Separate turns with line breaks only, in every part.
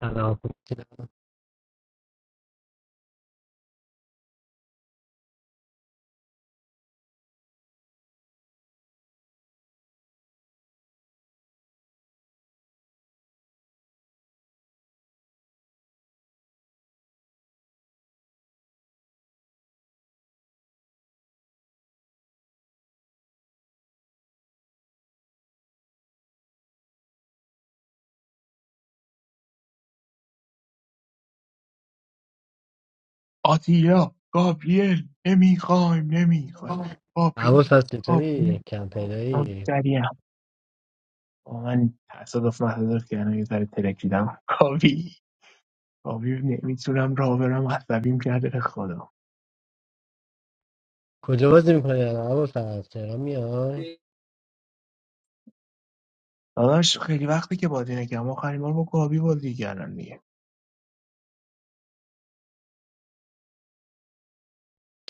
سلام
آتیلا گابریل نمیخوایم نمیخوایم گابریل
عباس هست چطوری؟
گابریل
کم پیدایی
مشتریم با من تصادف مصادف کردم یه ذره ترکیدم کابی کابی نمیتونم راه برم عصبیم کرده به خدا
کجا بازی میکنی؟ الان عباس هست تهران میای؟
داداش خیلی وقتی که بازی نکردم آخرین بار با کابی بازی کردم دیگه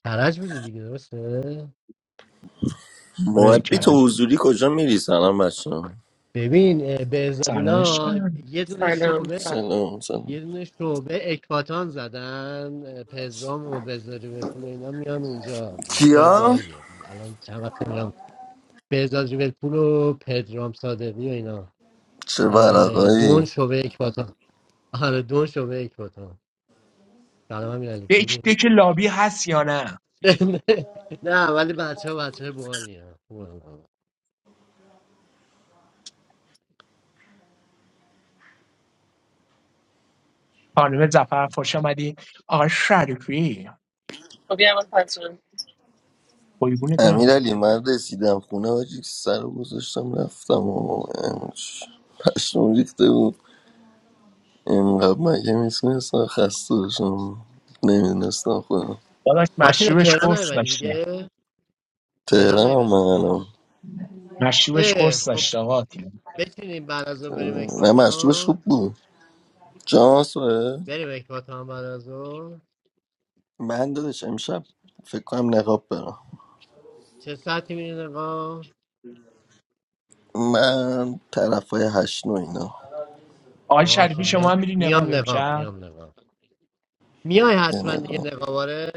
کرج بودی دیگه درسته؟
آره
محبی تو
کرج
حضوری کجا میری سلام بچه
ببین اه، به
سلامش
ازادینا
کنم
یه دونه
سلام
شعبه
سلام
سلام
یه
سلام
دونه شعبه اکباتان زدن اه، پدرام و بزاری به پول و اینا میان اونجا جای
کیا
بالیه الان چند وقت میرم بزاری به پول و پدرام صادقی و اینا
چه
اه، دون
ورقایی
شعبه اکباتان آره دون شعبه اکباتان سلام
دک
هم
دک لابی هست یا نه
نه ولی بچه ها بچه های بحالی هم
خانم زفر خوش آمدی آقا شریفی
خب بیا من پس جان.
قیبونه دارم
امیر
از
علی من رسیدم خونه حاجی سر رو گذاشتم رفتم و امش. پشمام ریخته بود اینقدر مگه میتونستم خسته باشم نمیدونستم خودم
داداش
ماتین
مشروبش
تهران
قرص
نیمدی
داشتیم
دیگه
تهران
تهران
هم من
نیمدی دیگه
الان.
مشروبش
اه
قرص
خب
داشت آقا آتیلا
بتونیم بعد از ظهر بریم
تهرانم. نه مشروبش خوب
اکباتان
بود جان سوه
بریم اکباتان بعد از ظهر
من دادش امشب فکر کنم نقاب برم
چه ساعتی میری نقاب
من طرف های هشت نو اینا
آقای
باشه
شریفی شما
میام
هم میری نقاب
میام نقاب
امشب
میام نقاب میای
یه
حتما دیگه
نقاب.
نقاباره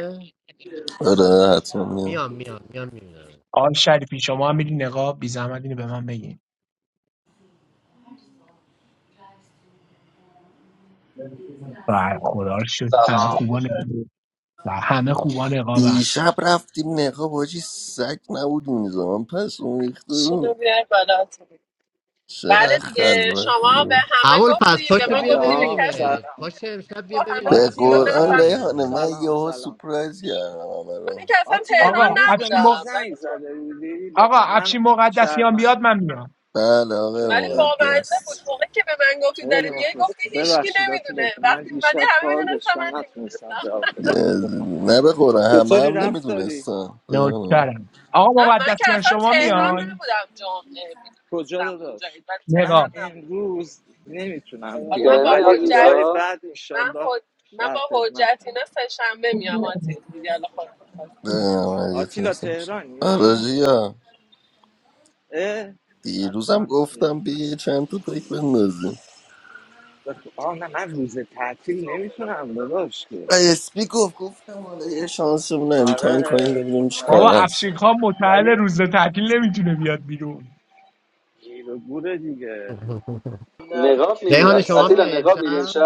آره حتما میام
میام میام میام میبینم
آقای شریفی شما هم میری نقاب بی زحمت اینو به من بگین بر خدا رو شد همه
Tehran.
خوبا نقاب همه خوبا نقابن
دیشب رفتیم نقاب حاجی سگ نبود میزان پس اون ریخته
شینو
بود
بیار بالا آتیل.
چه
بله دیگه
خلوت
شما به
بود.
همه
اول فصل
گفتی به
پاشو
من
بیا
گفتی به
سلام
کسی
ببینیمت
سلام
نگفتی.
پاشو امشب
با
بیا
همه
به
ببینیمت
رفتی و
خیلی
آتیلا
وقت
سل...
قرآن
نفهمیدی
ریحانه
ندیدیم
من
سلام
یهو
سلام
سپرایز کردم همه
من
رو
که اصلا
آتیلا
تهران
آقا
دیروز به
افشین م...
من
نبودم
زنگ
ولی خب
زده بودی ب...
آقا
من
افشین مقدسیان بیاد
شهرمندم
من میام
بله آقای
ولی
شاکرم
بامزه بود
مقدس
موقع که به من گفتی
خیلی
داری میای
مخلص
گفتی هیچکی
ببخشید آتیلا
نمیدونه
جون من
وقتی اومدی
دیشب
همه
کار
میدونستم من
داشتم نتونستم
نمیدونستم
جواب بدم تلفن
یزیدی. نه به قرآن همه
چطوری
هم
رفت داری؟
نمیدونستم
نوکرم
نه
آقا
من که
مقدسیان
اصلا
شما
تهران
خوبی؟
میای
نبودم جمعه
کجا
میدونستم
داداش؟
اونجایی ولی
من
تهران
نقاب
نبودم
امروز نمیتونم
حالا من
بیام
Tehran,
با
ولی
حجت
روزهای
Atila.
بعد
من
انشالله
حج... من
در
با حجت
خدمتم
اینا سه شنبه میام آتیل دیگه حالا خود خواستی بیفته.
آتیلا تهرانی؟
آراجیا
اه؟
دیروزم
حتما
گفتم بیا یه چند تا پیک بندازیم
و تو- آه نه من روز تعطیل نمیتونم داداش که
اسپی گفت گفتم حالا یه شانسمون رو امتحان
آره
کنیم ببینیم چی
آره
کار
بابا
هست
افشین خان متعل
ولی
روز تعطیل نمیتونه بیاد بیرون
گیر و گوره دیگه
ریحان شما
Atila,
میای
Negrabi.
امشب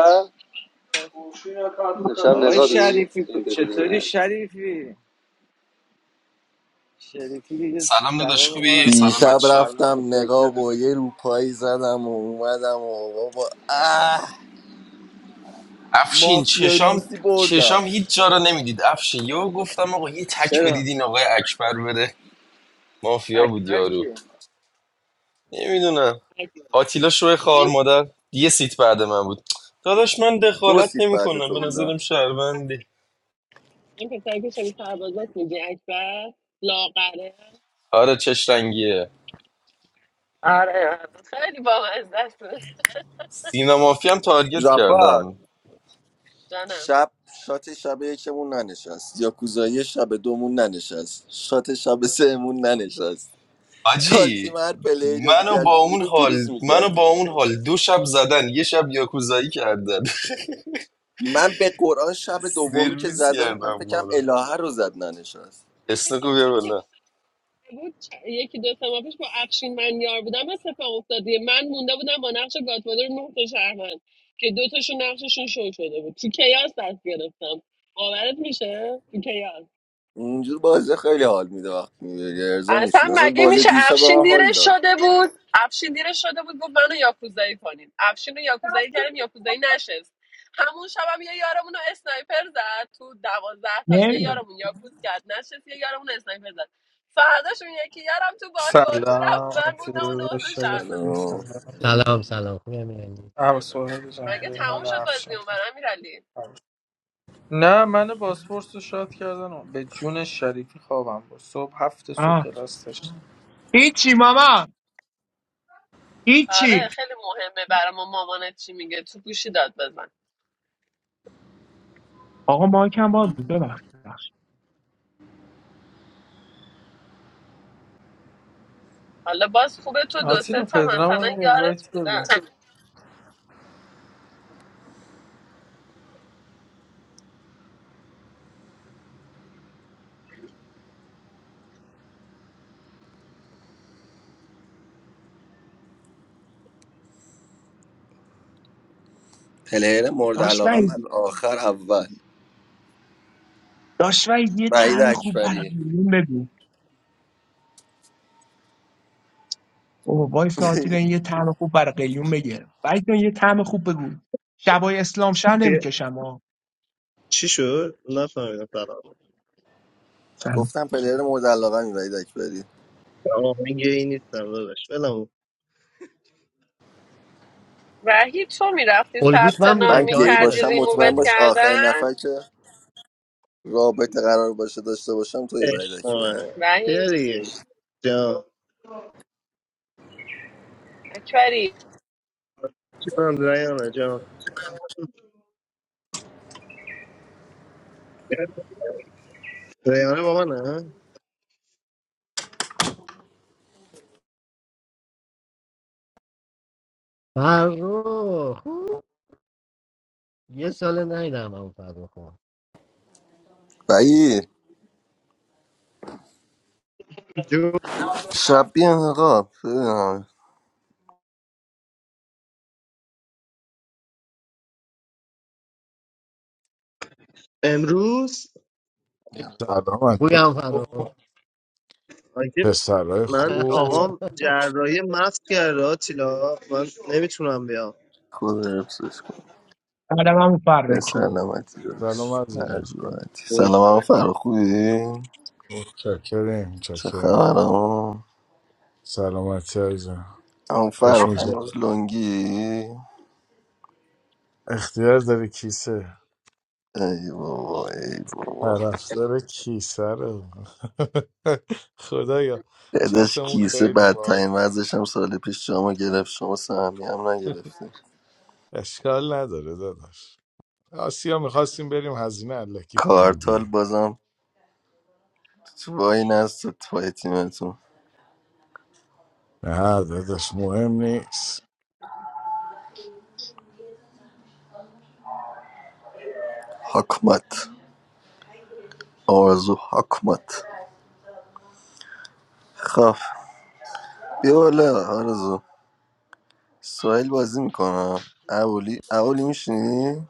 If we go there, we will see. We will see
آقای
Negrabi.
شریفی
We
چطوری شریفی شریفی دیگه
سلام داداش
جواب ما رو
خوبی؟
هم
سلام
دیشب
نمیده
بچه
سلام
رفتم نقاب
متشکرم
و یه روپایی زدم و اومدم و بابا اه
افشین
مافیا
چشام
روسی بردم
چشام هیچ جا رو نمیدید افشین یهو گفتم آقا یه تک
چرا
بدید این آقای اکبر بره مافیا بود
اکبر
یارو
کیه
نمیدونم
آه،
آتیلا شوه خار
این
مادر یه سیت بعد من بود داداش من
دو
پسر-
دخالت
سیت بعد
نمیکنم
تو
به
بودم
نظرم شهروندی
این پسری که شبیه سربازات میگی اکبر لاغره
آره چش رنگیه
آره آره خیلی با است
سینا مافیا هم تارگت
جفر
کردم
جانم
شب شات شب یکمون ننشست یاکوزایی شب دومون ننشست شات شب سهمون ننشست
حاجی
تاکسیم هر پلیر رو
منو با
میکردیم
اون
بیرون تو
حال
روز
منو
میکردیم
با اون
بیرون
حال دو شب زدن یه شب یاکوزایی کردن
من به قرآن شب دومی که
سرویس
زدن من
کردم ما
فکرم
رو
الهه رو زد ننشست
این
اسنوکو بیا
اتفاقی که
بالا
مثلا بود چ- یکی دو سه ماه پیش با افشین من یار بودم اتفاق افتادیه من مونده بودم با نقش گاتفادر نه تا شهروند که دو تاشون نقششون شو شده بود تو کیاس دست گرفتم باورت میشه تو کیاس
اینجور بازی خیلی حال میده وقتی میبری ارزا
اصلا
میشین مثلا
مگه
بازی
میشه
دیشب به
افشین
من حال
دیرش
داد
شده بود افشین دیرش شده بود گفت منو یاکوزایی کنین افشین رو یاکوزایی کردیم یاکوزایی نشست همون شب هم یه یارمون رو اسنایپر زد تو دوازده تا یه
نمیدونم
یارمون یاکوز کرد نشست یه یارمون اسنایپر زد فرداش اون یکی یارم تو بازپرسی رفت
سلام
من موندم و نه
آتیلا
تا
شریفی
شهرمند
سلام
سلام
سلام سلام خوبم یعنی
عباس سوهل جان
مگه تموم
ریحان
شد بازی
افشان
اون برام امیرعلی
نه من باسپورس رو شاد کردن و به جون شریفی خوابم بود صبح هفت صبح
آه
کلاس داشت
هیچی ماما
آره
هیچی
خیلی مهمه برای ما مامانت چی میگه تو گوشی داد بزن
آقا ما کم باز بود، ببخش ببخش.
حالا باز خوبه تو دو سه
آتیلا
تا
پدرام
مثلا
هم
یارت
اینوایت
بودن
بده
پلیر مورد
داش
علاقم
وحید
از آخر اول
داش یه
وحید
طعم خوب برای
اکبری
قلیون بگو اوه وای ساعتی نه، یه طعم خوب برای قلیون بگه وحید جان یه طعم خوب بگو شبای اسلام
چی
شهر نمیکشم ها
چی شد نفهمیدم سلام
سلام
گفتم پلیر مورد علاقه می وحید اکبری
آهنگ این نیستم داداش ولم کن.
وحید تو میرفتی
الگوت
ثبت
من
نام
بودم
من
که
گی
آتیلا
میکردی
باشم
چی
مطمئن
ریمووت
شد
باش آخرین
کردن
نفر که رابطه قرار باشه داشته باشم توی وحید
عشق
اکبری
من یه
وحید
دیگه جان
اکبری
چی کنم ریانه جان ریانه با منه
فرخ خوب یه سال نیدم همون فرخ
وحید
جون
شب بیان آقا ببینم.
امروز
سلام علیکم
بویم فرخ
آگه
پسرای
من
خوب
آقام جراحی مفت کرده آتیلا من نمیتونم بیام
خدا حفظش کن
بعدم هم
به
فکر
فرخ
سلامتی
سلام
داشت هر
عزیزم
جورتی
کنم.
سلام هم فرا خوبی
متشکریم
چه
متشکریم
خبر
سلامتی عزیزم
اون
خوش
فرخ
وحید
هنوز
میگذره
لنگی
اختیار داره کیسه
ای بابا ای بابا
طرفدار کیسه رو خدایا
دادش
چتمون
کیسه
خیلی
بدترین
باد
وضعش هم سال پیش شما گرفت شما سهمی هم نگرفتی
اشکال نداره داداش آسیا میخواستیم بریم هزینه علکی کنیم
کارتال
دیگه
بازم تو وای نست پای تیمتون
نه داداش مهم نیست
حکمت آرزو حکمت خب بیا بالا آرزو سوهل بازی میکنم اولی اولی میشینی؟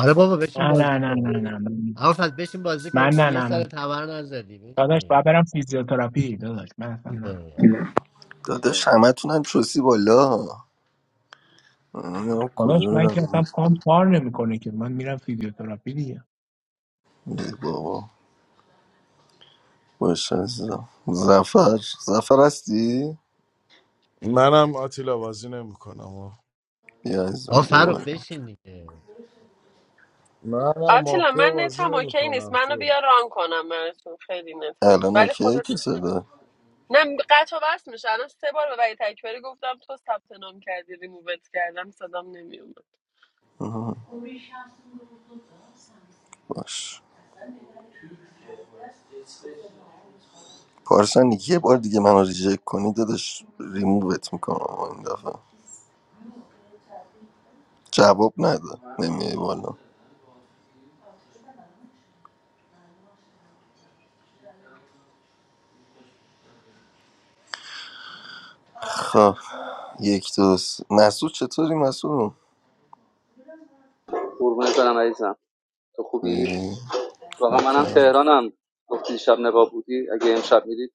آره بابا بشین
نه
بازی
نه نه نه
کنیم.
نه نه.
اما فرد بشین بازی کنی
من
با
نه
یه
نه
سال
نه
تبر نزدی
داداش
بشین
باید برم فیزیوتراپی داداش من اصلا نه
داداش همه تونم چوسی بالا من نمی‌دونم
داداش
کجا
من که
میرم
اصلا پام کار نمیکنه که من میرم فیزیوتراپی دیگه
ای بابا باشه عزیزم زفر زفر هستی؟
منم آتیلا بازی نمیکنم
بیا
آقا
عزیزم بیا
فرخ
بالا
بشین دیگه
منم
آتیلا
مافیا
من
بازی
نتم اوکی نیست
نمیکنم
منو بیا ران کنم براتون خیلی نتم
الان
ولی
اوکیه
خودت
که صدا
نه قطع و وصل میشه الان سه بار به وحید اکبری گفتم تو ثبت نام کردی ریمووت کردم صدام نمیومد
باش پارسن یه بار دیگه منو ریجکت کنی دادش ریمووت میکنم این دفعه جواب نده نمیای بالا خب یک دو سه. مسعود چطوری مسعود
will see.
ای،
I am from
شکرم.
Tehran. It is good. And I am from Tehran. If we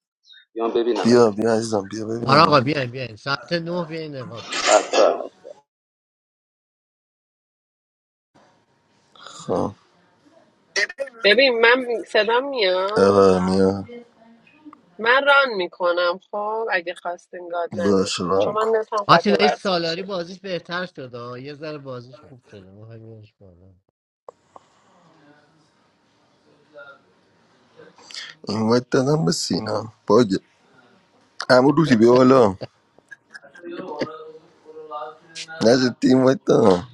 go there, Negrabi. If we go there, we
بیا بیا عزیزم بیا
آره آقا
ببینم
بیاین بیاین ساعت نه بیاین نقاب
will
خب
ببین من صدام میاد
آره میا
من ران میکنم خب اگه خواستین گاد
باش
نداشتین چون
ران کن
من نتم قطع و
آتیلا این
وصل
سالاری
میشه
بازیش بهتر شده آه. یه ذره بازیش خوب شده ما همینش بالا
این وایت دادم به سینا باگ امو روحی بیا بالا نجد این وایت دادم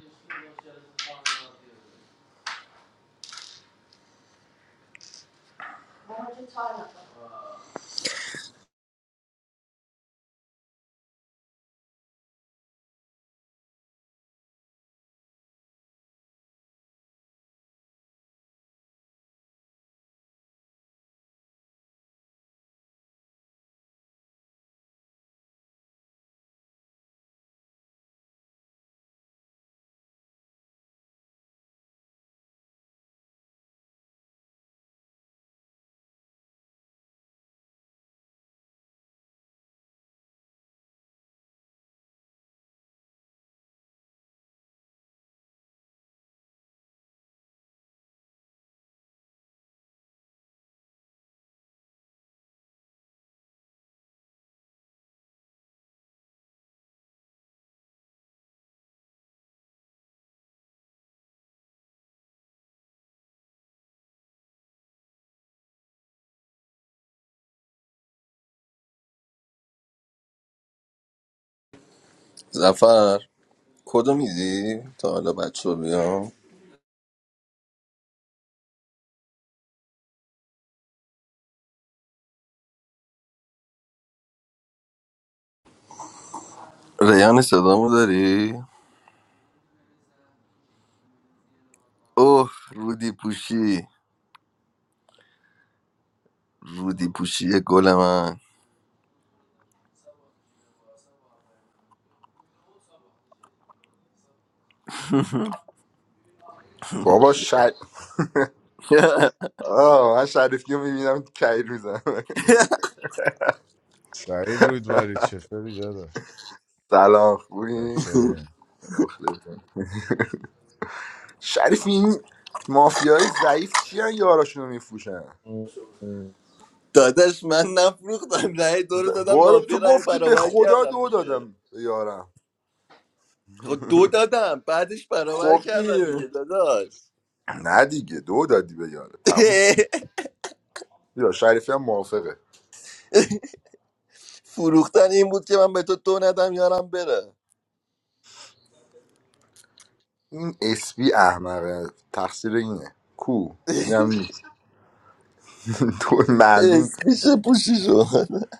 زفر کدو میدی تا حالا بچه رو بیام ریان صدامو داری؟ اوه رودی پوشی رودی پوشی گل من
بابا شد آه من شریفی رو میبینم کهیر میزنم
سعید رودباری چطوری داداش
سلام خوبی؟
چاکریم
مخلصم شریفی این مافیای ضعیف چی هن یاراشون رو میفروشن
داداش من نفروختم رأی دو
ز...
رو دادم
بارو
مافیا
تو
رأی
گفتی به
برابر
خدا
کردم
دو
دیگه
دادم به یارم
خب دو دادم بعدش برابر
خب
کردم دیگه
دیگه
داداش
نه دیگه دو دادی به یاره تموم شد یا شریفی هم موافقه
فروختن این بود که من به تو دو ندم یارم بره
این اسپی احمقه تقصیر اینه کو اینم نیست. تو معلوم
اسمیشه پوشی شد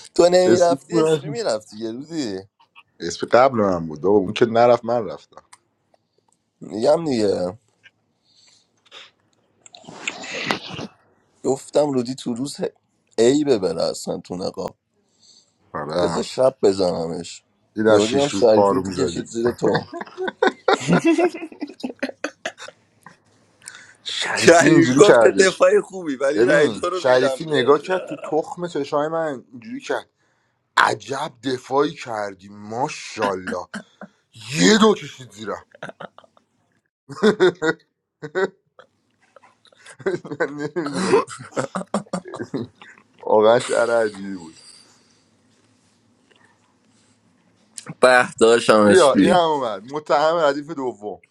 تو
اسپی کو
نمیرفتی اسمی میرفتی یه روزی
اسپی قبل من بود بابا اون که نرفت من رفتم
میگم دیگه گفتم رودی تو روز ای ببره اصلا تو نقاب بذار
آره
شب بزنمش
دیدی در
یهو
شیش
دیدم
روز
شریفی
پارو
تو کشید
میزدی
زیر تو
شریفی
شریفی
اینجوری
گفت چه
کردش
دفاع خوبی ولی رای دو
ببین
رو
شریفی
میدم به
نگاه کرد تو تخم چشای من اینجوری کرد عجب دفاعی کردی ماشاءالله یه دو کشید زیرا من نمیدونم واقعا شعر عجیبی بود
به داشتم
بیا این هم
اسپی
اومد متهم ردیف دوم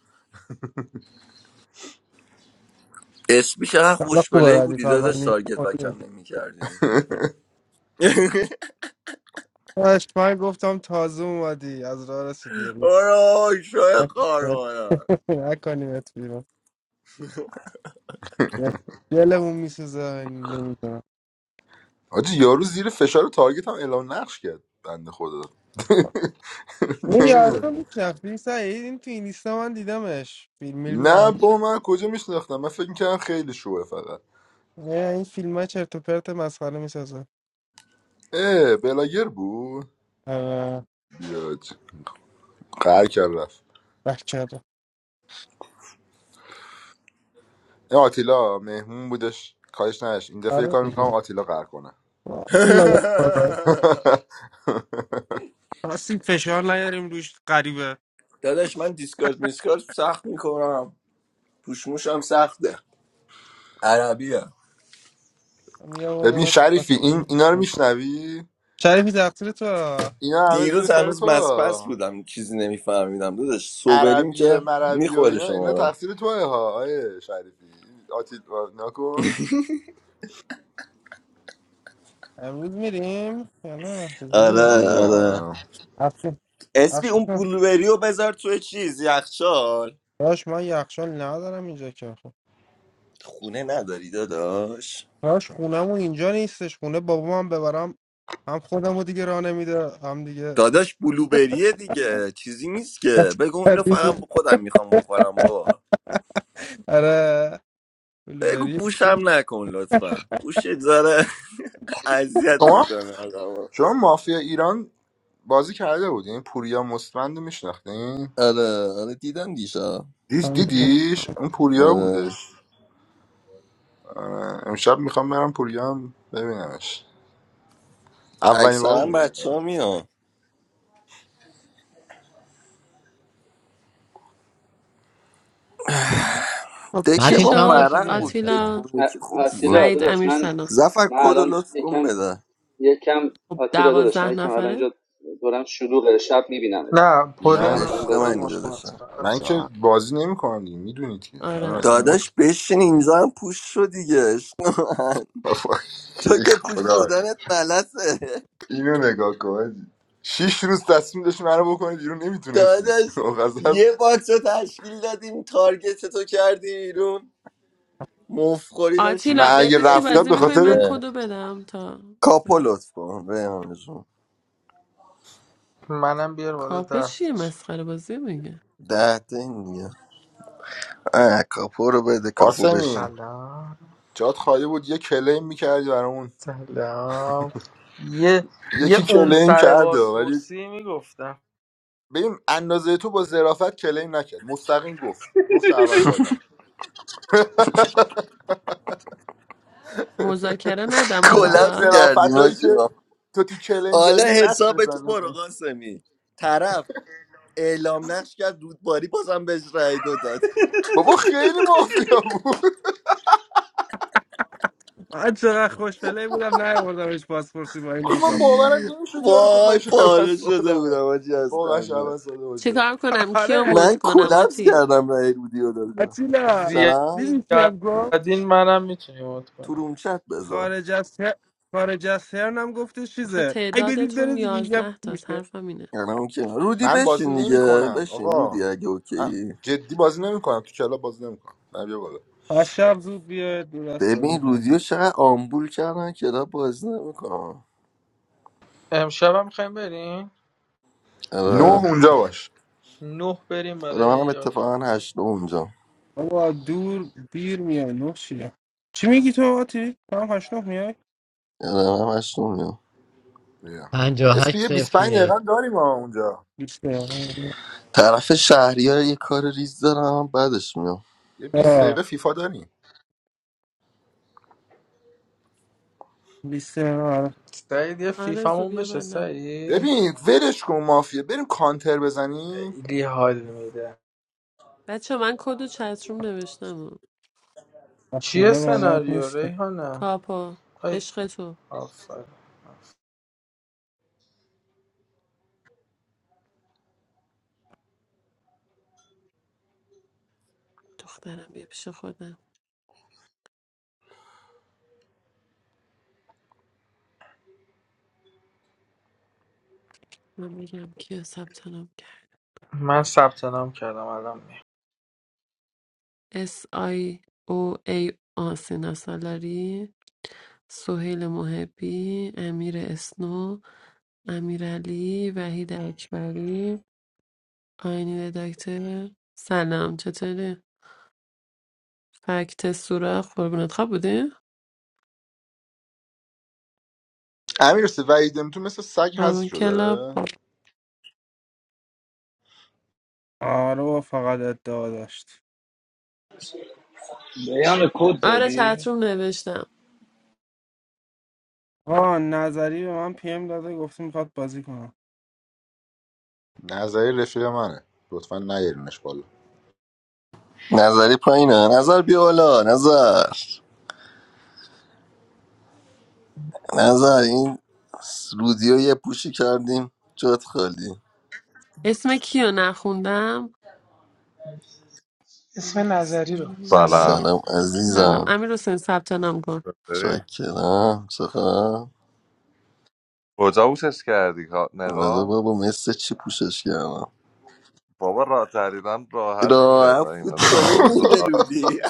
اسپی چقدر
حالا خوبه
خوشبلهی
ردیف
بودی
اول
داداش
نیست
تارگت
اوکی.
بکم نمی کردی
داشت من گفتم تازه اومدی از راه رسیدی رو
آره شای قارانه
نکنیمت بیرون دلمون میسوزه نمیدونم
آجی یارو زیر فشار تارگت هم اعلام نقش کرد بنده خدا
این یارو رو
نمی‌دونم.
میشناختی سعید این تو این لیستا من دیدمش فیلم فیلم
نه با من کجا میشناختم من فکر میکردم خیلی شوه فقط
نه، این فیلم ها چرت و پرت مسخره میسازه
اه بلاگر بود
آره
بیاد قهر کرد رفت
بچه رو
این آتیلا مهمون بودش کارش نداشت این دفعه یه
آره
کار میکنم
دیگه.
آتیلا قهر کنه
والا به خدا. خواستیم فشار نیاریم روش قریبه
داداش من دیسکارد میسکارد سخت میکنم پوشموشم سخته عربیه
ببین
می‌آوردمت.
شریفی این اینا رو میشنوی
شریفی تقصیر تو
اینا همه زیر
دیروز
سر
هنوز
تو
مسپس
ها.
بودم چیزی نمیفهمیدم داداش سوبریم
عربی
که
مربی و
میخوره
اینا
شما
اینا
رو
تقصیر توه ها آیه شریفی آتیلا نکن
امروز میریم یا نه چجوریه
من
آره آره
میگم
افشین
اسپی
افشین
اون بلوبری رو بذار توی چیز یخچال
داش من یخچال ندارم اینجا که خب
خونه نداری داداش
داش خونمون اینجا نیستش خونه بابام هم ببرم هم خودمو دیگه راه نمیده هم دیگه
داداش بلوبریه دیگه چیزی نیست که بگو اینو فقط خودم میخوام بخورم بابا
آره
بگو
بلوبری
پوشم نکن لطفا پوش داره اذیت
شما
میکنه آدم
شما مافیا ایران بازی کرده بودین پوریا مستمند میشناختین
آره آره دیدم دیشا
دیدیش اون پوریا
آره.
بودش آره، امشب میخوام برم پوریام ببینمش اولین
اکثرا
بار بود.
بچه ها
خب
دک
چی
متین
ما
تو هم
شد
پاشو بیا
ورق بود دک
آتیلا
امشب
اون یکی
see.
خوب بود
Atila.
سعید
Atila.
امیر
زفر
I
کد و لطف کن
have.
بده
I am currently a little bit of Atila. I
دوازده
am currently
نفره
a little bit of Atila. Currently, I
نه پره
من
am
عشق
going
میکنم
to
منی
show you.
داداشم
من که
آتیلا
بازی نمیکنم دیگه میدونید که من
آره
اصلا موت.
داداش بشین اینجا هم پوش شو دیگه عشق من تو
ای
که پوش
خدا
شدنت ملسه
اینو نگاه کن شیش روز تصمیم داشتی منو بکنی بیرون نمیتونستی
داداش
قصد
یه باکس رو تشکیل دادیم تارگت تو کردی بیرون مفخوری داشتی
آتیلا
من اگه
بگو
میکردی
چی
رفتم
بازی
به
بیرون
میکنی من
خاطر
دیگه
کدو بدم تا
کاپو لطف کن ریحان جون.
منم بیار بالا
کاپو
ده
چیه
تاش
مسخره بازی میگه
ده تا این دیگه اه، کاپو رو بده کاپو بشین
قاسمی
سلام
جات خالی بود یه کلیم میکردی برامون
سلام یه یه
یکی
اون
کلیم
سر
کرده ولی
باسپورسی میگفتم
ببین اندازه تو با ظرافت کلیم نکرد مستقیم گفت گفت شهروند ساده.
مذاکره ندم
یعنی
سلام
اون
کلپس
آتیلا
کردیم
ظرافتایی که
ما.
تو تو کلین
حالا
داری رو
حساب تو برو
نتونستن
قاسمی طرف اعلام نقش کرد رودباری بازم بهش رأی دو داد
بابا خیلی مافیا بود
من چقدر خوشفله بودم نیاوردمش پاسپورتی با این
آخه من
اوصاف
باورم نمیشد یارو گفت من
وای
شهر
پاره شده
سادم
بودم آجی از
واقعا
خنده
شهر ساده باشه
چیکار کنم کیو
آره
مود
من
کنم
کلپس
آتین
کردم رأی رودی رو دادم
آتیلا
چرا؟
بیا.
دیدی چی هم گفت
کردین منم میتونی مود
تو
کنی
روم چت بذار
خارج از ه- خارج از هرنم گفته
آخه
چیزه ای بدید بره
تعدادتون
دیگه یه
یازده تاست
میشه
حرفم اینه
یعنی اون که- رودی
من بازی
بشین دیگه
نمیکنم
بشین
آقا
رودی اگه
ا-
اوکی
جدی بازی نمیکنم تو کلاب بازی نمیکنم نه بیا بالا
از شب زود بیاید دور از بازی
ببین رودی رو
کنید
چقدر آمبول کردن که را بازی نمیکنم
امشب هم میخوایم بریم
نه
آه،
آره
اونجا باش
نه بریم
آره، منم
برای یاپی
اتفاقا هشت اونجا
بابا دور دیر میای نه چیه چی میگی تو آتی؟ تو هم هشت نه میای؟
آره منم هشت
بیا اسپی
58
یه 25 دقیقه
صفری
هم داریم ما اونجا
بیسته
طرف شهریار ها یه کار ریز دارم بعدش میام
یه 20
آه،
دقیقه فیفا داریم
بیسته آره
سعید یه
آرزو
فیفامون
بیا
بشه
بالا
سعید
ببین ولش کن مافیا بریم کانتر بزنیم
خیلی حال میده
بچه من کد و چتروم نوشتم
چیه
اصلا بلد
سناریو
نیست که.
ریحانه
کاپا
آی
عشق تو
آفر
دخترم بیا پیش خودم من بگم کیا ثبت نام کرد
من ثبت نام کردم الان میام
اس آی او ای آسینا سالاری سهیل محبی امیر اسنو امیرعلی وحید اکبری آینی دکتر سلام چطوری فکت سوراخ قربونت خواب بودی؟
امیر سه وحیدم تو مثل سگ هست
قربون
شده
کلاب
داره
آره بابا فقط ادعا داشت
بیان کد
آره
دادی
چتروم نوشتم
آه نظری به من پیم داده گفته میخواد بازی کنم
نظری رفیق منه لطفا نیارینش بالا
نظری پایینه نظر بیا بالا نظر نظر این رودیو یه پوشی کردیم جات خالی
اسم کیو نخوندم امیر
اسم نظری رو
حسین
سلام
سلام
سلام
سلام
عزیزم
امیر حسین ثبت نام کن
چطوری؟
چاکرم چقدر
کجا اوشش کردی کا-
رضا
نقاب
بابا مثل چی پوشش کردم
بابا را تریدم راحت میره
راحت
دایی
فوت
مثل
کنی
آب
میده
زلال
رودی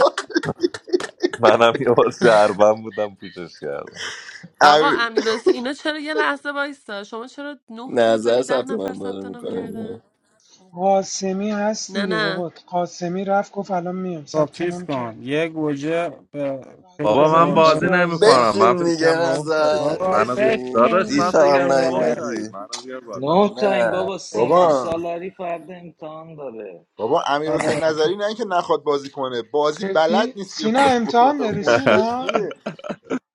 منم یه بار شربم بودم پوشش کردم
آقا
امیر-
امیر حسین اینا چرا یه لحظه وایستا شما چرا نه تایید
نظر
ولی ده
ثبت
نفر
نام داره
ثبت نام کردن
میکنه
قاسمی هست
نه
دیگه بابا
نه
قاسمی رفت گفت الان میام
با
ثبت
چیز
نام کرد
کن یه گوجه به
بعد
پیت
بابا
نظری
من
میشه
بازی
قرده
یازده
نمیکنم من
بشین دیگه
فکرم نه تایید
نظر
خب
بابا
منو بیار
بشین
بشین
داداش من
دیشب هم
فکرم
دیگه
نه تایید
نیومدی
منو بیار بالا
نه تا این
نه
بابا سینا
بابا
سالاری فرد امتحان داره
بابا
آره،
امیر حسین
آره،
نظری نه اینکه نخواد بازی کنه بازی بلد
جدی
نیست که
سینا
بخواد
امتحان
بکنه
داری
مشکلش
سینا
اینه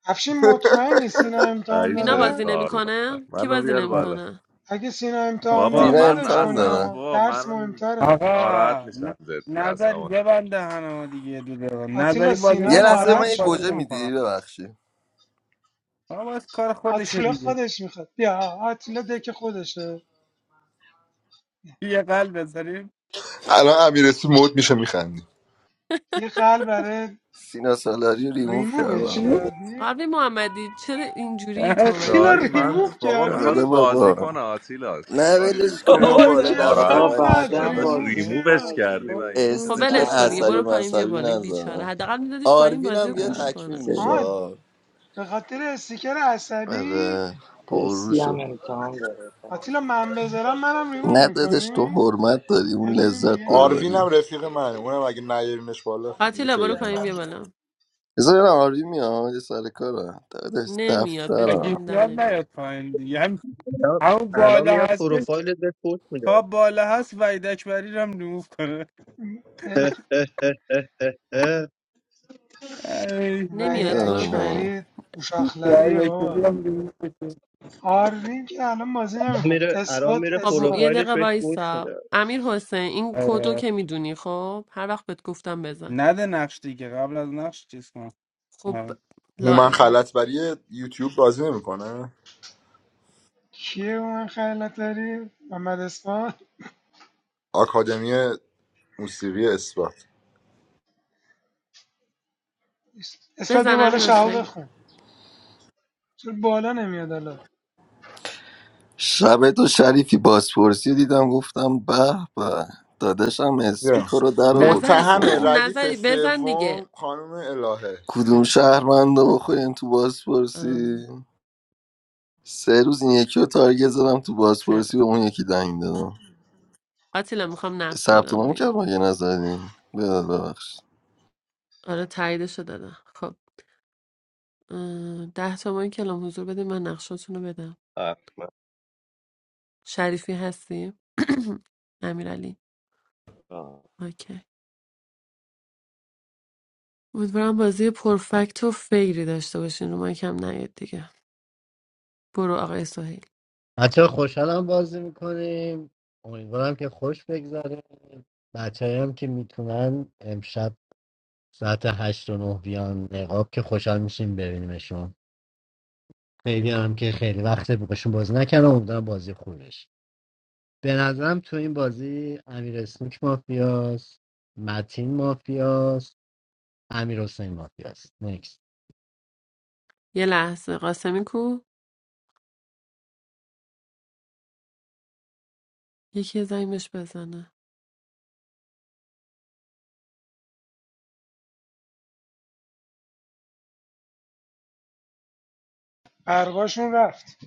افشین مطمئنی سینا امتحان
اینا
عیشو
بازی
داره
کار
نمیکنه کی
منو
بازی
بیار
آره.
بالا
نمیکنه
اگه سینا امتحان
بابا
داره
سینه
من
مدش
امتحان
کنیم
اصلا
داره
ها
بابا
درس
منم
مهمتره
ناراحت
آقا ن-
میشم جدی
نظری
اصلا
ببند دهنمو دیگه یه دو دقیقه
آتیلا
نظری بازی
سینا
یه
نکنه
لحظه به من
ناراحت
من
یه
شد
بازی
گوجه
نمیکنم
میدی ببخشی
آقا باز کار خودشو
آتیلا
دیگه
خودش میخواد بیا آتیلا دک خودشه
یه قلب بذاریم
الان امیر اسمی مود میشه میخندی
یه قلب برای
سینا سالاری رو ریموف
ریمووش
کردم
کردی
قبلی محمدی چرا اینجوری تو من
آتیلا
دایی من
ریموو
نمیفهمم
بابا
کردی
آره
میخواست بازی
بابا
کنه آتیلا چه
نه
کاری بود
ولش کن
کرد
بابا
بابا
بابا حالا
دهنت
ناراحت
دفعه
بابا
بعد
کسافت
بعدم
داداش
ایشالله
ریموو
بازی
ریمووش
چرا
میکنه
کردیم این
دیگه
میشه
خب
استیکر
ولش
نشسته
کن
بود
دیگه
اثری
بعدا
برو
بازی
پایین بیا
مذهبی
بالا این بیچاره
نزنم
حداقل میدادیش پایین
آروین
بازی
هم
رو
بیا
گوش
نه
تکمیل
کنه
میشه
سه
آها
آره
به خاطر استیکر عصبی
مرسی هم
پروشو
امتحان داره فردا.
آتیلا من بذارم منم ریموو
نه دادش تو
میکنی
حرمت داری
یه
اون
دونیم
لذت
دیگه
داره
نده
آروین
ولی
هم رفیق منه اونم اگه نیارینش بالا دیگه
آتیلا برو
خیلی
پایین
ممنون
بیا بالا
بذار ببینم آروین میاد یه سر کارم دادش
نمیاد بهت قول
اگه
دفترم
میدم
میاد نیاد
نمیاد
پایین دیگه هم
الان
همون
الان
بالا
میاد
هستش
پروفایلت به پوش میده
تا بالا هست وحید اکبری رو هم ریموف کنه
دل-
اه اه اه اه اه.
ای،
وحید
نمیاد برو
نه
پایین
اکبری
وحید
اوشاخلریه
اکبری
بابا
رو هم ریموف بشه.
آرنین که الان بازی نمیکن
میره الان
اثبات
میره
خب م... یه
اثبات
پروفایلش
دقیقه
بهش پوش
وایسا
میده
امیر حسین این کدو
آره.
که میدونی خب هر وقت بهت گفتم بزن
نده نقش دیگه قبل از نقش چیز کن
خب
آره.
لا
هومن
اله الا-
خلطبری یوتیوب بازی نمیکنه
کیه اون من خیالت داری محمد اثبات
آکادمی موسیقی اثبات
اثبات بیا
بزن
بالا
امیر
شهو
حسین
بخون چرا بالا نمیاد الان
شب تو شریفی بازپرسی رو دیدم گفتم به به داداشم
yeah.
اسپیکر رو در آورد
نظری
واسه
متهم
ما
ردیف
نظری بزن دیگه
سوم خانم الهه
کدوم
خیلی خوب
شهرمنده بخوریم تو
اه،
بازپرسی سه روز این یکی رو تارگت زدم تو
خیلی
بازپرسی به
خوب
اون یکی دنگ دادم
آتیلا میخوام نقش
ثبت
بدم
نام
دیگه
کرد مگه نزدی بده ببخش
آره تاییدشو دادم خب اه، ده تومن کلام حضور بده من نقشاتون رو بدم
احمد
شریفی هستی؟ امیرعلی اوکی امیدوارم بازی پرفکت و فیری داشته باشین رو من کم نیاد دیگه برو آقای سهیل
بچه خوشحالم بازی میکنیم امیدوارم که خوش بگذره بچه هم که میتونن امشب ساعت هشت و نه بیان نقاب که خوشحال میشیم ببینیمشون خیلی هم که خیلی وقت باشون بازی نکردم امیدوارم بازی خوبش به نظرم تو این بازی امیر اسنوک مافیاست متین مافیاست امیر حسین مافیاست نیکس
یه لحظه قاسمی کو یکی زنگش بزنه
برقاشون رفت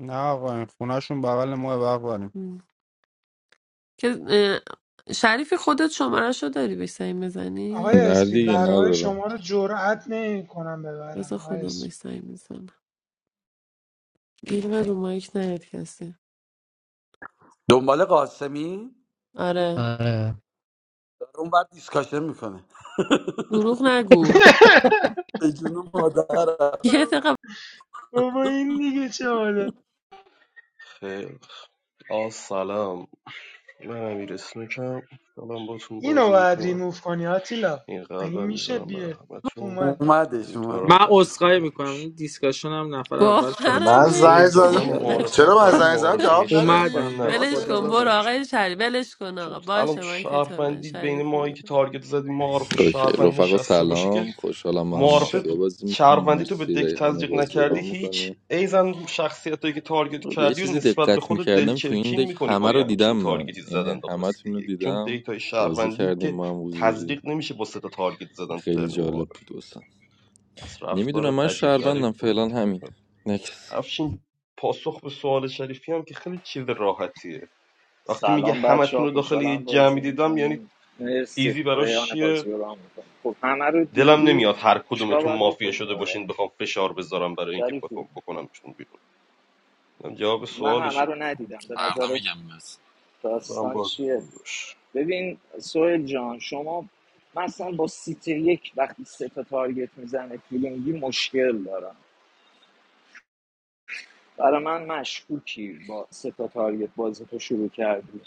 نه آقا این خونهشون بغل ما بغل
م. که اه، شریفی خودت شماره شو داری بهش زنگ
آقای
بزنی
نه
اسپی
دیگه
برقای
ندارم
شما رو جرأت نمیکنم ببرن
بذار
آقای SP
خودم بهش زنگ بزنم گیر و رو مایک نیاد کسی
دنبال قاسمی
آره
آره
داره اون بعد دیسکاشن میکنه
دروغ نگو
به جون مادرم
یه دقیقه
بابا این دیگه چه حاله
خیلی آ سلام من امیر اسنوکم خوشحالم باتون
اینو
بازی
باید
میکنم
ریموف کنی آتیلا
این
این
قلبم
میشه
میذارم برای
بیه
همتون
اومد
اومدش اومد
امیدوارم
من
بازی خوبی
عذرخواهی
هم
میکنم
بشه
این دیسکاشن هم نفر اول شاد
باورم
ببین
من
شده بود.
زنگ
سویل جان من
زدم
نمیشه
معارفت
داداش
چرا من
برام
زنگ زدم
معارفه
جواب
اومدم
شهروند
ندادی
به
نبود
ولش
خدا
کن
قاسم
برو
حقیقتا
ببخش
آقای شریف ولش کن
چون
آقا
الان تو
باشه من کتاب من
شهروندی بین
شریفی
ماهایی که
بود
تارگت زدی معارف
اوکی
شهروند
رفقا
نشسته باشه که
سلام خوشحالم ما هم
معارفه
مافیا
ب-
بازی میکنیم
شهروندی تو به
مرسی
دک
ریحانه
تزریق
بازی
نکردی
رو
هیچ
میکنیم
ایزن شخصیتایی که تارگت
به یه
کردی و
چیزی
نسبت به
دقت
خودت
میکردم تو این
دلچرکین
دک
میکنی
همه
با یه
رو دیدم
همچین
من
تارگتی
یعنی
زدن داخل
همه تون
سیتی
رو
یک چون
دیدم
دیتای
بازی
شهروندی
کردیم
که
ما هم حضوری
تزریق نمیشه با سه تا تارگت زدن تو
خیلی
ترن
جالب
معارف
بود واسم
پس
نمیدونم
رفتارت
من
عجیب غریب
شهروندم
بود
فعلا همین نکس
افشین پاسخ به سوال شریفی هم که خیلی چیز راحتیه وقتی میگه
سلام بچه
همتون
ها
رو داخل یه
خوشحالم
جمعی
بازی
دیدم یعنی
میکنیم مرسی
ایزی براش
ریان بازی رو رام میکنیم خب همه رو
دلم
دیدی
نمیاد هر
چیکار
کدومتون
باید
مافیا
بکنیم
شده
حالا
باشین بخوام فشار بذارم برای اینکه
شریفی
بخوام بکنمشون بیرون اینم جواب
من همه
سوالشه
رو
دیگه
ندیدم به
فردا
نظرت
میگم بس
من
داستان
باز
چیه
خوبی باش
ببین سوهل جان شما مثلا با سیت یک وقتی سه تا تارگت میزنه فیلینگی مشکل دارم برای من مشکوکی با سه تا تارگت بازی تو شروع کردی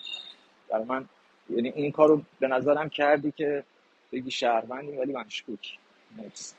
برای من یعنی این کارو به نظرم کردی که بگی شهروندی ولی مشکوک نکس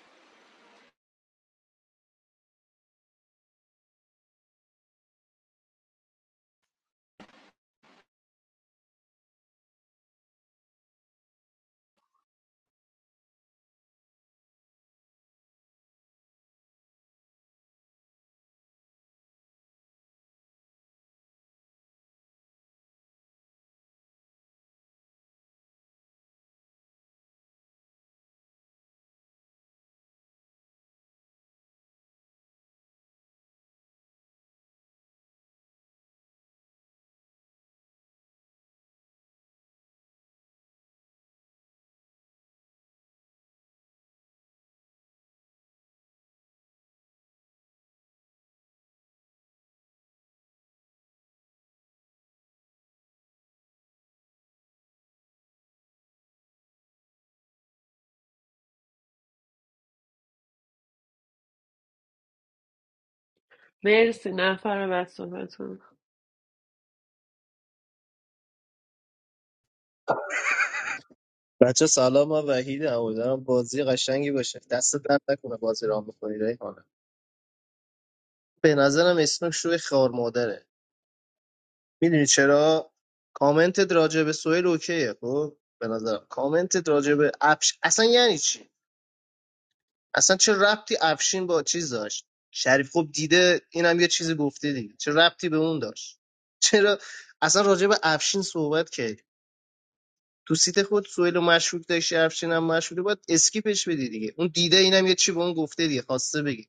مرسی نفر بعد صحبتون
بچه سلام من وحیدم امیدوارم بازی قشنگی باشه دست درد نکنه بازی را میکنی ریحانه به نظرم اسنوک شوی خار مادره میدونی چرا کامنتت راجع به سویل اوکیه خب به نظرم کامنتت راجع به افش اصلا یعنی چی اصلا چه ربطی افشین با چیز داشت شریف خب دیده اینم یه چیزی گفته دیگه چه ربطی به اون داشت چرا اصلا راجع به افشین صحبت کردی تو سیت خود سوئیل و مشکوک داشتی افشین هم مشکوکه باید اسکیپش بدی دیگه اون دیده اینم یه چی به اون گفته دیگه خواسته بگی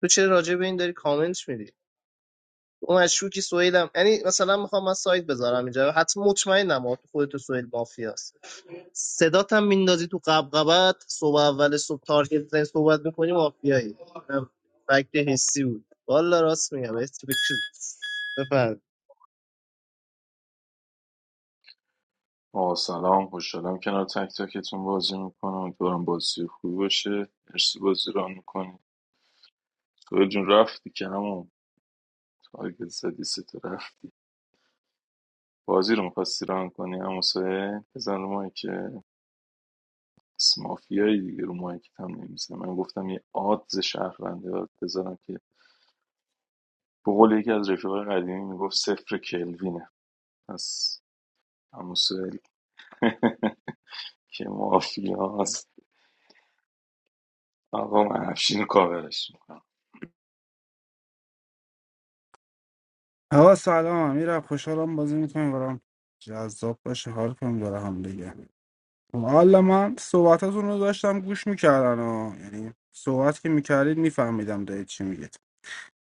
تو چرا راجع به این داری کامنت میدی اون مشکوکی سوئیل هم یعنی مثلا میخوام من سایت بذارم اینجا حتی مطمئنم آقا تو خودت و سوئیل مافیاست صدات هم میندازی تو قبقبت صبح اول صبح تارگت زنی صحبت میکنی مافیایی اینم فکت حسی بود والا راست میگم بفهم
آه سلام خوشحالم کنار تک تکتون بازی میکنم امیدوارم بازی خوبی باشه مرسی بازی ران میکنی تو جون رفتی که همون تارگت زدی سه تا رفت بازی رو میخواستی ران کنی هم سه بزن رو مایی که اسم مافیایی دیگه رو مایی که هم نمیزن من گفتم یه آدز شهرونده باید بذارم که به قول یکی از رفیقای قدیمی میگفت صفر کلوینه پس هم سه که مافیاست آقا من افشین رو کاورش می‌کنم.
آقا سلام امیر خوشحالم بازی میکنیم برام جذاب باشه حال کنیم داره هم دیگه حالا من صحبتاتون رو داشتم گوش میکردن و یعنی صحبت که میکردید میفهمیدم دارید چی میگید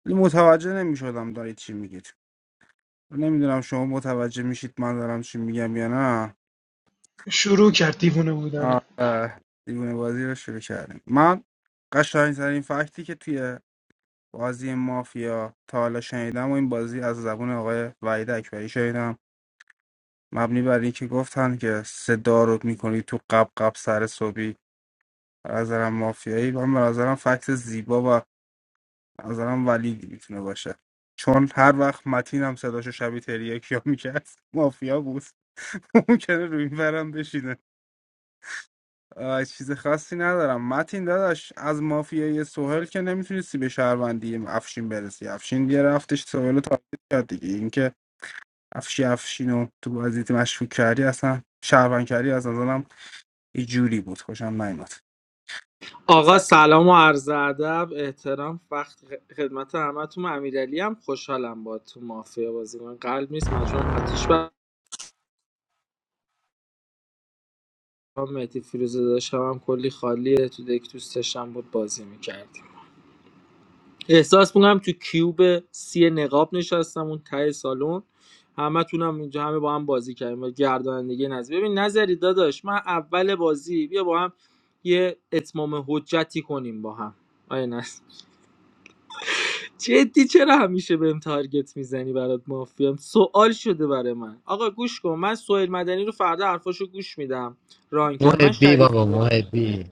ولی متوجه نمیشدم دارید چی میگید نمیدونم شما متوجه میشید من دارم چی میگم یا نه
شروع کرد دیوونه بودن
آره دیوونه بازی رو شروع کردیم من قشنگترین فکتی که توی بازی مافیا تا حالا شنیدم و این بازی از زبون آقای وحید اکبری شنیدم مبنی بر اینکه گفتن که صدا رو میکنی تو قب قب سر صبحی به نظرم مافیایی من به نظرم فکس زیبا و به نظرم ولی میتونه باشه چون هر وقت متین هم صداشو شبیه تریه کیا میکرد مافیا بود ممکنه روی این برم بشینه آه، چیز خاصی ندارم متین داداش از مافیای سوهل که نمیتونستی به شهروندی افشین برسی افشین یه رفتش سوهل رو تارگت کرد دیگه اینکه افشی افشین رو تو بازی مشکوک کردی اصلا شهروند کردی از نظرم یه جوری بود خوشم نیومد
آقا سلام و عرض ادب احترام وقت خدمت همتون امیرعلی هم خوشحالم با تو مافیا بازی من قلب نیست مجموعه آتیش برام مهدی فیروزه داشتم هم کلی خالیه تو دک دوست بود بازی میکردیم احساس میکنم تو کیوب سی نقاب نشستم اون ته سالن همه تونم اینجا همه با هم بازی کردیم با گردانندگی نظر ببین نظری داداش من اول بازی بیا با هم یه اتمام حجتی کنیم با هم آیا نه؟ جدی چرا همیشه بهم تارگت میزنی برات مافیام سوال شده برای من آقا گوش کن من سوهل مدنی رو فردا حرفاشو گوش میدم ران کرد من
محبی
شریف
بابا محبی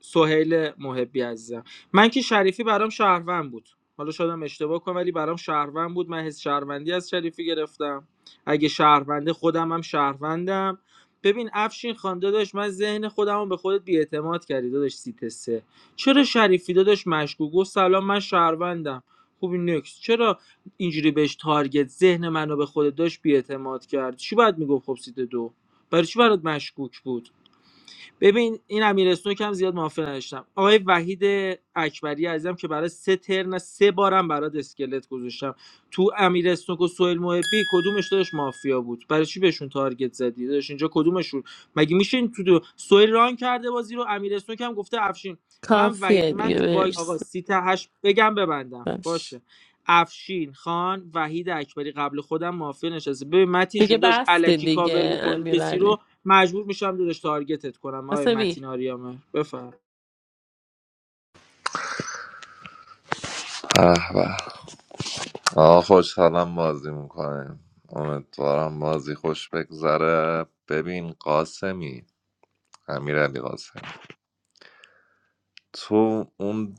سهیل محبی عزیزم من که شریفی برام شهروند بود حالا شدم اشتباه کنم ولی برام شهروند بود من حس شهروندی از شریفی گرفتم اگه شهرونده خودم هم شهروندم ببین افشین خان داداش من ذهن خودم رو به خودت بیاعتماد کردی داداش سیت سه چرا شریفی داداش مشکوک گفت سلام من شهروندم خوبی نکس چرا اینجوری بهش تارگت ذهن منو به خودت داشت بیاعتماد کرد چی باید میگفت خب سیت دو برای چی برات مشکوک بود ببین این امیر اسنوک هم زیاد موافق نداشتم آقای وحید اکبری عزیزم که برای سه ترن سه بارم برات اسکلت گذاشتم تو امیر اسنوک و سهیل محبی کدومش داشت مافیا بود برای چی بهشون تارگت زدی داشت اینجا کدومشون مگه میشه این تو دو... سهیل ران کرده بازی رو امیر اسنوک هم گفته افشین من وحید
کافیه
من
دیگه
تو بای آقا
مرسی
سیت هشت بگم ببندم
باش
باشه افشین خان وحید اکبری قبل خودم مافیا نشسته ببین متی
دیگه
جون داشت
بسته
الکی کاور
دیگه
میکنی کسی رو
امیرعلی
مجبور میشم دادش تارگتت کنم آقای
قاسمی
متین آریامه بفهم
اه به آه خوشحالم بازی میکنیم امیدوارم بازی خوش بگذره ببین قاسمی امیرعلی قاسمی تو اون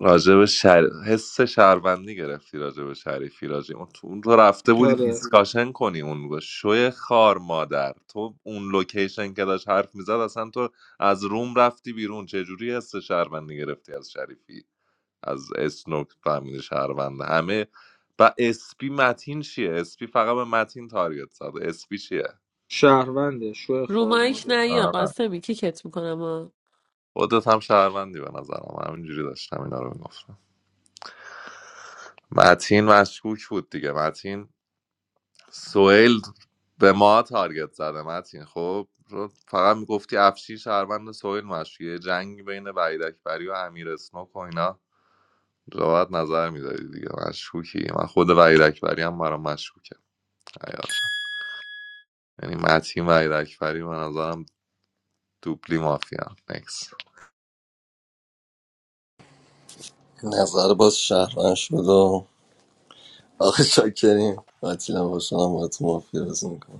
راجع به شر... حس شهروندی گرفتی راجع به شریفی راجع اون تو اون تو رفته بودی
آره
دیسکاشن کنی اون با شوی خار مادر تو اون لوکیشن که داشت حرف میزد اصلا تو از روم رفتی بیرون چه جوری حس شهروندی گرفتی از شریفی از اسنوک فهمیده شهروند همه و اسپی متین چیه اسپی فقط به متین تارگت زد اسپی چیه
شهرونده شو
رو
خار
مایک
مادر
نیا
آره
قاسمی کیکت میکنم آه.
خودت هم شهروندی به نظرم همینجوری داشتم اینا رو میگفتم متین مشکوک بود دیگه متین سوئیل به ما تارگت زده متین خب رو- فقط میگفتی افشی شهروند سویل مشکی جنگ بین وحید اکبری و امیر اسنوک و اینا راحت نظر میدادی دیگه مشکوکی من خود وحید اکبری هم برام مشکوکه حقیقتا. یعنی متین وحید اکبری به نظرم دوبلی مافیا نکس
نظر باز شهرمند شد و آخه شاکریم آتیلا باشنم با تو مافیا بازی می‌کنم.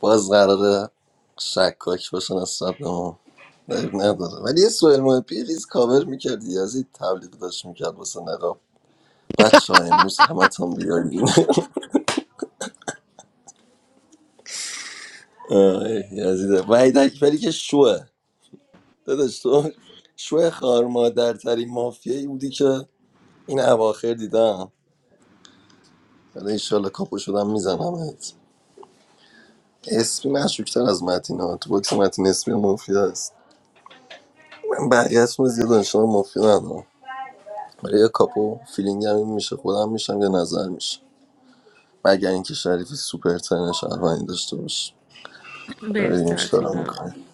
باز قراره شکاک باشن از سبک ما دریغ نداره ولی یه سوال مهمی ریز کاور میکردی یزید تبلیغ داشت میکرد واسه نقاب بچه ها امروز همه تان بیارین آه، یزیده وحید اکبری که شوه داداش تو شوه خارمادر ترین مافیایی بودی که این اواخر دیدم حالا انشالله کاپو شدم میزنمت اسمی مشکوکتر از متین ها تو باکس متین اسمی مافیا است من بقیه‌تون رو زیاد آشنا مافیا ندارم آره، یه کاپو فیلینگ هم این میشه خودم میشم یا نظر میشه مگر اینکه شریفی سوپر ترین شهروندی داشته باشه حالا
مرسی
ببینیم چی کار
آتیلا
میکنیم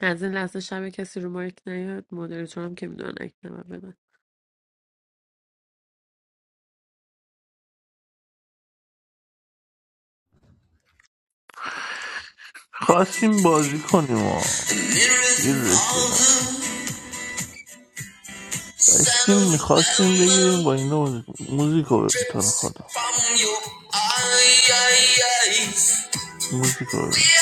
از این لحظه شب کسی رو مایک نیاد مدیریتورم که میدونن اک نمه بدن
خواستیم بازی کنیم و گیر رسیدن داشتیم میخواستیم بگیریم با اینا بازی کنیم. موزیکو ببین تو رو خدا موزیکو ببین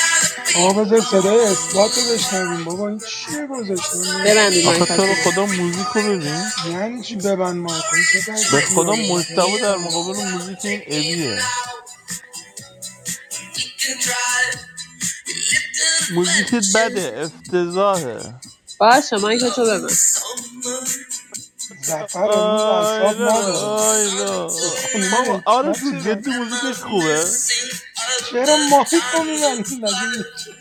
آقا بذار صدای اثبات رو بشنویم بابا این چیه گذاشته من
They might
نیفهم
be my
آخه تو رو
customer.
خدا موزیکو ببین
یعنی چی ببند مایکو این چه طرز
به خدا
دیالوگ من
مشتبه در
نیفهمم
مقابل موزیک این ابیه موزیکت بده افتضاحه
باشه من که تو ببن
زفر امروز اعصاب
آیلا لا،
نداره
آیلا
این خانوم
بابا
حکمت
آرزو
چرا
جدی موزیکش خوبه
چرا مایکو میبندید مگه میشه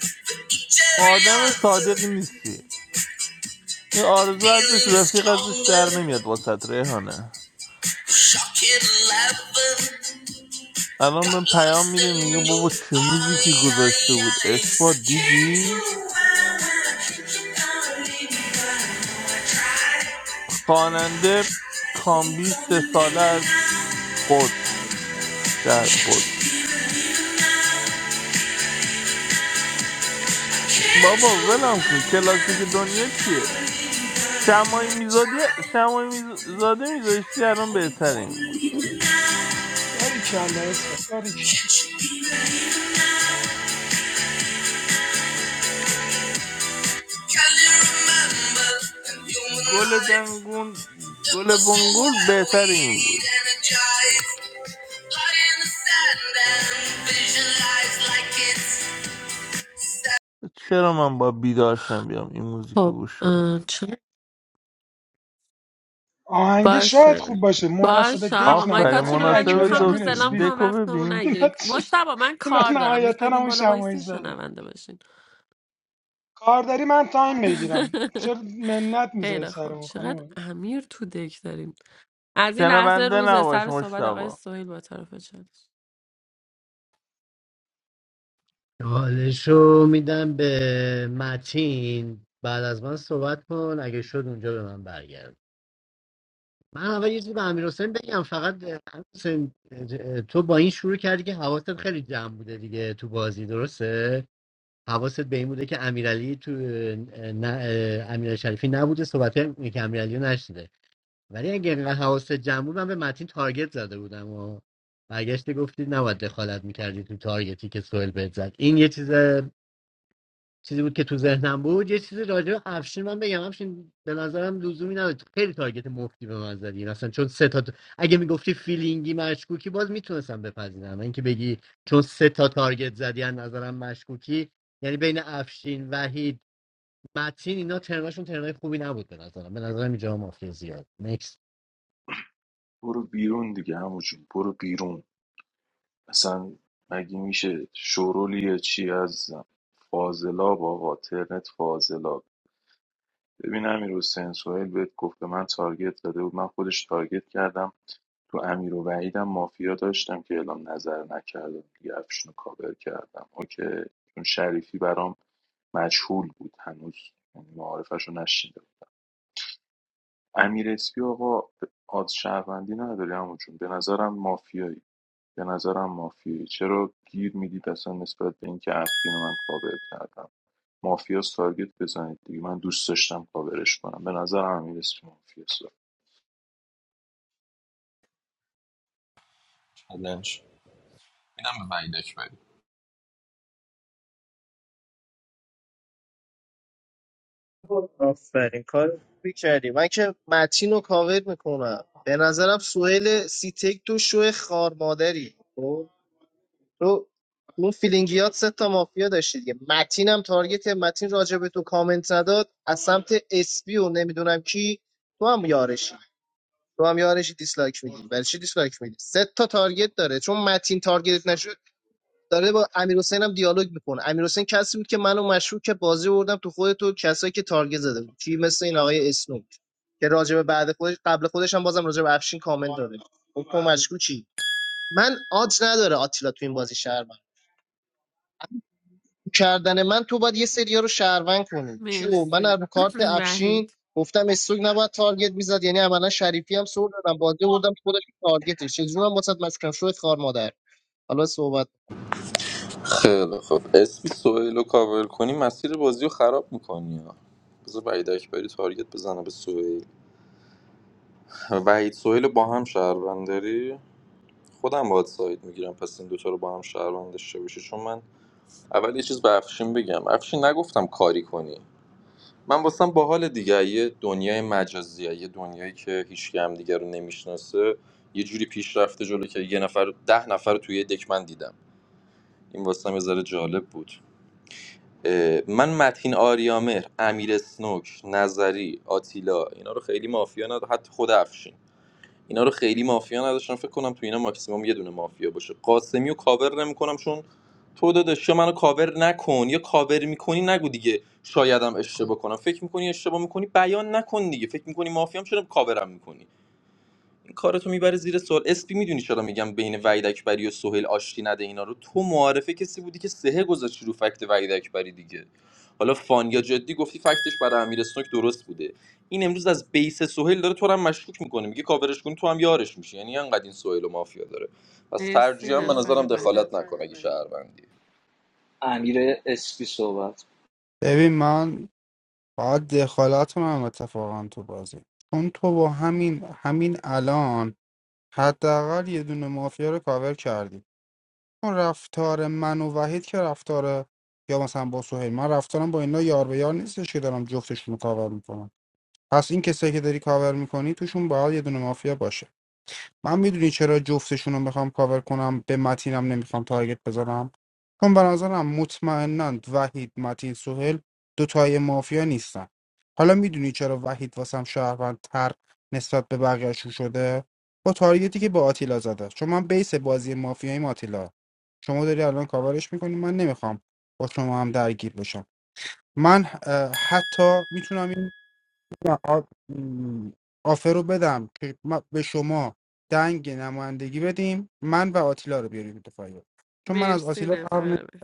آدم صادقی نیستی این آرزو ازش
Feeling
رفیق ازش در
stronger,
نمیاد واسه ریحانه
shocking laughing.
الان
Got
من پیام
lost
میده میگه
in your
بابا چه موزیکی
eyes.
گذاشته بود اثبات دیدی خواننده کامبی سه ساله از قدس شهر قدس بابا ولم کن کلاسیک دنیا چیه شمای میزادی شمای میزاده میذاشتی الان
How you
بهتر این
gonna
بود
leave me now?
باری کلا اثبات باری
Can't you be believing now? Can you remember the human
گل
life
دنگون
that
گل
was so
بنگول
where
بهتر این بود
we'd energize? Lie in the sand and visualize like it's
چرا من با بیدارشم بیام این موزیکو
خب
گوش بدم
اه، چه
آهنگ شاید خوب
باشه
باشه مناسب
باشه
دک
آقا
آفرین
نبود
مایکاتون رو
وحید
ببندید
مناسب
اکبری
میخوام
امیر
روز
دک...
دلم
اسپی
کنم
دکو
وقتمون
ببین
اینا
نگیریم
چی
مشتبا من
اینا
کار دارم
نهایتا
میخواید این
همون
بالا وایسین
شمایز داده
شنونده باشین
کار داری من تایم بگیرم چرا منت میذاری
خیلی خب
سرمون
چقدر
خانم
امیر تو دک داریم از این لحظه
شنونده
روز
نباش
سر صحبت آقای
مشتاق.
سویل با طرف چالش
حالشو میدم به متین بعد از من صحبت کن اگه شد اونجا به من برگرد من اول یه چیزی به امیر حسین بگم فقط امیرحسین، تو با این شروع کردی که حواست خیلی جمع بوده دیگه تو بازی درسته حواست به این بوده که امیرعلی تو نه امیر شریفی نبوده صحبت که امیرعلی رو نشنیده ولی اگه اینقدر حواست جمع بود من به متین تارگت زده بودم و برگشتی گفتی نباید دخالت میکردی تو تارگتی که سوئل بهت زد این یه چیز چیزی بود که تو ذهنم بود یه چیزی راجع به افشین من بگم افشین به نظرم لزومی نداره خیلی تارگت مفتی به من زدی اصلا چون سه تا اگه میگفتی فیلینگی مشکوکی باز میتونستم بپذیرم و اینکه بگی چون سه تا تارگت زدی از نظرم مشکوکی یعنی بین افشین وحید متین اینا ترناشون ترنای خوبی نبود به نظرم به نظرم اینجا مافیا زیاد نکس
برو بیرون دیگه همون برو بیرون اصلا مگه میشه شورولی چی عزیزم فاضلاب آقا ترنت فاضلاب ببین امیر حسین سوهیل بهت گفت به من تارگت داده بود من خودش تارگت کردم تو امیر و وحیدم مافیا داشتم که اعلام نظر نکردم دیگه افشون رو کابر کردم اوکی چون شریفی برام مجهول بود هنوز یعنی معارفش رو نشیده امیر اسپی آقا آد شهروندی نداری همون به نظرم مافیایی به نظرم مافیایی چرا گیر میدید اصلا نسبت به اینکه افکین رو من کاور کردم مافیا تارگت بزنید دیگه من دوست داشتم کاورش کنم به نظر امیر اسمی مافیاست
بلنش میدم به ویدک
آفرین کار خوبی کردی من که متین رو کاور میکنم به نظرم سوهل سیتک تو شو خار مادری خب؟ تو اون فیلینگیات سه تا مافیا داشتی دیگه متین هم تارگت متین راجع به تو کامنت نداد از سمت اسپی و نمیدونم کی تو هم یارشی تو هم یارشی دیسلایک میدی برای چی دیسلایک میدی سه تا تارگت داره چون متین تارگت داره با امیر حسین هم دیالوگ میکنه امیر کسی بود که منو مشروع که بازی بردم تو خود تو کسایی که تارگت زده بود کی مثل این آقای اسنوک که راجب بعد خودش قبل خودش هم بازم راجب افشین کامنت داده گفت تو مشروع چی من آج نداره آتیلا تو این بازی شهروند کردن من تو باید یه سریا رو شهروند کنی کیو من
مرسی
از کارت افشین
وحید
گفتم استوک نباید تارگت میزد یعنی عملا شریفی هم سر دادم بازی بردم تو خودش تارگتش چه جونم واسط مشکم شو خار مادر حالا صحبت
خیلی خوب اسمی سوهیل رو کاور کنی مسیر بازی رو خراب میکنی بذار وحید اکبری تارگت بزنه به سوهیل وحید سوهیل رو با هم شهروند داری خودم باید ساید میگیرم پس این دوتا رو با هم شهروند داشته باشی چون من اول یه چیز به افشین بگم افشین نگفتم کاری کنی من واسم باحال دیگه یه دنیای مجازیه یه دنیایی که هیچ هم دیگه رو نمیشناسه یه جوری پیش رفته جلو که یه نفر ده نفر رو توی یه دک دیدم این واسم یه ذره جالب بود اه، من متین آریامر امیر سنوک نظری آتیلا اینا رو خیلی مافیا نداشتم حتی خود افشین اینا رو خیلی مافیا نداشتم فکر کنم تو اینا ماکسیموم یه دونه مافیا باشه قاسمی رو کاور نمیکنم چون تو داداش یا منو کاور نکن یا کاور میکنی نگو دیگه شایدم اشتباه کنم فکر میکنی اشتباه میکنی بیان نکن دیگه فکر میکنی مافیام چرا کاورم میکنی کارتو میبره زیر سوال اسپی میدونی چرا میگم بین وحید اکبری و سهیل آشتی نده اینا رو تو معارفه کسی بودی که سه گذاشتی رو فکت وحید اکبری دیگه حالا فان یا جدی گفتی فکتش برای امیر اسنوک درست بوده این امروز از بیس سهیل داره تو رو هم مشکوک میکنه میگه کاورش کن تو هم یارش میشی یعنی انقدر این سهیل و مافیا داره پس
مرسی
ترجیحاً به
نفر
نظرم
بعد
دخالت نکن اگه شهروندی
امیر اسپی صحبت
ببین من باید دخالت کنم اتفاقا تو بازی چون تو با همین همین الان حداقل یه دونه مافیا رو کاور کردی اون رفتار من و وحید که رفتار یا مثلا با سهیل من رفتارم با اینا یار به یار نیستش که دارم جفتشون رو کاور میکنم پس این کسایی که داری کاور میکنی توشون باید یه دونه مافیا باشه من میدونی چرا جفتشون رو میخوام کاور کنم به متینم نمیخوام تارگت بزنم چون به نظرم مطمئنا وحید متین سوهل دوتای مافیا نیستن حالا میدونی چرا وحید واسم شهروند نسبت به بقیهشون شده با تارگتی که با آتیلا زده چون من بیس بازی مافیاییم آتیلا شما داری الان کاورش میکنی من نمیخوام با شما هم درگیر بشم من اه، حتی میتونم نه، آ- م، آفر رو بدم که ما به شما دنگ نمایندگی بدیم من و آتیلا رو بیاریم دفاعیه چون من از
مرسی
آتیلا فرق نه-
نفر بعد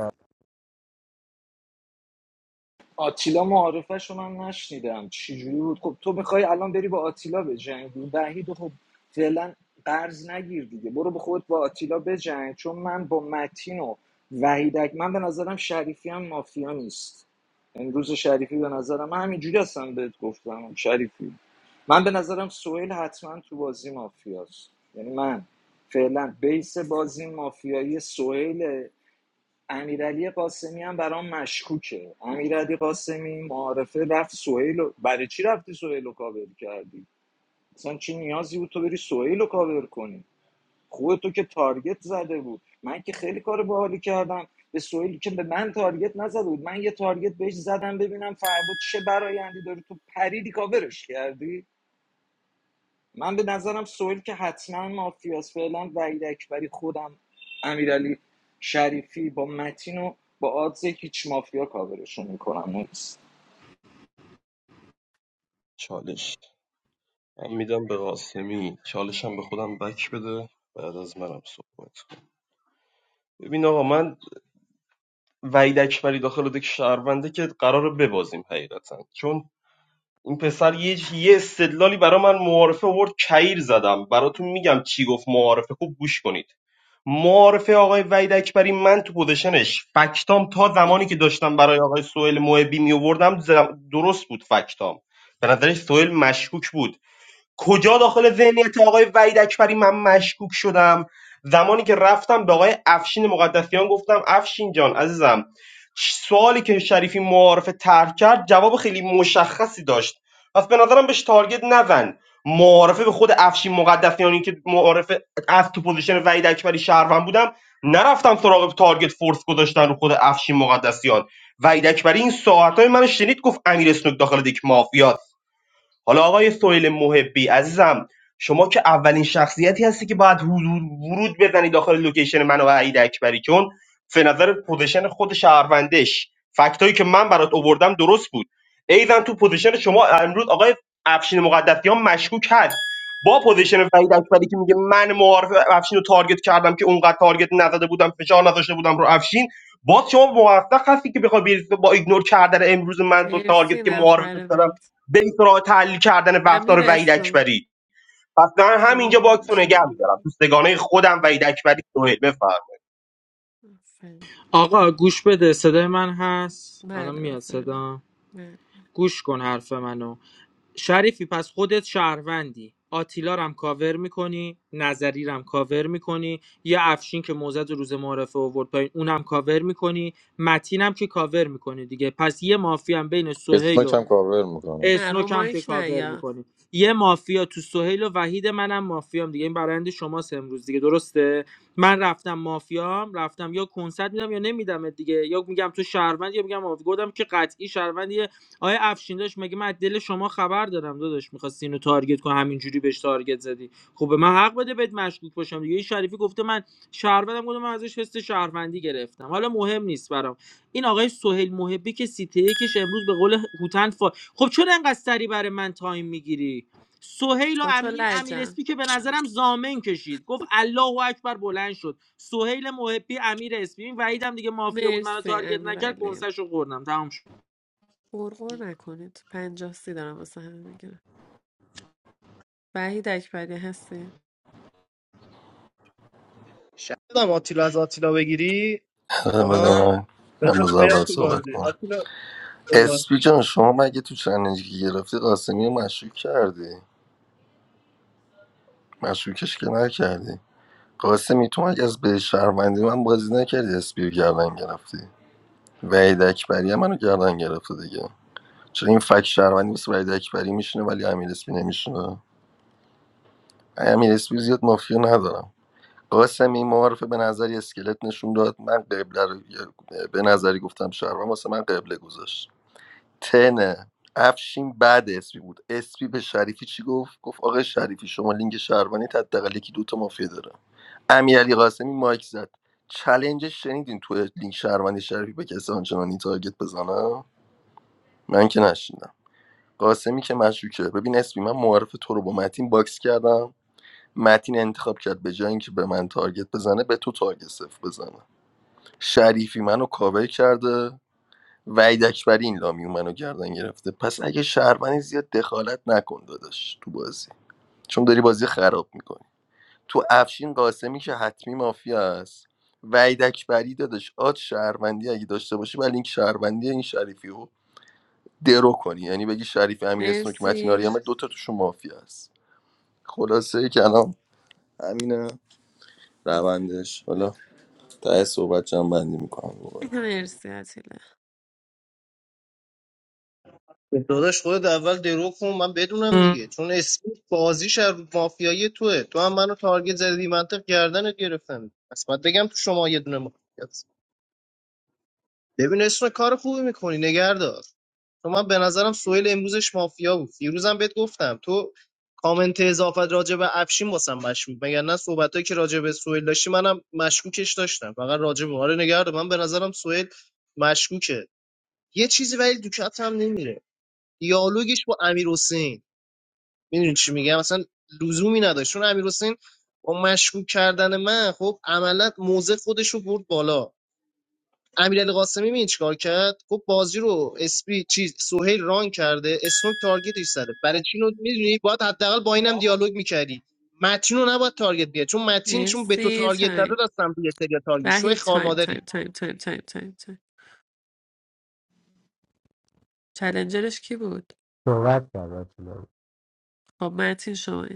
آتیلا معارفش رو من نشنیدم چجوری بود خب تو میخوای الان بری با آتیلا به جنگ وحید خب فعلا قرض نگیر دیگه برو به خود با آتیلا به جنگ چون من با متین و وحیدک من به نظرم شریفی هم مافیا نیست امروز شریفی به نظرم من همینجوری هستم بهت گفتم شریفی من به نظرم سوهل حتما تو بازی مافیاست یعنی من فعلا بیس بازی مافیایی سوهل امیرعلی قاسمی هم برام مشکوکه امیرعلی قاسمی معارفه رفت سهیل و... برای چی رفتی سهیل رو کاور کردی اصلا چی نیازی بود تو بری سهیل رو کاور کنی خوبه تو که تارگت زده بود من که خیلی کار باحالی کردم به سهیل که به من تارگت نزده بود من یه تارگت بهش زدم ببینم فردا چه برایندی داری تو پریدی کاورش کردی من به نظرم سوئیل که حتما مافیاس فعلا وحید اکبری خودم امیرعلی شریفی با متین و با آدز هیچ مافیا کاورشون میکنم نیست
چالش من میدم به قاسمی چالشم به خودم بک بده بعد از منم صحبت کن ببین آقا من وعید اکبری داخل دک شهرونده که قراره ببازیم حقیقتا چون این پسر یه یه استدلالی برای من معارفه آورد کعیر زدم براتون میگم چی گفت معارفه خوب گوش کنید معارفه آقای وحید اکبری من تو پوزیشنش فکتام تا زمانی که داشتم برای آقای سوئیل محبی میوردم درست بود فکتام به نظرش سوئیل مشکوک بود کجا داخل ذهنیت آقای وحید اکبری من مشکوک شدم زمانی که رفتم به آقای افشین مقدسیان گفتم افشین جان عزیزم سوالی که شریفی معارف طرح کرد جواب خیلی مشخصی داشت پس به نظرم بهش تارگت نزن معارفه به خود افشین مقدسیانی که معارفه از تو پوزیشن وحید اکبری شهروند بودم نرفتم سراغ تارگت فورس گذاشتن رو خود افشین مقدسیان وحید اکبری این ساعتهای منو شنید گفت امیر اسنوک داخل دک مافیاست حالا آقای سهیل محبی عزیزم شما که اولین شخصیتی هستی که باید حضور ورود بزنی داخل لوکیشن من و عید اکبری چون به نظر پوزیشن خود شهروندش فکتایی که من برات آوردم درست بود ایزن تو پوزیشن شما امروز آقای افشین مقدسیان مشکوک هست با پوزیشن فرید اکبری که میگه من معارف افشین رو تارگت کردم که اونقدر تارگت نزده بودم فشار نذاشته بودم رو افشین باز شما موفق هستی که بخوای بری با ایگنور کردن امروز من دو تارگت
مرسی
که معارف
نفر بعد
برید سراغ تحلیل کردن
امیر
رفتار وحید
اسلام
اکبری پس من همینجا
سلام
باکس رو نگه میدارم تو سگانه خودم وحید اکبری سهیل بفرم
علیکم.
آقا گوش بده صدای من هست الان
بله
میاد
بفرمایید
صدا
بله
گوش کن حرف منو شریفی پس خودت شهروندی آتیلا رم کاور میکنی نظری رم کاور میکنی یه افشین که موزد روز معرفه اوورد پایین اونم کاور میکنی متینم که کاور میکنی دیگه پس یه مافی هم بین سهیل و
اسمک هم کاور میکنم
نه رو
اسنوک هم که
مایک نه
کاور
یا
میکنی یه مافیا تو سهیل و وحید منم مافیام دیگه این برند شماست امروز دیگه درسته من رفتم مافیام رفتم یا کنسرت میدم یا نمیدم دیگه یا میگم تو شهروند یا میگم آف گفتم که قطعی شهروندیه آیا افشین داشت مگه من از دل شما خبر دارم داداش میخواستی اینو تارگت کن همینجوری بهش تارگت زدی خب به من حق بده بهت مشکوک باشم دیگه این شریفی گفته من شهروندم گفتم من ازش حس شهروندی گرفتم حالا مهم نیست برام این آقای سهیل محبی که سیته یکش امروز به قول هوتن فا... خب چون انقدر سری برای من تایم میگیری سهیل و
با تو
امین امیر
لجم
اسپی که به نظرم زامن کشید گفت الله اکبر بلند شد سهیل محبی امیر اسپی این وحیدم دیگه مافیا بود منو
مرسی
تارگت نکرد
امیرعلی
کنسش رو خوردم تمام شد
غرغر نکنید پنجاه سی دارم واسه همه میگیرم وحید اکبری هستی
شدم آتیلا از آتیلا بگیری
بدم من
بذار
روز
بیاد
اول
تو
صحبت
بازی
کنم
آتیلا اومد.
اسپی جان شما مگه تو چلنجی که گرفتی قاسمی رو مشکوک کردی مشکوکش که نکردی قاسمی تو مگه از به شهروندی من بازی نکردی اسپی رو گردن گرفتی وحید اکبری هم منو گردن گرفته دیگه چرا این فک شهروندی مثل وحید اکبری میشینه ولی امیر اسپی نمیشینه امیر اسپی زیاد مافیا ندارم قاسم این معارفه به نظر یه اسکلت نشون داد من قبله رو به نظری گفتم شهروند واسه من قبله گذاشت تنه افشین بعد اسپی بود اسپی به شریفی چی گفت گفت آقای شریفی شما لینک شهروانی حداقل یکی دوتا مافیا داره امیرعلی قاسمی مایک زد چلنج شنیدین تو لینک شهروانی شریفی به کسی آنچنانی تارگت بزنم من که نشیندم قاسمی که مشکوکه ببین اسمی من معارف تو رو با متین باکس کردم متین انتخاب کرد به جای اینکه به من تارگت بزنه به تو تارگت صفر بزنه شریفی منو کاور کرده وحید اکبری این لامیون منو گردن گرفته پس اگه شهروندی زیاد دخالت نکن داداش تو بازی چون داری بازی خراب میکنی تو افشین قاسمی که حتمی مافیا است وحید اکبری داداش آد شهروندی اگه داشته باشی ولی این شهروندی این شریفی رو درو کنی یعنی بگی شریفی امیر اسنوک متین
مرسی
آریامه دوتا توشون مافیا است خلاصه ای که الان همینه
آفرین.
روندش حالا ته صحبت جمع بندی میکنم دوباره
مرسی عتیله
داداش خودت اول درو کن من بدونم دیگه چون اسمی بازیش از رو مافیایی توه تو هم منو تارگت زدی منطق گردنت گرفتم پس باید بگم تو شما یه دونه مافیاست ببین اسم کار خوبی میکنی نگهدار تو من به نظرم سویل امروزش مافیا بود فیروزم بهت گفتم تو کامنت اضافت راجع به افشین واسم مشکوک مگر نه صحبتایی که راجع به سویل داشتی منم مشکوکش داشتم فقط راجع به آره نگهدار من به نظرم سویل مشکوکه یه چیزی ولی تو کپ هم نمیره دیالوگش با امیر حسین میدونی چی میگم مثلا لزومی نداشت چون امیر حسین با مشکوک کردن من خب عملا موزه خودش رو برد بالا امیرعلی قاسمی می چیکار کرد خب بازی رو اسپی چیز سهیل ران کرده اسنوک تارگتش زده برای چی رو میدونی باید حداقل با اینم دیالوگ میکردی متین رو نباید تارگت بیاد چون متین چون به تو
مرسی
تارگت زده
تایم
دستم توی سری تارگت شوی
وحید
خار
تایم تایم
مادری
تایم تایم تایم تایم تایم چلنجرش کی بود
صحبت کرد آتیلا.
خب متین شما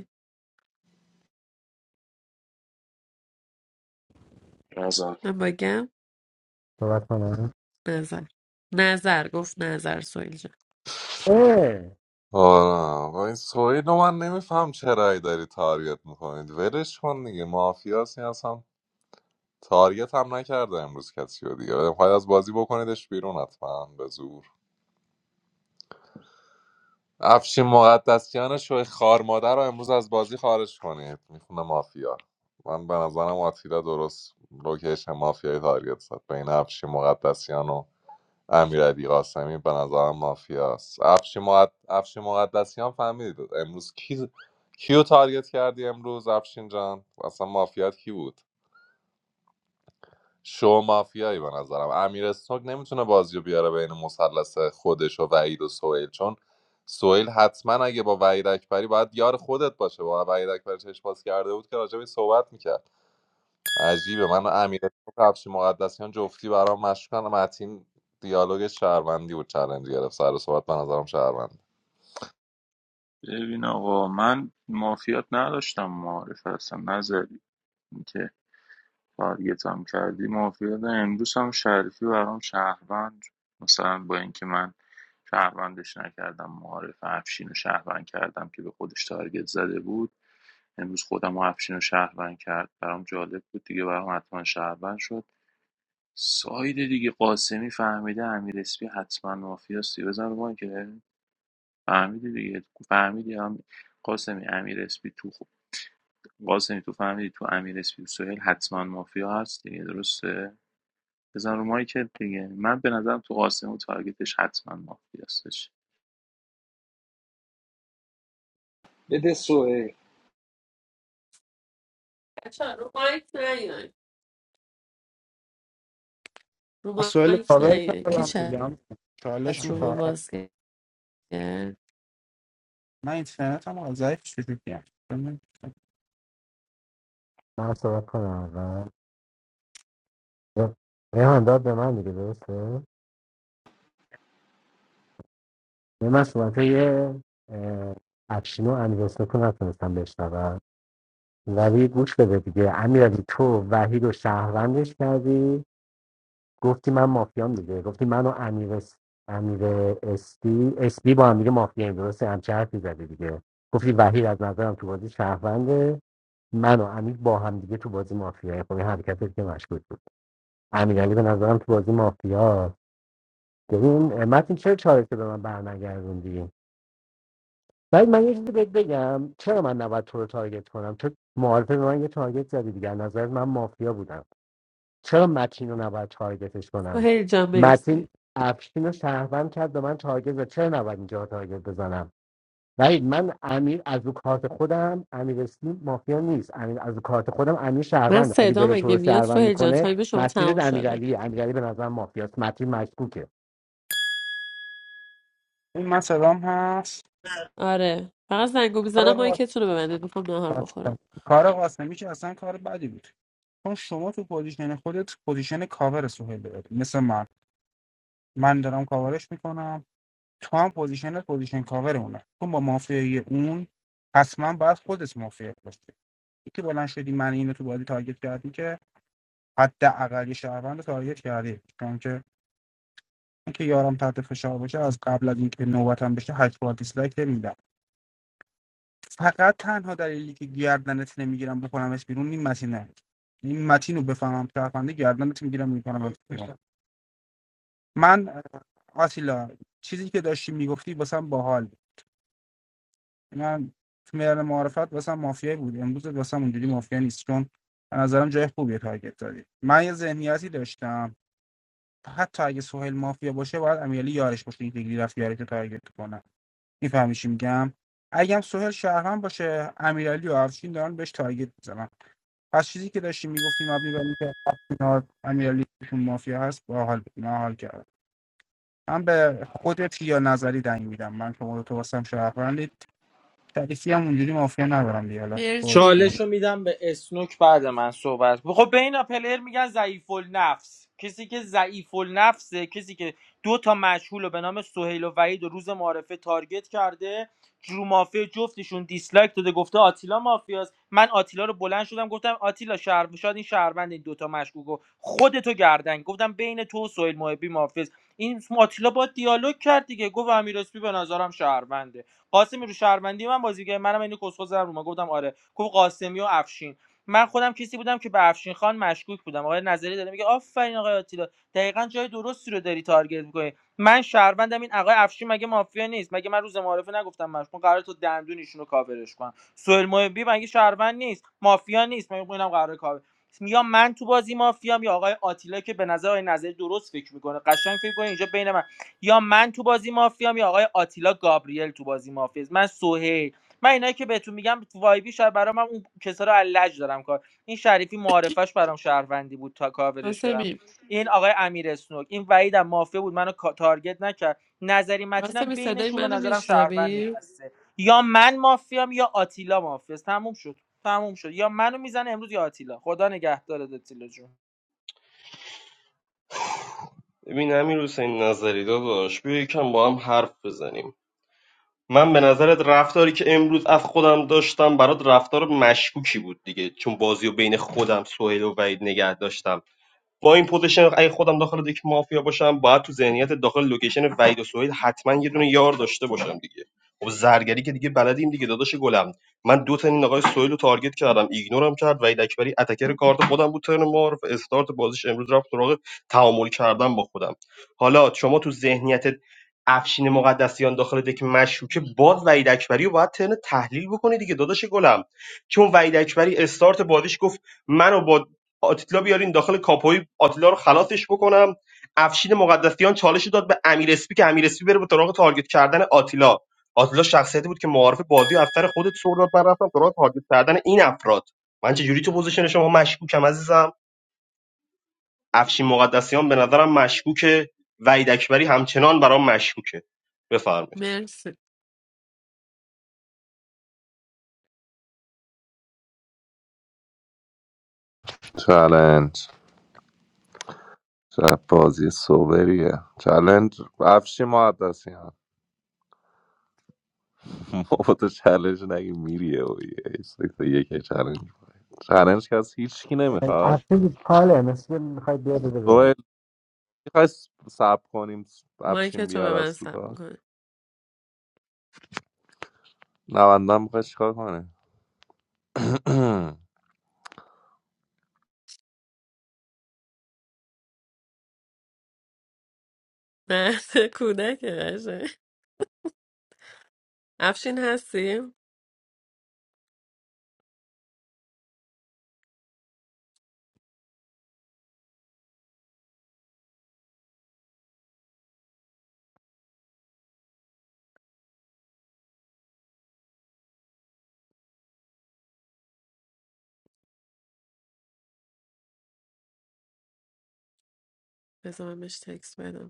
نظر
من باگم
صحبت کنم
نظر نظر گفت نظر سویل جان
اه!
آره با این سوهیل رو من نمیفهم چه رأی داری تارگت میکنید ولش کن دیگه مافیاسی اصلا تارگت هم نکرده امروز کسی رو دیگه بخواید از بازی بکنیدش بیرون حتما به زور افشین مقدسیان شوی خار مادر رو امروز از بازی خارج کنید میخونه مافیا من به نظرم آتیلا درست لوکیشن مافیای تارگت زد بین افشین مقدسیان و امیرعلی قاسمی به نظرم مافیاست افشین مقد... افشین مقدسیان فهمیدید امروز کی کیو تارگت کردی امروز افشین جان اصلا مافیات کی بود شو مافیایی به نظرم امیر اسنوک نمیتونه بازی رو بیاره بین مثلث خودش و وحید و سهیل چون سهیل حتما اگه با وحید اکبری باید یار خودت باشه با وحید اکبری چشم باز کرده بود که راجع به این صحبت میکرد عجیبه من و امیر اسنوک کفش مقدسیان جفتی برام مشکن متین دیالوگ شهروندی بود چالش گرفت سر صحبت به نظرم شهروند
ببین آقا من مافیات نداشتم معارف اصلا نظری که اینکه تارگتم کردی مافیات امروز هم شریفی برام شهروند مثلا با اینکه من شهروندش نکردم معارف افشین و شهروند کردم که به خودش تارگت زده بود امروز خودم و افشین رو شهروند کرد برام جالب بود دیگه برام حتما شهروند شد ساید دیگه قاسمی فهمیده امیر اسپی حتما مافیاستی بزن رو ما که فهمیده دیگه فهمیدی هم قاسمی امیر اسپی تو خوب قاسمی تو فهمیدی تو امیر اسپی و سهیل حتما مافیا هست دیگه درسته بزن رو ما که دیگه من به نظرم تو قاسمی و تارگتش حتما مافیاستش
بده سوئیل
بچه‌ها، رو مایک نیاین رو
مسائل
مایک
کاور
نیاین
کردم
کی
بگم چالش
از رو
اه.
با
میخواد
باز کرد
من اینترنت هم ضعیف شدیم
من صحبت کنم اول ریحان داد به من دیگه درسته نه، من صحبت های افشین و امیرستوک رو نتونستم بشنوم ولی گوش بده دیگه امیرعلی تو وحید و شهروندش کردی گفتی من مافیام دیگه گفتی من و امیر اس... امیر اسپی اسپی با هم دیگه مافیاییم درسته همچه حرفی زدی دیگه گفتی وحید از نظرم تو بازی شهرونده من و امیر با هم دیگه تو بازی مافیا خب این حرکتت که مشکوک بود امیرعلی به نظرم تو بازی مافیا ببین اه، متین چرا چالش رو به من برنگردوندی بعد من یه چیزی بهت بگم چرا من نباید تو رو تارگت کنم چون معارفه به من یه تارگت زدی دیگه از نظر من مافیا بودم چرا متین رو نباید تارگتش کنم
سهیل جان مرسی
متین افشین رو شهروند کرد به من تارگت زد چرا نباید اینجا تارگت بزنم ولی من امیر از رو کارت خودم امیر اسمی مافیا نیست امیر از رو کارت خودم امیر
من
شهروند اگه
صدا
بره تو
مگه
رو
میاد
شهروند
سهیل جان
میکنه
تایم شما
مسیرت
تموم شده
امیرعلی امیرعلی به نظر مافیاست متین مشکوکه
این مثلا هست
آره فقط زنگو میزنم
کار
مایکتون رو ببندید میخوام نهار
قاسم
بخورم
کار قاسمی که اصلا کار بدی بود چون شما تو پوزیشن خودت پوزیشن کاور سهیل داری مثل من من دارم کاورش میکنم تو هم پوزیشنت پوزیشن کاور اونه تو با مافیای اون حتما باید خودت مافیا باشی یکی بلند شدی من اینو تو بازی تارگت کردی که حداقل یه شهروند رو تارگت کردی چون که اینکه یارم تحت فشار باشه از قبل از اینکه نوبتم بشه هشت بار دیسلایک نمیدم فقط تنها دلیلی که گردنت نمیگیرم بکنمش بیرون این متینه این متین رو بفهمم شهرونده گردنت میگیرم میکنم بیرون من آسیلا چیزی که داشتی میگفتی واسم باحال من تو میدان معارفت واسم مافیایی بود امروز واسم اونجوری مافیا نیست چون به نظرم جای خوبیه تارگت داری من یه ذهنیتی داشتم حتی اگه سهیل مافیا باشه باید امیرعلی یارش باشه این دیگری رفت یارش رو تارگت کنه میفهمی چی میگم اگم سهیل شهرمن باشه امیرعلی و افشین دارن بهش تارگت میزنن پس چیزی که داشتیم میگفتیم مبنی بر اینکه افشین امیرعلی توشون مافیا هست باحال بود من حال کردم من به خودت یا نظری دنگ میدم من شما رو تو واسم شهروند شریفی هم اونجوری مافیا ندارم دیگه حالا باز
مرسی
کنم
چالش رو میدم به اسنوک بعد من صحبت خب بین پلر میگن ضعیف النفس کسی که ضعیف النفسه کسی که دو تا مشهول رو به نام سهیل و وحید و روز معارفه تارگت کرده رو مافیا جفتشون دیسلایک داده گفته آتیلا مافیاست من آتیلا رو بلند شدم گفتم آتیلا شهر شاید این شهروند این دوتا مشکوکو خودتو گردن گفتم بین تو و سهیل محبی مافیاست این آتیلا با دیالوگ کرد دیگه گفت امیر اسپی به نظرم شهرونده قاسمی رو شهروندی من بازی کرد منم اینو کسخوز رو من گفتم آره گفت قاسمی و افشین من خودم کسی بودم که به افشین خان مشکوک بودم آقای نظری داره میگه آفرین آقای آتیلا دقیقا جای درستی رو داری تارگت میکنی من شهروندم این آقای افشین مگه مافیا نیست مگه من روز معارفه نگفتم مشکوک قرار تو دندون ایشونو کاورش کنم سوئیل محبی مگه شهروند نیست مافیا نیست مگه اینم قرار کاور یا من تو بازی مافیام یا آقای آتیلا که به نظر آقای نظری درست فکر میکنه قشنگ فکر کنه اینجا بین من یا من تو بازی مافیام یا آقای آتیلا گابریل تو بازی مافیاست من سهیل من اینایی که بهتون میگم تو وایبی شاید برام اون کسا رو علج دارم کار این شریفی معارفش برام شهروندی بود تا کاورش کردم
واسمی
این آقای امیر اسنوک این وحیدم مافیا بود منو کا- تارگت نکرد نظری متینم
واسمی صدای
بینشون به
منو
نظرم شهروند
میشنوی
نشسته یا من مافیام یا آتیلا مافیاست تموم شد تموم شد یا منو میزنه امروز یا آتیلا خدا نگهدارت آتیلا جون
ببین امیر حسین نظری داداش بیا یکم با هم حرف بزنیم من به نظرت رفتاری که امروز از خودم داشتم برات رفتار مشکوکی بود دیگه چون بازی و بین خودم سهیل و وحید نگه داشتم با این پوزیشن اگه خودم داخل یک مافیا باشم باید تو ذهنیت داخل لوکیشن وحید و سهیل حتما یه دونه یار داشته باشم دیگه خب زرگری که دیگه بلدیم دیگه داداش گلم من دو تا این آقای سهیل رو تارگت کردم ایگنورم کرد وحید اکبری اتکر کارت خودم بود ترن معارف استارت بازیش امروز رفت سراغ تعامل کردم با خودم حالا شما تو ذهنیت افشین مقدسیان داخل دک مشکوکه باز وحید اکبری رو باید ترن تحلیل بکنی دیگه داداش گلم چون وحید اکبری استارت بازیش گفت منو بازی آتیلا بیارین داخل کاپوی آتیلا رو خلاصش بکنم افشین مقدسیان چالش رو داد به امیر اسپی که امیر اسپی بره به سراغ تارگت کردن آتیلا آتیلا شخصیتی بود که معارف بازی و از سر خودت سر داد من رفتم سراغ تارگت کردن این افراد من چه جوری تو پوزیشن شما مشکوکم عزیزم افشین مقدسیان به نظرم مشکوکه وحید اکبری همچنان برام مشکوکه بفرمایید
مرسی
چلنج چه بازی سوبریه چلنج افشی مقدسیان بابا تو چالش نگه میریه و یه سکت یک چالش چالش که از هیچکی نمیخواد
افشین کاله مثل میخوای بیا بده
تو
بیاد
میخوای سب کنیم
مایک
افشین
تو به
بیاد
من
از رو
سب
کار
میکنه
نوانده هم میخوای چیکار کنه
مرد کودک قشنگ افشین هستی بذار من بهش تکس بدم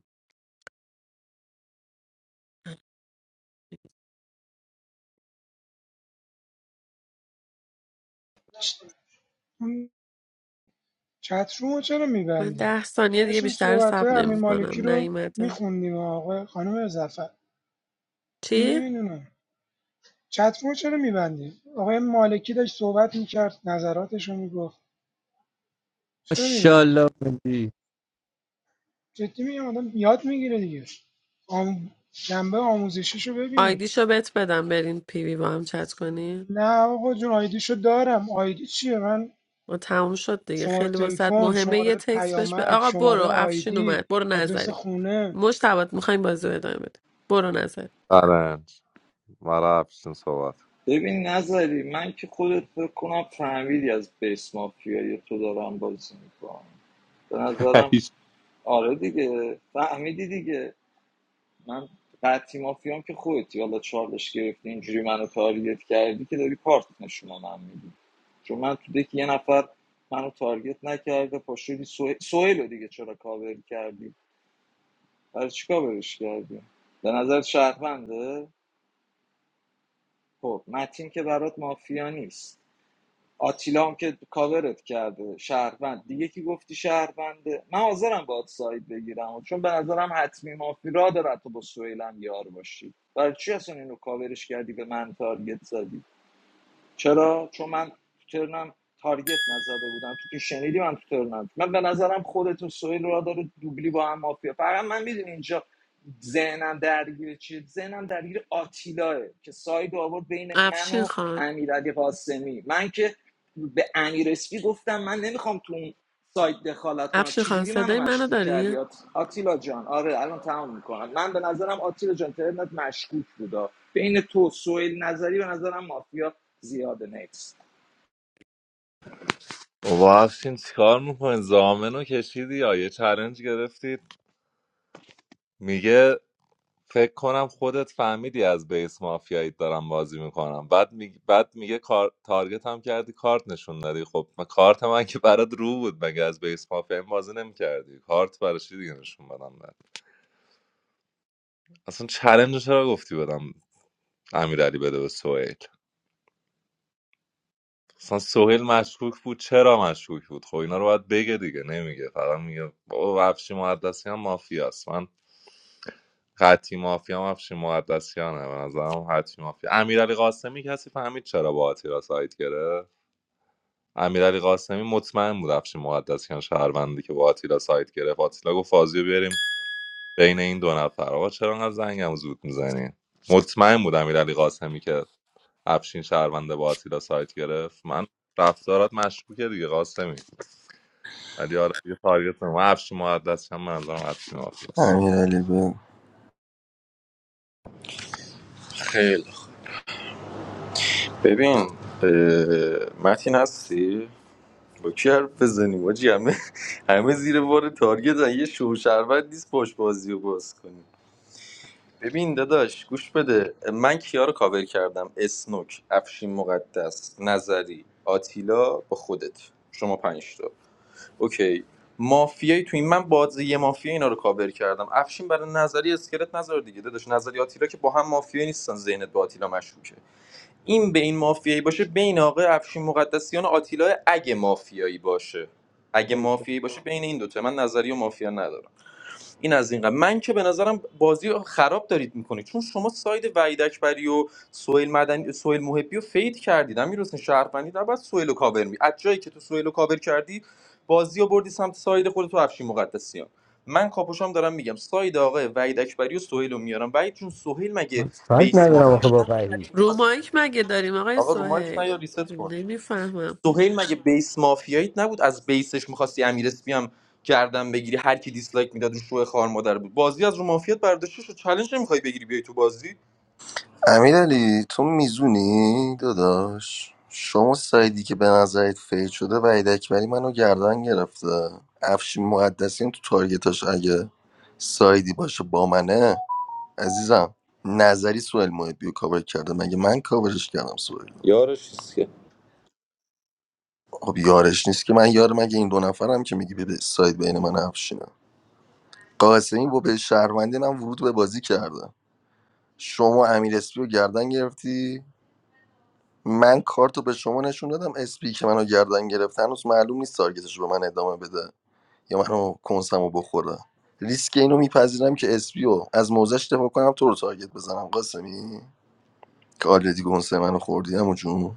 چترومو چرا
من
میبندی
ده ثانیه دیگه
داشتیم
بیشتر
صحبت های
صبر
امیر
نمی
مالکی
کنم
رو
نیومده
میخوندیم آقا خانم زفر
چی؟
نمیدونم چترومو چرا میبندی آقای مالکی داشت صحبت میکرد نظراتش رو میگفت چرا میبندی
MashaAllah, my
جدی میگم آدم یاد میگیره دیگه آم... جنبه آموزشیشو ببینید
آیدیشو بت بدم برین پیوی با هم چت کنین
نه آقا جون آیدیشو دارم آیدی چیه من
ما تموم شد دیگه
شماره
خیلی واسط
تلفن
مهمه یه
شماره
تکست بهش به
پیامک
آقا
شماره
برو افشین
آیدی
اومد برو
آدرس
نظری
خونه
مشتبات میخوایم بازی رو ادامه بده برو نظری
چالش مرا افشین صحبت
ببین نظری من که خودت بکنم فهمیدی از بیس مافیایی تو دارم بازی میکنم به نظرم
هیچ.
آره دیگه فهمیدی دیگه من قطعی مافیام که خودتی حالا چالش گرفتی اینجوری منو تارگت کردی که داری کارت نشون به من میدی چون من تو دکی یه نفر منو تارگت نکرده پاشوری سوهل رو دیگه چرا کاور کردی برای چی کاورش کردی به نظر شهرونده خب متین که برات مافیا نیست آتیلا هم که کاورت کرده شهروند دیگه کی گفتی شهرونده من حاضرم باهات ساید بگیرم چون به نظرم حتمی مافی را داره تو با سویلم یار باشی برای چی اصلا اینو کاورش کردی به من تارگت زدی چرا چون من تو ترنم تارگت نزده بودم تو که شنیدی من تو ترنم من به نظرم خودت و سهیل را داره دوبلی با هم مافیا فقط من میدونی اینجا ذهنم درگیر چیه ذهنم درگیر آتیلاه که ساید آورد بین من
افشین
و
خان
امیرعلی قاسمی من که به امیر اسپی گفتم من نمیخوام تو اون سایت دخالت کنم
افشین خان
چجوری منو
صدای منو
مشکوک
داری؟
کردی آتیلا جان آره الان تمام میکنم من به نظرم آتیلا جان ترنت مشکوک بودا بین تو سویل نظری به نظرم مافیا زیاده نیست.
بابا افشین چیکار میکنین زامن رو کشیدی یا یه چلنج گرفتید میگه فکر کنم خودت فهمیدی از بیس مافیایی دارم بازی میکنم بعد می بعد میگه کار... تارگت هم کردی کارت نشون دادی خب من کارت من که برات رو بود مگه از بیس مافیایی بازی نمیکردی کارت برای چی دیگه نشون بدم بعد اصلا چلنج رو چرا گفتی بدم امیرعلی بده به سهیل اصلا سهیل مشکوک بود چرا مشکوک بود خب اینا رو باید بگه دیگه نمیگه فقط میگه بابا بخشی مقدسی هم مافیاست من خطی مافیا هم افشین مقدسیانه به نظرم حتمی مافیا امیرعلی قاسمی کسی فهمید چرا با آتیلا سایت گرفت امیرعلی قاسمی مطمئن بود افشین مقدسیان شهروندی که با آتیلا سایت گرفت آتیلا گفت بازی رو بیاریم بین این دو نفر آقا چرا انقدر زنگم زود میزنی مطمئن بود امیرعلی قاسمی که افشین شهرونده با آتیلا سایت گرفت من رفتارات مشکوکه دیگه قاسمی ولی آره یه تارگت نمو افشین مقدسیان منظورم افشین مافیاست
امیرعلی به
خیلی خوب. ببین اه، متین هستی با کی حرف بزنیم آجی همه همه زیر بار تارگت هن. یه شوشربت نیست پشت بازی رو باز کنیم ببین داداش گوش بده من کیا رو کاور کردم اسنوک افشین مقدس نظری آتیلا با خودت شما پنج تا اوکی مافیایی تو این من بازی یه مافیا اینا رو کاور کردم افشین برای نظری اسکلت نظر دیگه داداش نظری آتیلا که با هم مافیا نیستن ذهنت با آتیلا مشکوکه این به این مافیایی باشه بین آقای افشین مقدسیان و آتیلا اگه مافیایی باشه اگه
باریکلا.
مافیایی باشه بین این دوتا من نظری و مافیا ندارم این از این قبل من که به نظرم بازی رو خراب دارید میکنید چون شما ساید وحید اکبری و سویل مدنی سویل محبی رو فید کردید امیر حسین شهروندی در بعد سویل و کاور می از جایی که تو سویل و کاور کردی بازی رو بردی سمت ساید خودت تو افشین مقدسیان من کاپوشام دارم میگم ساید آقای وحید اکبری و سهیل رو میارم وحید جون سهیل
من
مگه
سایت
بیس
ندارم
مافیا
آخه
بود؟
با
نبود هر
وحید
کی
رو
می‌خواست
مایک مگه داریم آقای
آقا رو مایک
سوهیل
نیا ریست کن
نمیفهمم
سهیل مگه بیس مافیاییت نبود از بیسش میخواستی امیر اسپی هم گردن بگیری هر کی دیسلایک میداد اون شوه خوار مادر بود بازی از رو مافیات برداشته شد چالش نمیخوای بگیری بیای تو بازی
امیرعلی تو میزونی داداش شما سایدی که به نظرت فیل شده و اکبری منو گردن گرفته افشین مقدسیان تو تارگتاش اگه سایدی باشه با منه عزیزم نظری سوال محبی رو کاور کرده مگه من کاورش کردم سوال
یارش چیز که
خب یارش نیست که من یار مگه این دو نفرم که میگی به ساید بین من و افشینه قاسمی با به شهروندین هم ورود به بازی کرده شما امیر اسپی رو گردن گرفتی من کارت رو به شما نشون دادم اسپی که منو گردن گرفت هنوز معلوم نیست تارگتش رو به من ادامه بده یا منو کنسم رو بخوره ریسک اینو میپذیرم که اسپی رو از موزش دفاع کنم تو رو تارگت بزنم قاسمی که آلردی گنسه منو خوردی همون جون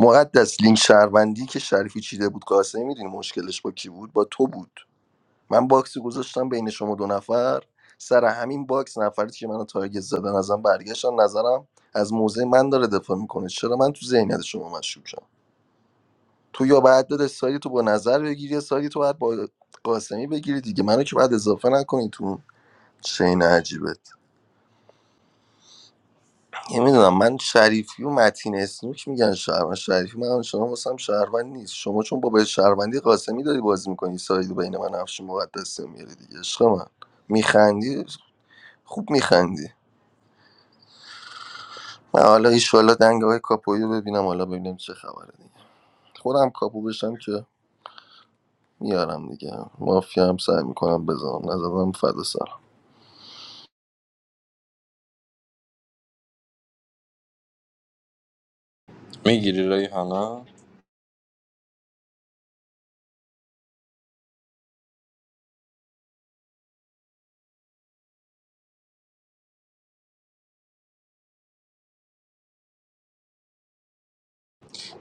مقدس لینک شهروندی که شریفی چیده بود قاسمی میدونی مشکلش با کی بود با تو بود من باکسی گذاشتم بین شما دو نفر سر همین باکس نفری که منو تارگت زدن ازم برگشتن نظرم از موضع من داره دفاع میکنه چرا من تو ذهنیت شما مشکوکم تو یا باید بده سایت تو با نظر بگیری یا سایت تو باید با قاسمی بگیری دیگه منو که باید اضافه نکنی تو اون چین عجیبت نمیدونم من شریفی و متین اسنوک میگن شهروند شریفی من شما واسم شهروند نیست شما چون با به شهروندی قاسمی داری بازی میکنی سایت بین من و افشین مقدسیان میاری دیگه عشق من میخندی خوب میخندی من حالا ایشوالا دنگ های کاپویی رو ببینم حالا ببینم چه خبره دیگه خودم کاپو بشم که میارم دیگه مافیا هم سعی میکنم بزنم نزدم فدا سلام
میگیری ریحانه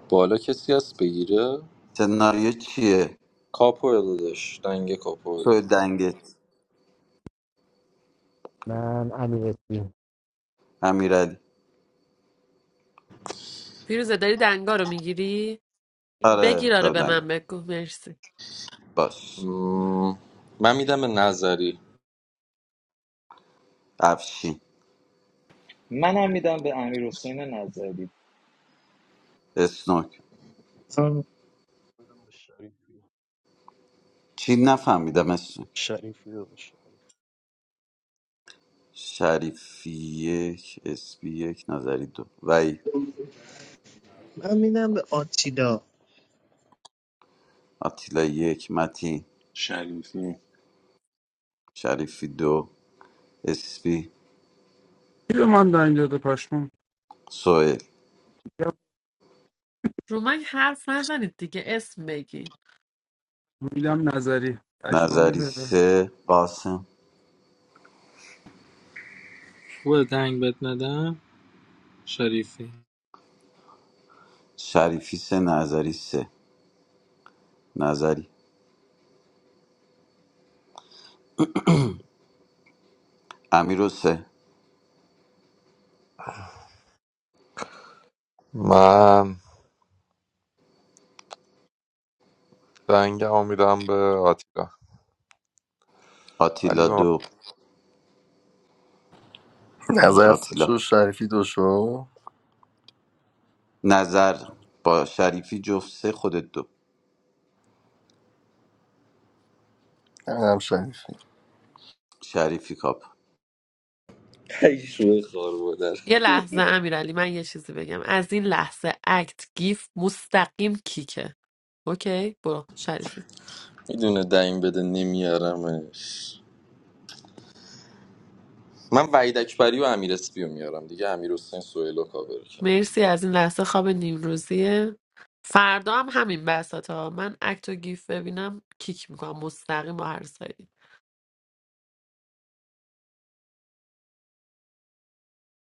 بالا کسی هست بگیره
سناریو چیه
کاپو دادش دنگ کاپو
تو
بگیر
دنگت
من امیر اسمی
امیرعلی
فیروزه داری دنگا رو میگیری
آره
بگیر آره
دار
به من
دنگت
بگو مرسی
باش
مم، من میدم به نظری
افشین
منم میدم به امیر حسین نظری
اسنوک
خانم،
شریفی
چی نفهمیدم اسنوک
شریفی
شریفی یک اسبی یک نظری دو وی
من میدم به آتیلا
آتیلا یک متی شریفی دو اسبی
کی به من دارین داده پشمام
سوئل
یا
رو مایک حرف نزنید دیگه اسم بگی
میدم نظری پشمام
نظری
می‌ریزه.
سه قاسم
بود دنگ بد ندم شریفی
شریفی سه نظری سه نظری امیر و سه
من دنگ میدم به آتیلا ولی
آتیلا
به
دو
نظر شو
آتیلا
شریفی دو شو
نظر با شریفی جفت سه خودت دو
هم شریفی
شریفی کاپ
ای شوه خوار مادر
یه لحظه امیرعلی من یه چیزی بگم از این لحظه اکت گیف مستقیم کیکه اوکی برو شریفی
میدونه دنگ بده نمیارمش من وحید اکبری و امیر اسپی رو میارم دیگه امیر حسین سویل و کابر
مرسی از این لحظه خواب نیمروزیه فردا هم همین بساطه ها من اکت و گیف ببینم کیک میکنم مستقیم با هر سایه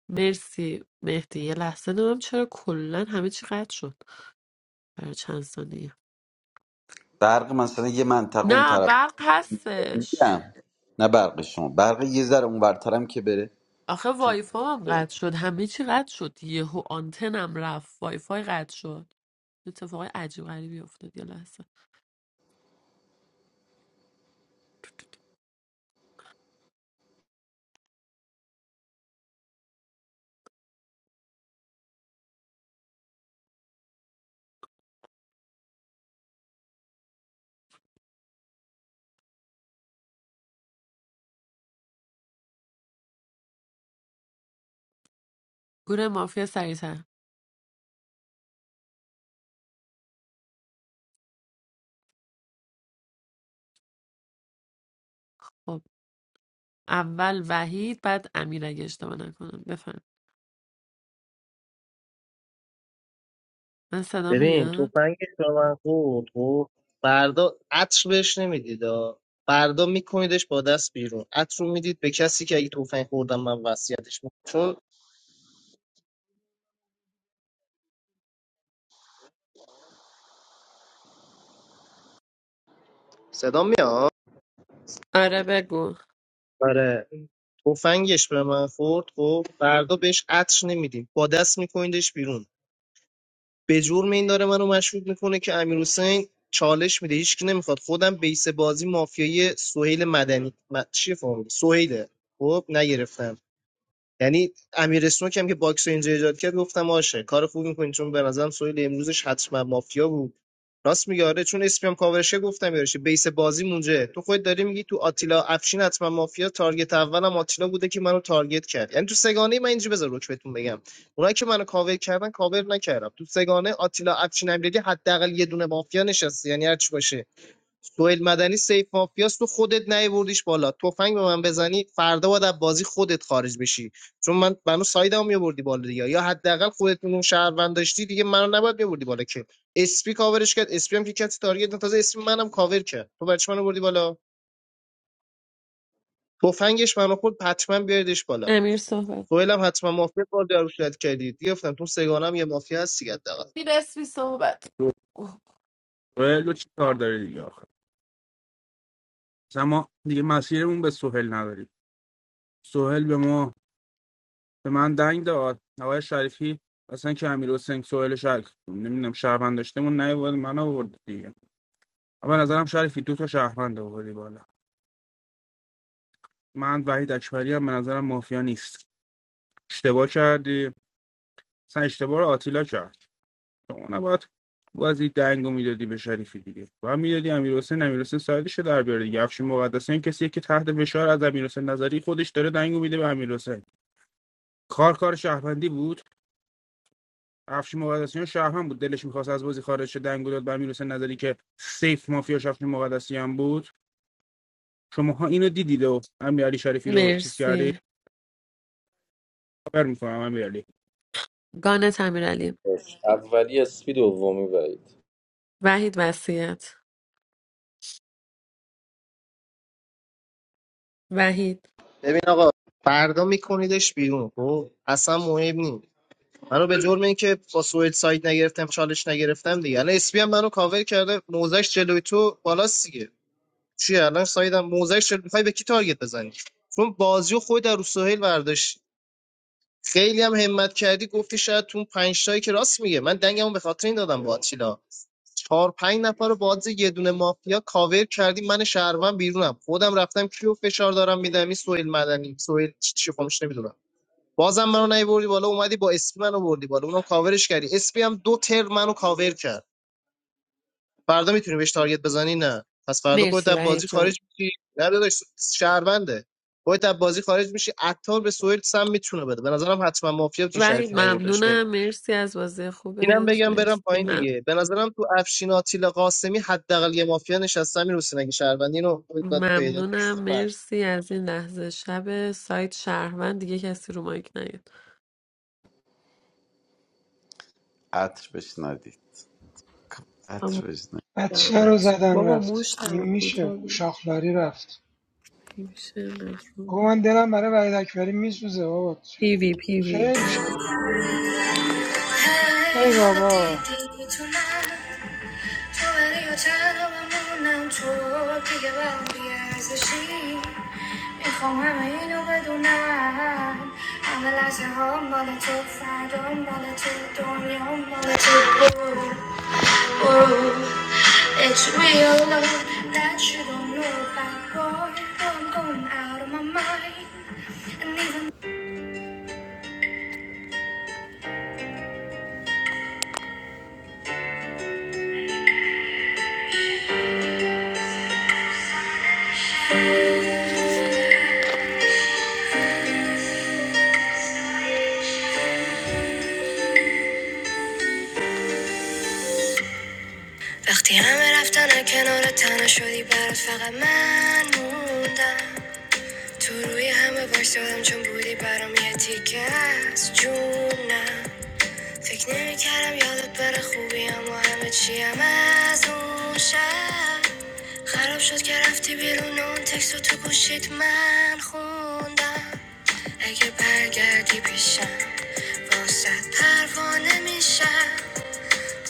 مرسی مهدی یه لحظه نمیم چرا کلا همه چی قطع شد برای چند ثانیه
برق مثلا یه منطقه اون
نه
طرف
برق هستش
میگم نه برق شما برق یه ذره اون برترم که بره
آخه
تو
وایفا هم قطع شد همه چی قطع شد یهو آنتنم رفت وایفای قطع شد اتفاقای عجیب غریبی افتاد یه لحظه گروه مافیا سریعتر خب اول وحید بعد امیر اگه اشتباه نکنم بفهم من صدا
ببین
میاد
تفنگش به من خورد خب فردا عطر بهش نمیدید آ. فردا میکنیدش با دست بیرون عطر رو میدید به کسی که اگه تفنگ خوردم من وصیتش میکنم چون صدا میاد
آره بگو
آره تفنگش به من خورد خب فردا بهش عطر نمیدیم با دست میکنیدش بیرون به جرم این داره منو مشروط میکنه که امیر حسین چالش میده هیچکی نمیخواد خودم بیس بازی مافیایی سهیل مدنی م... چیه فهمیدی سهیله خب نگرفتم یعنی امیر اسنوک هم که باکس رو اینجا ایجاد کرد گفتم آشه کار خوب میکنین چون به نظرم سویل امروزش حتما مافیا بود راست میگه آره چون اسپی هم کاورشه گفتم یارشه بیس بازی مونجه تو خودت داری میگی تو آتیلا افشین حتما مافیا تارگت اولم آتیلا بوده که منو تارگت کرد یعنی تو سگانه من اینجا بذار روک بهتون بگم اونایی که منو کاور کردن کاور نکردم تو سگانه آتیلا افشین امیرعلی حداقل یه دونه مافیا نشسته یعنی هرچی باشه سوئیل مدنی سیف مافیاس تو خودت نیوردیش بالا تفنگ به من بزنی فردا باید از بازی خودت خارج بشی چون من منو سایدم میبردی بالا دیگه یا حداقل خودتون اون شهروند داشتی دیگه منو نباید میبردی بالا که اسپی کاورش کرد اسپی هم که کسی تارگت نداشت، تازه اسپی منم کاور کرد تو برچ منو بردی بالا تفنگش منو خود حتما بیاریدش بالا
امیر صحبت
سوئیل هم حتما مافیا بار دارو شد کردید دیگه، گفتم تو سگانم یه مافیا هست دیگه حداقل
امیر اسمی صحبت اوه،
سهیل رو چی کار داری دیگه آخر؟ مثلا ما دیگه مسیرمون به سهیل نداریم سهیل به ما به من دنگ داد آقای شریفی اصلا که امیر حسین سهیل شرک نمیدونم شهروند داشتمون نیومد من آورد دیگه اما به نظرم شریفی دو تا شهروند آوردی بالا من وحید اکبری هم به نظرم مافیا نیست اشتباه کردی اصلا اشتباه رو آتیلا کرد شما نباید بازی دنگو میدادی به شریفی دیگه و میدادی امیر حسین امیر حسین سایدش در بیاره دیگه افشین مقدسیان کسی که تحت فشار از امیر نظری خودش داره دنگو میده به امیر حسین کار کار شهروندی بود افشین مقدسیان شهروند بود دلش میخواست از بازی خارج شه دنگو داد به امیر نظری که سیف مافیا افشین مقدسیان بود شماها اینو دیدید و امیر شریفی رو چیز کردی
مرسی
خبر میکنم امیر علی
گانه امیر
باش اولی اسپی دومی وعید
وحید وصیت وحید
ببین آقا فردا میکنیدش بیرون خب اصلا مهم نیست منو به جرم اینکه با سوئد سایت نگرفتم چالش نگرفتم دیگه الان اسپی هم منو کاور کرده موزش جلوی تو بالاست دیگه چیه الان سایدم موزش جلوی میخوای به کی تارگت بزنی چون بازی و خود در رو سهیل برداشت خیلی هم همت کردی گفتی شاید تو اون پنج تایی که راست میگه من دنگمو به خاطر این دادم با آتیلا چهار پنج نفر رو بازی یه دونه مافیا کاور کردی من شهروند بیرونم خودم رفتم کیو فشار دارم میدم این سوئیل مدنی سوئیل چی چی بازم منو نیوردی بالا اومدی با اسپی منو بردی بالا اونم کاورش کردی اسپی هم دو تر منو کاور کرد فردا میتونی بهش تارگت بزنی نه پس فردا خودت
مرسی
از
وحید
بازی
جان
خارج میشی نه داداش شهرونده خودت از بازی خارج میشی عطار به سوئیل سم میتونه بده به نظرم حتما مافیا که
وحید
شریف نیوردش بالا
ممنونم مرسی از بازی
اینم
خوبت
بگم
مرسی
برم پایین
مم-
دیگه به نظرم تو افشین آتیل قاسمی حداقل یه مافیا نشسته امیر حسین اگه شهروندی اینو باید پیدا
ممنونم
کنی.
مرسی از این لحظه شب سایت شهروند دیگه کسی رو مایک نیاد
عطر بشنادید
اما
عطر بشنادید
بچه رو
زحمت.
زدن
بابا
رفت
موش
این
دم
میشه
کوتاه بود.
شاخلاری رفت
هیوشن
آقا
مجبور.
من دلم برای وحید اکبری میسوزه بابا چه-
پیوی پیوی
خیلی شرمم ای بابا
تو تنها تو دیگه برام بی‌ارزشی، میخوام همه اینو بدونم، همه لحظه هام بال تو، فردام بال تو، دنیام بال تو. It's real love that you don't know about, boy, I'm going out of my mind. وقتی همه رفتند که نرتن آن شدی بر از فقط من موندم. تو روی همه باش دادم چون بودی برام یه تیکه از جونم فکر نمیکردم یادت بره خوبی اما همه چیم از اون شب خراب شد که رفتی بیرون و اون تکست رو تو گوشید من خوندم اگه برگردی پیشم باست پروانه میشم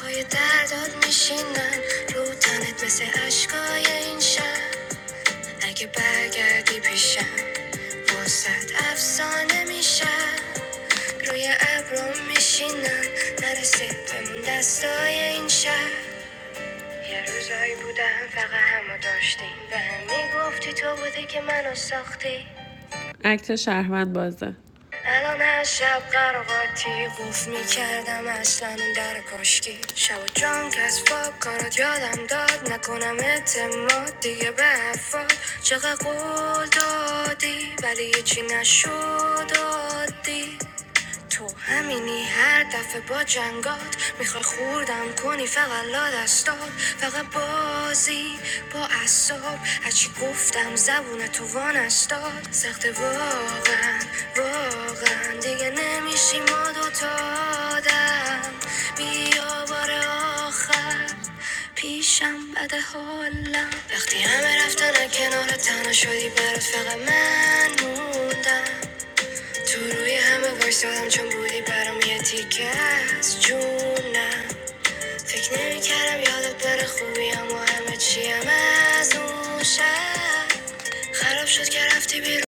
پای درداد میشینم رو تنت مثل اشکای این شب اگه برگردی پیشم واسد افسانه میشم روی ابرم میشینم نرسه بمون دستای این شهر یه روزایی بودم فقط همو داشتیم به هم میگفتی تو بودی که منو ساختی اکت شهروند بازه الان از شب قرقاتی قوف میکردم اصلا اون در کشکی شب و جان که از کارات یادم داد نکنم اعتماد دیگه به افاد چقدر قول دادی ولی هیچی نشد عادی تو همینی هر دفعه با جنگات میخوای خوردم کنی فقط لا دستات فقط بازی با اصاب هرچی گفتم زبون تو وان استاد سخت واقعا واقعا دیگه نمیشی ما دوتا آدم بیا بار آخر پیشم بد حالم وقتی همه رفتن کنار تنها شدی برات فقط من موندم تو روی همه وایسادم چون بودی برام یه تیکه از جونم فکر نمیکردم یادت بره خوبی هم و همه چیم از اون شب خراب شد که رفتی بیرون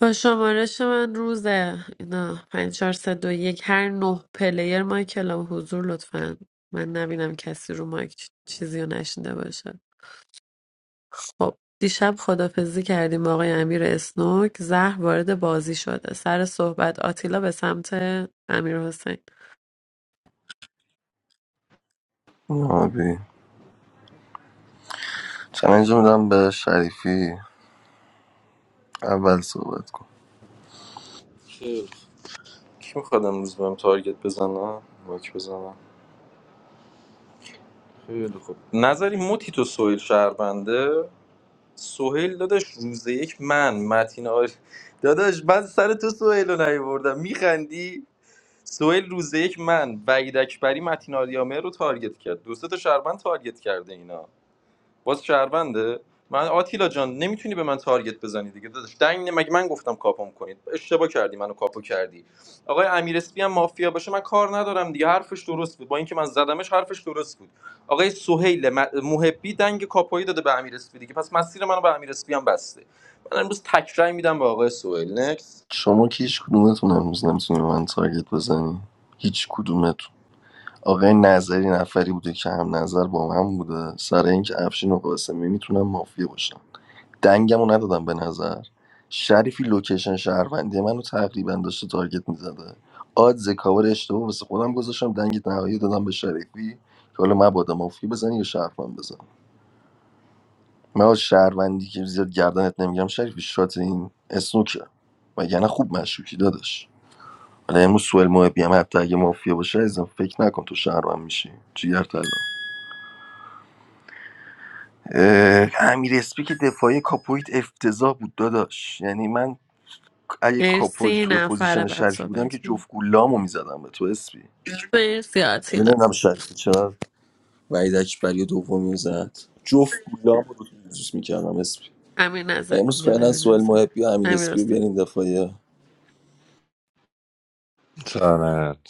با شمارش من روزه اینا پنج چهار سه دو یک هر نه پلیر مایک کلام حضور لطفا من نبینم کسی رو مایک چ- چیزی رو نشنیده باشه خب دیشب خداحافظی کردیم با آقای امیر اسنوک زهر وارد بازی شده سر صحبت آتیلا به سمت امیر حسین
آبی چلنج رو میدم به شریفی اول صحبت کن
خیلی خوب. کی میخواد امروز بهم تارگت بزنم مایک بزنم خیلی خوب نظری موتی تو سوهیل شهربنده سوهیل داداش روز یک من متین آر... داداش من سر تو سوهیل رو نیوردم میخندی سوهیل روز یک من وعید اکبری متین آریامه رو تارگت کرد دو سه تا شهربند تارگت کرده اینا باز شهرونده من آتیلا جان نمیتونی به من تارگت بزنی دیگه داداش دنگ مگه من گفتم کاپم کنید اشتباه کردی منو کاپو کردی آقای امیر اسپی هم مافیا باشه من کار ندارم دیگه حرفش درست بود با اینکه من زدمش حرفش درست بود آقای سهیل م- محبی دنگ کاپویی داده به امیر اسپی دیگه پس مسیر منو به امیر اسپی هم بسته من امروز تکرای میدم به آقای سهیل نکس
شما که هیچ کدومتون امروز نمیتونی به من تارگت بزنی هیچ کدومتون آقای نظری نفری بوده که هم نظر با من بوده سر اینکه افشین و قاسمی میتونم مافیا باشن دنگمو ندادم به نظر شریفی لوکیشن شهروندی منو تقریبا داشته تارگت میزده آدز کاور اشتباه واسه خودم گذاشتم دنگ نهایی دادم به شریفی که حالا مبادا مفتی بزنی یا شهروند بزن من از شهروندی که زیاد گردنت نمیگم شریفی شات این اسنوکه و یعنی خوب مشکوکی داداش حالا امروز سوال محبی هم حتی اگه مافیا باشه ازم فکر نکن تو شهروند میشی جیگر طلا اه، امیر اسپی که دفاعی کاپویت افتضاح بود داداش یعنی من اگه کاپل
مرسی
تو
نفر
پوزیشن
بعد
شریفی بودم
صحبت
که
کنیم.
جفت گولامو میزدم به تو اسپی
مرسی آتیلا
نمیدونم شریفی چرا وحید اکبری دومی زد جفت گولامو رو توی میکردم اسپی
امیر نظر
امروز
میگم
فعلا
امیر
سوال
نظر
محبی و امیر
امیر
اسپی رو
حسین
بیارین دفاعیه
تنت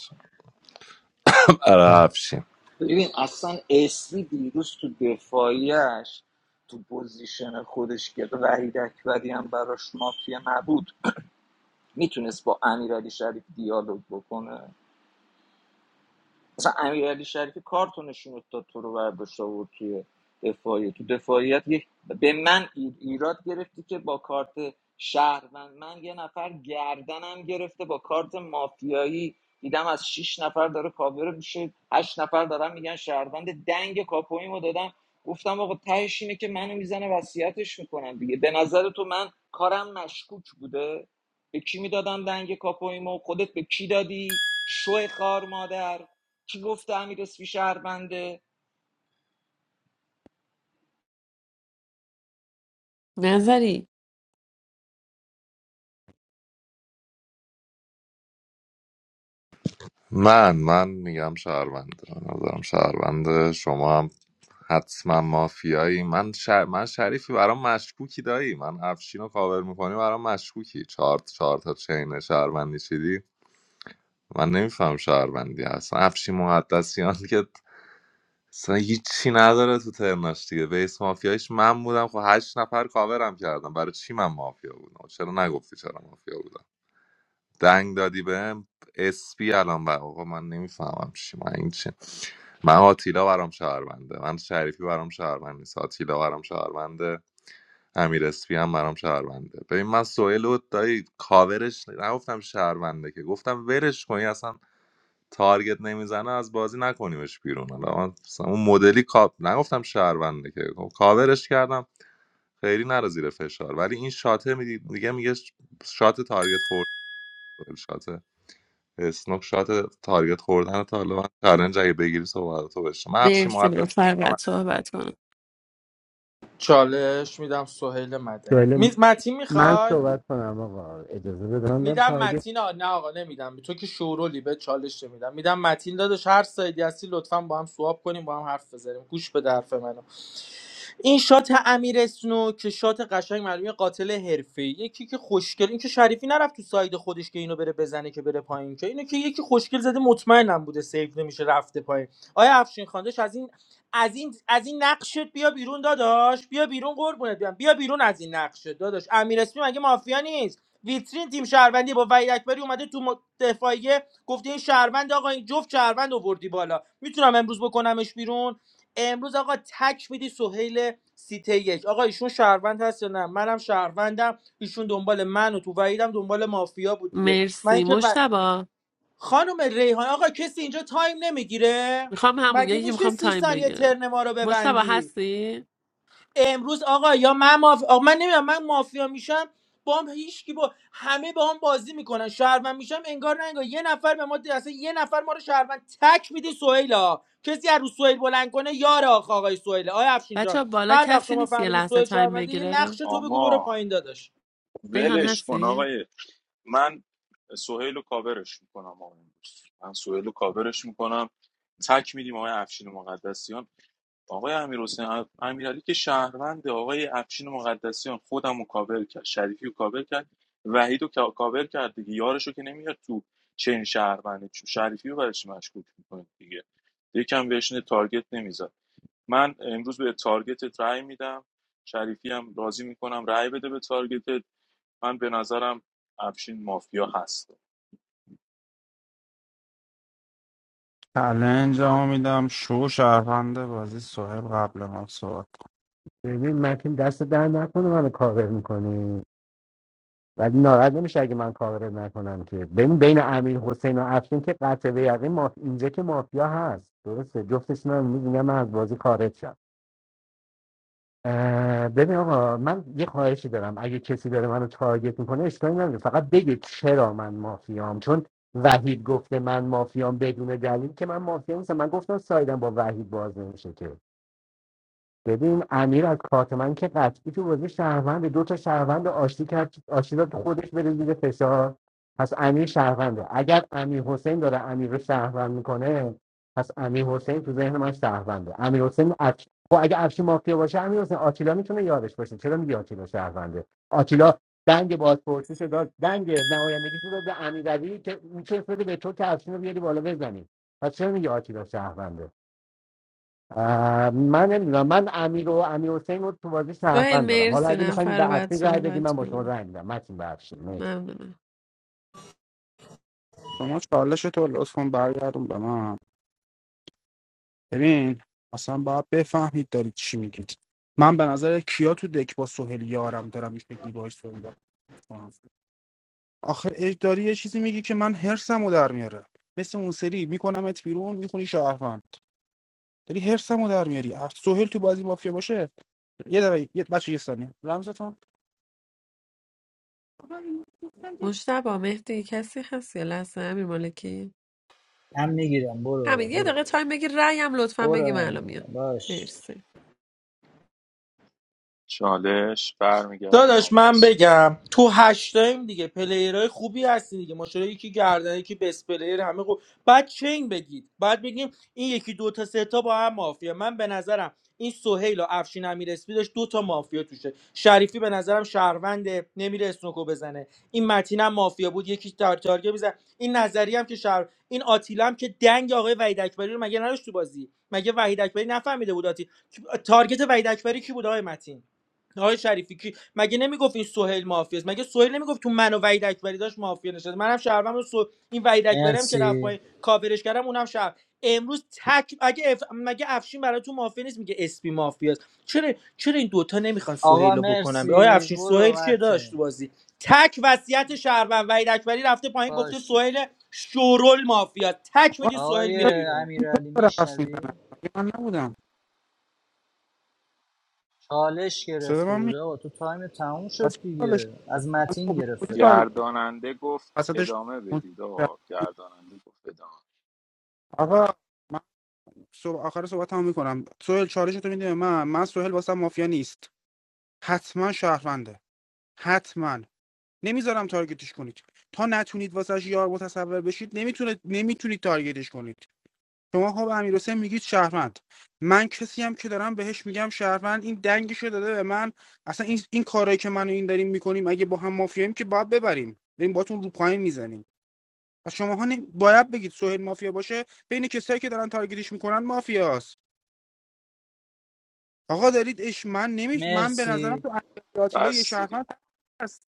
آره افشین
ببین اصلا اسمی دیروز تو دفاعیش تو پوزیشن خودش که وحید اکبری هم براش مافیا نبود میتونست با امیرعلی شریف دیالوگ بکنه مثلا امیرعلی شریفی کارتو نشون داد تو رو برداشت آورد توی دفاعی تو دفاعیت یک به من ایراد گرفتی که با کارت شهروند من یه نفر گردنم گرفته با کارت مافیایی دیدم از شش نفر داره کاور میشه هشت نفر دارن میگن شهروند دنگ کاپویمو دادم گفتم آقا تهش اینه که منو میزنه وصیتش میکنم دیگه به نظر تو من کارم مشکوک بوده به کی میدادم دنگ کاپویمو خودت به کی دادی شو خار مادر کی گفته امیر اسپی شهربنده
نظری
من من میگم شهرونده به نظرم شهرونده شما هم حتما مافیایی من شر... من شریفی برام مشکوکی دایی من افشین رو کاور میکنی برام مشکوکی چهار چهار تا چین شهروندی چیدی من نمیفهم شهروندی اصلا افشین مقدسیان که اصلا هیچی نداره تو ترناش دیگه بیس مافیایش من بودم خب هشت نفر کاورم کردم برای چی من مافیا بودم چرا نگفتی چرا مافیا بودم دنگ دادی بهم اسپی الان بر آقا من نمیفهمم چی من این چی من آتیلا برام شهرونده من شریفی برام شهروند نیست آتیلا برام شهرونده امیر اسپی هم برام شهرونده ببین من سوئیل و دایی کاورش نگفتم شهرونده که گفتم ورش کنی اصلا تارگت نمیزنه از بازی نکنیمش بیرون حالا من مثلا اون مدلی کاپ نگفتم شهرونده که خب کاورش کردم خیلی نره زیر فشار ولی این شاته می دیگه میگه شات تارگت خورد شات اسنوک شات تارگت خوردن تا حالا من چالنج اگه بگیری صحبتاتو بشه من افشی
مرسی
مقدس
نفر بعد صحبت کنم
چالش میدم سهیل مدنی
سوال
می... متین
من
میخوای
صحبت کنم آقا اجازه بده من دارم
میدم
تارگت
متین آ... نه آقا نمیدم تو که شورولی به چالش میدم میدم متین داداش هر سایدی هستی لطفا با هم سواب کنیم با هم حرف بزنیم گوش به درف منو این شات امیر اسنو که شات قشنگ معلومه قاتل حرفه‌ای یکی که خوشگل این که شریفی نرفت تو ساید خودش که اینو بره بزنه که بره پایین که اینو که یکی خوشگل زده مطمئنم بوده سیف نمیشه رفته پایین آیا افشین خاندش از این از این از این نقشت بیا بیرون داداش بیا بیرون قربونت بیام بیا بیرون از این نقشت داداش امیر اسمی مگه مافیا نیست ویترین تیم شهروندی با وحید اکبری اومده تو م- دفاعیه گفته این شهروند آقا این جفت شهروند آوردی بالا میتونم امروز بکنمش بیرون امروز آقا تک میدی سهیل سیته یک آقا ایشون شهروند هست یا نه منم شهروندم ایشون دنبال من و تو وحیدم دنبال مافیا بود دیگه من
مرسی
که و...
مشتبا
خانم ریحان آقا کسی اینجا تایم نمیگیره
میخوام همون
مگه
یکی که
میشه
میخوام
سی
تایم
ثانیه
بگیرم
ترن ما رو
مشتبا
ببندی
هستی؟
امروز آقا یا من ماف... آقا من نمیدونم من مافیا میشم با هم هیچ کی با همه با هم بازی میکنن شهروند میشم انگار نه انگار یه نفر به ما اصلا یه نفر ما رو شهروند تک میدی سهیلا کسی از رو سهیل بلند کنه یار آخ آقای سهیل آیا افشین جان
بچه بالا
هر وقت
کسی
شما
نیست یه
فهمیدی
لحظه
سهیل
تایم
شهرونده یه نقش
بگیره
تو بگو برو
آما
پایین داداش
ریحان
ولش کن
هستی؟
آقای من سوهیل رو کاورش میکنم آقا امروز من سوهیل رو کاورش میکنم تک میدیم آقای افشین مقدسیان آقای امیر حسین امیرعلی که شهروند آقای افشین مقدسیان خودم رو کاور کرد شریفی رو کاور کرد وحید رو کا- کاور کرد دیگه یارش رو که نمیاد تو چین شهروندی چون شریفی رو برش مشکوک میکنه دیگه یکم بهش نه تارگت نمیزد من امروز به تارگت رای میدم شریفی هم راضی میکنم رای بده به تارگت من به نظرم افشین مافیا هست
چلنج میدم شو شهرونده بازی صاحب قبل ما صحبت
ببین متین دست در نکنه منو کاور میکنی ولی ناراحت نمیشه اگه من کاور نکنم که ببین بین امیر حسین و افشین که قطع به یقین ماف... اینجا که مافیا هست درسته جفتشون هم میگن من از بازی خارج شم اه، ببین آقا من یه خواهشی دارم اگه کسی داره منو تارگت میکنه اشکالی نداره فقط بگید چرا من مافیام چون وحید گفته من مافیام بدون دلیل که من مافیا نیستم من گفتم سایدم با وحید باز نمیشه که ببین امیر از کارت من که قطعی تو بازی شهروند دو تا شهروند آشتی کرد آشتی داد خودش بره زیر فشار پس امیر شهرونده اگر امیر حسین داره امیر رو شهروند میکنه پس امیر حسین تو ذهن من شهرونده امیر حسین افش... خب اگه افشی مافیا باشه امیر حسین آتیلا میتونه یادش باشه چرا میگی آتیلا شهرونده آتیلا دنگ بازپرسیش رو داد دنگ نمایندگیش رو داد به امیرعلی که میتونه بده به تو که افشین رو بیاری بالا بزنی پس چرا میگی آتیلا شهرونده اه، من نمیدونم من امیر و امیر حسین رو تو بازی
سهیل
شهروند دارم حالا
مرسی
اگه میخواین به
نفر بعد
اصلی رای بدی من
صحبت
با شما
کنم
رای میدم متین بخشید نیست
ممنونم
شما چالش تو لطفا برگردون به من ببین اصلا باید بفهمید دارید چی میگید من به نظر کیا تو دک با سهیل یارم دارم این شکلی باهاش صحبت می‌کنم. آخه اج- داری یه چیزی میگی که من هرسمو در میاره مثل اون سری میکنمت بیرون میخونی شهروند داری هرسمو در میاری اه، سهیل تو بازی مافیا باشه یه دقیقه یه بچه یه ثانیه رمزتون
مشتبه مهدی کسی هست یا لحظه امیر مالکی
من میگیرم برو
همین یه
برو
دقیقه تایم بگیر رأیم لطفا
برو
بگیم
من
الان میام
میگیرم باش
مرسی
چالش برمیگردیم آقا
داداش من
قاسم
بگم تو هشتایم دیگه پلیرهای خوبی هستی دیگه ماشاءالله یکی گردن یکی بس پلیر همه خوب بعد چین بگید بعد بگیم این یکی دو تا سه تا با هم مافیا من به نظرم این سهیل و افشین امیر اسپی داشت دو تا مافیا توشه شریفی به نظرم شهرونده نمیره اسنوکو بزنه این متین هم مافیا بود یکی تار تارگه بزن این نظری هم که شهر این آتیلا هم که دنگ آقای وحید اکبری رو مگه نداشت تو بازی مگه وحید اکبری نفهمیده بود آتی تارگت وحید اکبری کی بود آقای متین آقای شریفی کی مگه نمیگفت این سهیل مافیاست مگه سهیل نمیگفت تو من و وحید اکبری داشت مافیا نشد منم شهروندم و سو... این وحید اکبری هم که رفت
مرسی
پایین کاورش کردم اونم شهر امروز تک اگه اف... مگه افشین برای تو مافیا نیست میگه اسپی مافیاست چرا چرا این دوتا نمیخوان سهیل
آقا
رو بکنن آیا
مرسی
افشین سهیل
برو
چیه داشت
متین
تو بازی تک وصیت شهروند وحید اکبری رفته پایین گفته
باشه
سهیل شورول مافیا تک
آقا،
میدی سهیل
آقای
میره بیرون
امیرعلی
داره حرف
میشنوی
میزنه مگه من نبودم
چالش
صدا
گرفته
من می
بوده آقا تو تایم تموم
از
شد
کالش
دیگه
من
از متین
خب من
گرفت
کجا
فکر
سال
کنم
گرداننده گفت
وسطش
ادامه بدید آقا گرداننده گفت ادامه
آقا صبح آخر صحبت هم میکنم سوهل چالشتو میدیم من من سوهل واسه مافیا نیست حتما شهرونده حتما نمیذارم تارگتش کنید تا نتونید واسش یار متصور بشید نمیتونه نمیتونید تارگتش کنید شما خب امیر میگید شهروند من کسی هم که دارم بهش میگم شهروند این دنگش داده به من اصلا این این کارایی که من و این داریم میکنیم اگه با هم مافیاییم که باید ببریم بریم باتون رو پایین میزنیم و شماها نمی- باید بگید سهیل مافیا باشه بین کسایی که دارن تارگتش میکنن مافیاست آقا دارید اش من نمی من به نظرم
مرسی
تو امیر آتیلا یه
بس دیگه
شهروند هست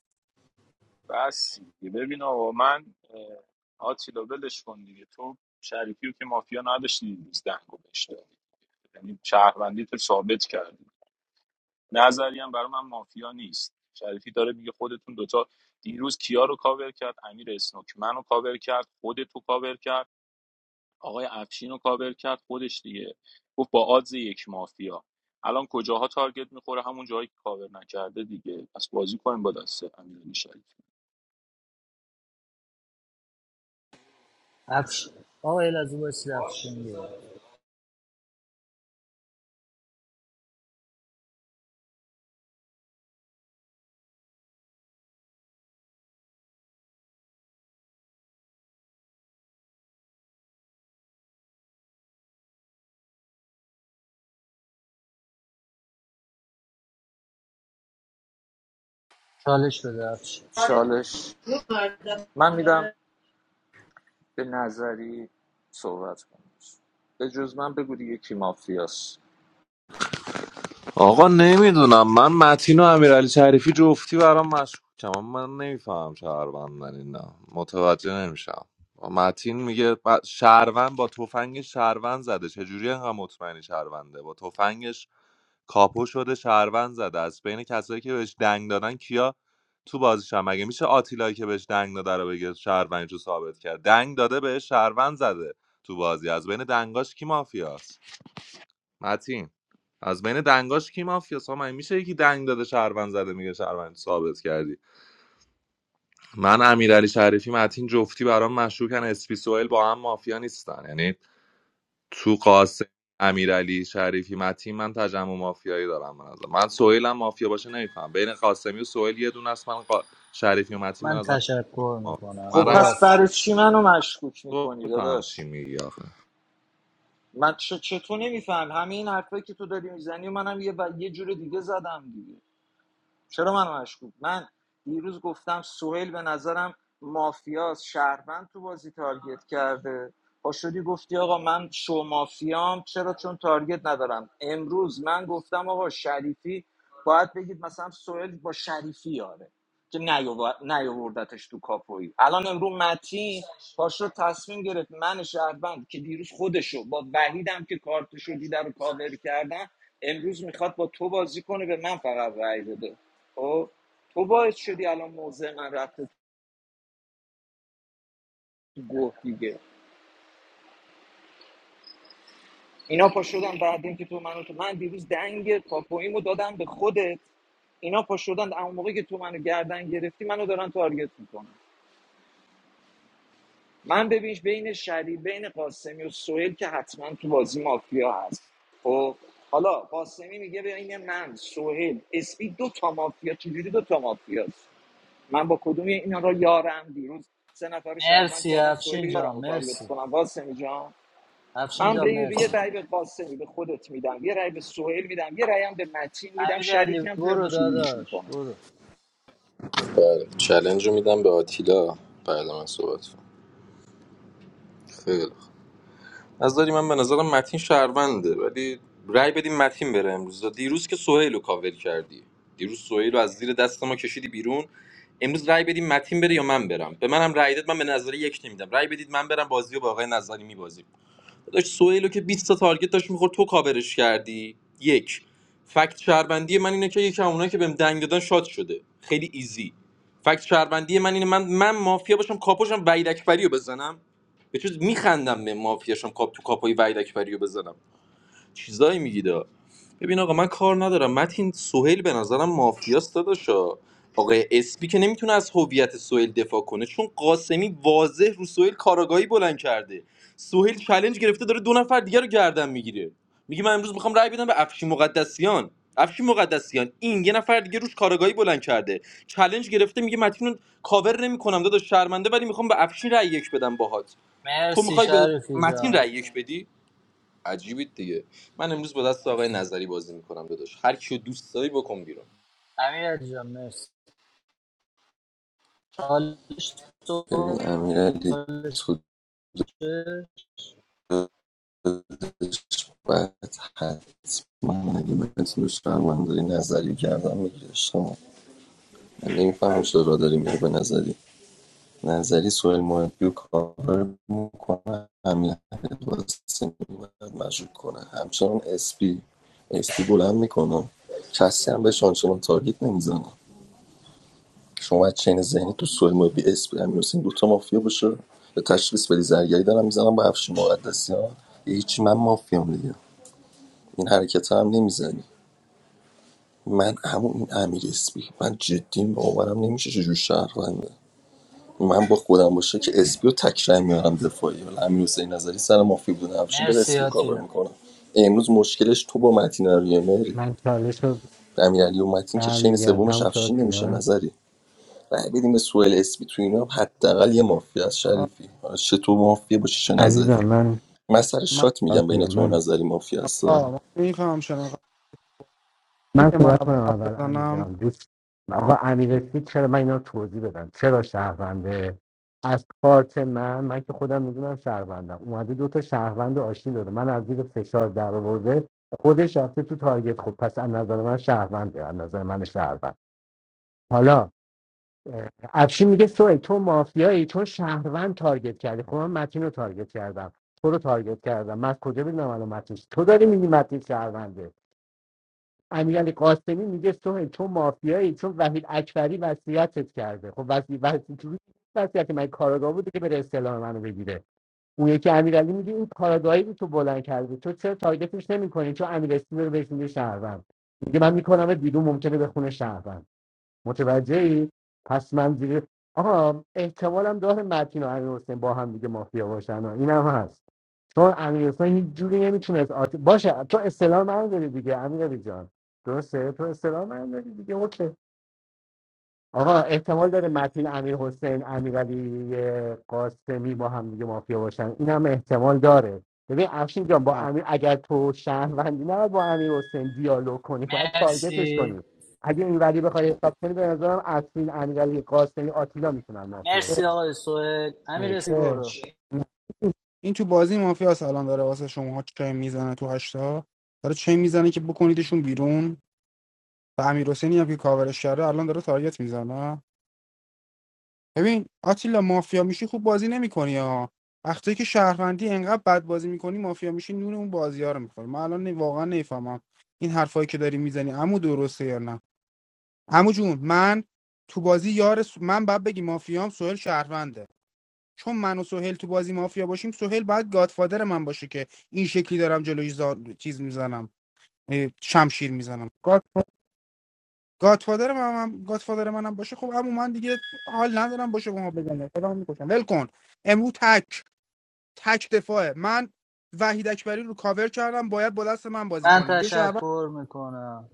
بس دیگه ببین آقا من اه، آتیلا ولش کن دیگه تو شریفی که مافیا نداشتی نیز دنگو بهش دادی. یعنی شهروندی تو ثابت کردی نظری هم برای من مافیا نیست شریفی داره میگه خودتون دوتا دیروز کیا رو کاور کرد امیر اسنوک منو کاور کرد خودتو کاور کرد آقای افشین رو کاور کرد خودش دیگه گفت با آدز یک مافیا الان کجاها تارگت میخوره همون جایی که کاور نکرده دیگه پس بازی کنیم با دست امیرعلی شریفی.
افش آقا الازو باسی افشین بیار. چالش بده افشین
چالش من میدم به نظری صحبت کنم به جز من بگو دیگه کی مافیاست
آقا نمیدونم من متین و امیرعلی شریفی جفتی برام مشکوکم اما من نمیفهمم شهروندن اینا متوجه نمیشم متین میگه ب- شهروند با تفنگ شهروند زده چجوری انقدر مطمئنی شهرونده با تفنگش کاپو شده شهروند زده از بین کسایی که بهش دنگ دادن کیا تو بازیشن مگه میشه آتیلایی که بهش دنگ داده رو بگه شهروندش رو ثابت کرد دنگ داده بهش شهروند زده تو بازی از بین دنگاش کی مافیاست متین از بین دنگاش کی مافیاس ها من میشه یکی دنگ داده شهروند زده میگه شهروند ثابت کردی من امیرعلی شریفی متین جفتی برام مشکوکن اسپی سوئیل با هم مافیا نیستن یعنی تو قاسم امیرعلی شریفی متین من تجمع مافیایی دارم من نظر من سوئیل هم مافیا باشه نمیفهم بین قاسمی و سوئیل یه دونه است من قا... شریفی و متین به
من
نظر
تشکر میکنم
من
خب
رای
برو
می‌دم.
پس
افشین
برای چی منو مشکوک
تو
میکنی
میفهم چی
داداش
میگی آخه
من چه چطور نمیفهم همه این حرفایی که تو داری میزنی و منم یه و یه جور دیگه زدم دیگه. چرا من مشکوک من دیروز گفتم سهیل به نظرم مافیاس شهروند تو بازی تارگت کرده پا شدی گفتی آقا من شو مافیام چرا چون تارگت ندارم امروز من گفتم آقا شریفی باید بگید مثلا سهیل با شریفی یاره که نیاور- نیاوردتش تو کاپویی الان امروز متین پاش رو تصمیم گرفت من شهروند که دیروز خودشو با وحیدم که کارتشو دیده رو کاور کردن امروز میخواد با تو بازی کنه به من فقط رأی بده خب تو باعث شدی الان موضع من رفته تو گوه دیگه اینا پا شدن بعد اینکه تو منو تو من دیروز دنگ کاپویمو دادم به خودت اینا پا شدن اون موقعی که تو منو گردن گرفتی منو دارن تارگت میکنن من ببینش بین شری بین قاسمی و سهیل که حتما تو بازی مافیا هست خب حالا قاسمی میگه بین من سهیل اسپی دو تا مافیا چجوری دو تا مافیاست من با کدوم اینا را یارم دیروز سه نفر رو شهروند
مرسی
کردم سهیل
افشین
یارم
جان
رو تارگت
مرسی
کنم قاسمی جان
افشین
من به
جان
این- یه
مرسی
رأی به قاسمی به خودت میدم یه رأی به سهیل میدم یه رأی هم به متین میدم
امیرعلی
شریفی هم تو رو
برو داداش
میکنم
برو
بله چلنج رو میدم به آتیلا بعد من صحبت کنم خیلی از نظری من به نظرم متین شهرونده ولی رأی بدیم متین بره امروز دیروز که سهیل رو کاور کردی دیروز سهیل رو از زیر دست ما کشیدی بیرون امروز رأی بدیم متین بره یا من برم به منم رأی داد من به نظری یک نمیدم رأی بدید من برم بازی رو با آقای نظری میبازیم داشت سویلو که بیست تا تارگت داشت میخورد تو کاورش کردی یک فکت شهروندی من اینه که یکی از اونایی که بهم دنگ دادن شاد شده خیلی ایزی فکت شهروندی من اینه من من مافیا باشم کاپوشم وحید اکبری رو بزنم به چیز میخندم به مافیاشم کاپ تو کاپوی وحید اکبری رو بزنم چیزایی میگیدا ببین آقا من کار ندارم متین سهیل به نظرم مافیاست داداشا آقای اسپی که نمیتونه از هویت سهیل دفاع کنه چون قاسمی واضح رو سهیل کاراگاهی بلند کرده سهیل چالش گرفته داره دو نفر دیگر رو گردن میگیره میگه من امروز میخوام رأی بدم به افشین مقدسیان افشین مقدسیان این یه نفر دیگه روش کاراگاهی بلند کرده چالش گرفته میگه متین رو کاور نمیکنم داداش شرمنده ولی میخوام به افشین رأی یک بدم باهات تو
مرسی
میخوای به
شریفی
متین رأی
جان
یک بدی عجیبید دیگه من امروز با دست آقای
مرسی
نظری بازی میکنم داداش هر کیو دوست داری بکن بیرون
امیر علی جان مرسی چالش تو
ببین امیر علی
چالش
تو
تو.
دلش باید حتما اگه بتونی شرمنداری نظری کردم میگیرش من نمیفهم چرا داری میری به نظری نظری سوهل مهدی رو کاور میکنه همین قاسمی رو باید مشروط کنه همچنان اسپی اسپی بلند میکنه کسی هم بهش آنچنان تارگیت نمیزنه شما باید چین ذهنی تو سوهل مهدی اسپی همین دوتا مافیا باشه به تشخیص بدی زرگری دارم میزنم با افشین مقدسیان یه هیچی من مافیام دیگه این حرکت هم نمیزنی من همون این امیر اسپی من جدی باورم نمیشه چجور شهر من با خودم باشه که اسپیو تکرار میارم دفاعی ولی امیر حسین نظری سر مافی بوده همشون داره
مرسی
اسپیو کاور
آتیلا
میکنه امروز مشکلش تو با متین آریه مری
من چالش رو
امیرعلی و متین که چین
برمیگردم
سومش
تموم شد
افشین نمیشه
آتیلا
نظری رای بدیم به سوئل اسپی تو اینا حداقل یه مافیا از
آه،
شریفی حالا چه تو مافیا باشی چه نظری
عزیزم من
من سر
من
شات میگم بین
آتیلا
تو و
من
نظری مافیا هستا
آه من نمیفهمم چرا
من
اینکه من
صحبت
اول
کنم
حرف
اول امیر
بزنم
جان دوست آقا امیر رسید چرا من اینا رو توضیح بدم چرا شهرونده از کارت من من که خودم میدونم شهروندم اومده دو تا شهروند رو آشتی داده من از زیر فشار در آورده خودش رفته تو تارگت خب پس از نظر من شهرونده از نظر من شهروند حالا اه، افشین میگه سوی تو مافیایی چون شهروند تارگت کردی خب من متین رو تارگت کردم تو رو تارگت کردم من از کجا بدونم الان متین چیه؟ تو داری میگی متین شهرونده امیرعلی قاسمی میگه سوی تو مافیایی چون وحید اکبری وصیتت کرده خب وصی وصی وصیت من کاراگاه بوده که بره استعلام منو بگیره اون یکی امیرعلی میگه این کاراگاهی رو تو بلند کردی تو چرا تارگتش نمیکنی چون امیر اسمی رو بهش میگه شهروند میگه من میکنم بیرون ممکنه بخونه خونه متوجهی پس من دیگه آقا احتمالم داره متین و امیر حسین با هم دیگه مافیا باشن و اینم هست چون امیر حسین هیچ جوری نمیتونست آت... باشه تو اصطلاح من داری دیگه امیر علی جان درسته تو اصطلاح من داری دیگه اوکی آقا احتمال داره متین امیر حسین امیرعلی قاسمی با هم دیگه مافیا باشن این هم احتمال داره ببین افشین جان با
نه
امیر اگر تو شهروندی نه با امیر حسین دیالوگ کنی باید تارگتش
مرسی
کنی اگه این ولی بخوای حساب کنی به نظرم افشین امیرعلی قاسمی آتیلا میتونن مافیا
مرسی
باشن
آقای سوهل امیر
Next.
رسی
اه،
برو
نه. این تو بازی مافیا الان داره واسه شما چه میزنه تو هشتا داره چه میزنه که بکنیدشون بیرون و امیر حسینی هم که کاورش کرده الان داره تارگت میزنه ببین آتیلا مافیا میشی خوب بازی نمیکنی ها وقتی که شهروندی انقدر بد بازی میکنی مافیا میشی نون اون بازی ها رو میخوری من الان نی- واقعا نفهمم این حرفایی که داری میزنی عمو درسته یا نه عمو جون من تو بازی یار س- من بعد بگی مافیام سهل شهرونده چون من و سهل تو بازی مافیا باشیم سهل باید گادفادر من باشه که این شکلی دارم جلوی زا... چیز میزنم شمشیر میزنم گادفادر من هم منم باشه خب اما من دیگه حال ندارم باشه با ما بزنه خودم میکشم ول کن امرو تک تک دفاعه من وحید اکبری رو کاور کردم باید با دست من بازی
من
کنید یه شهروند
تشکر میکنم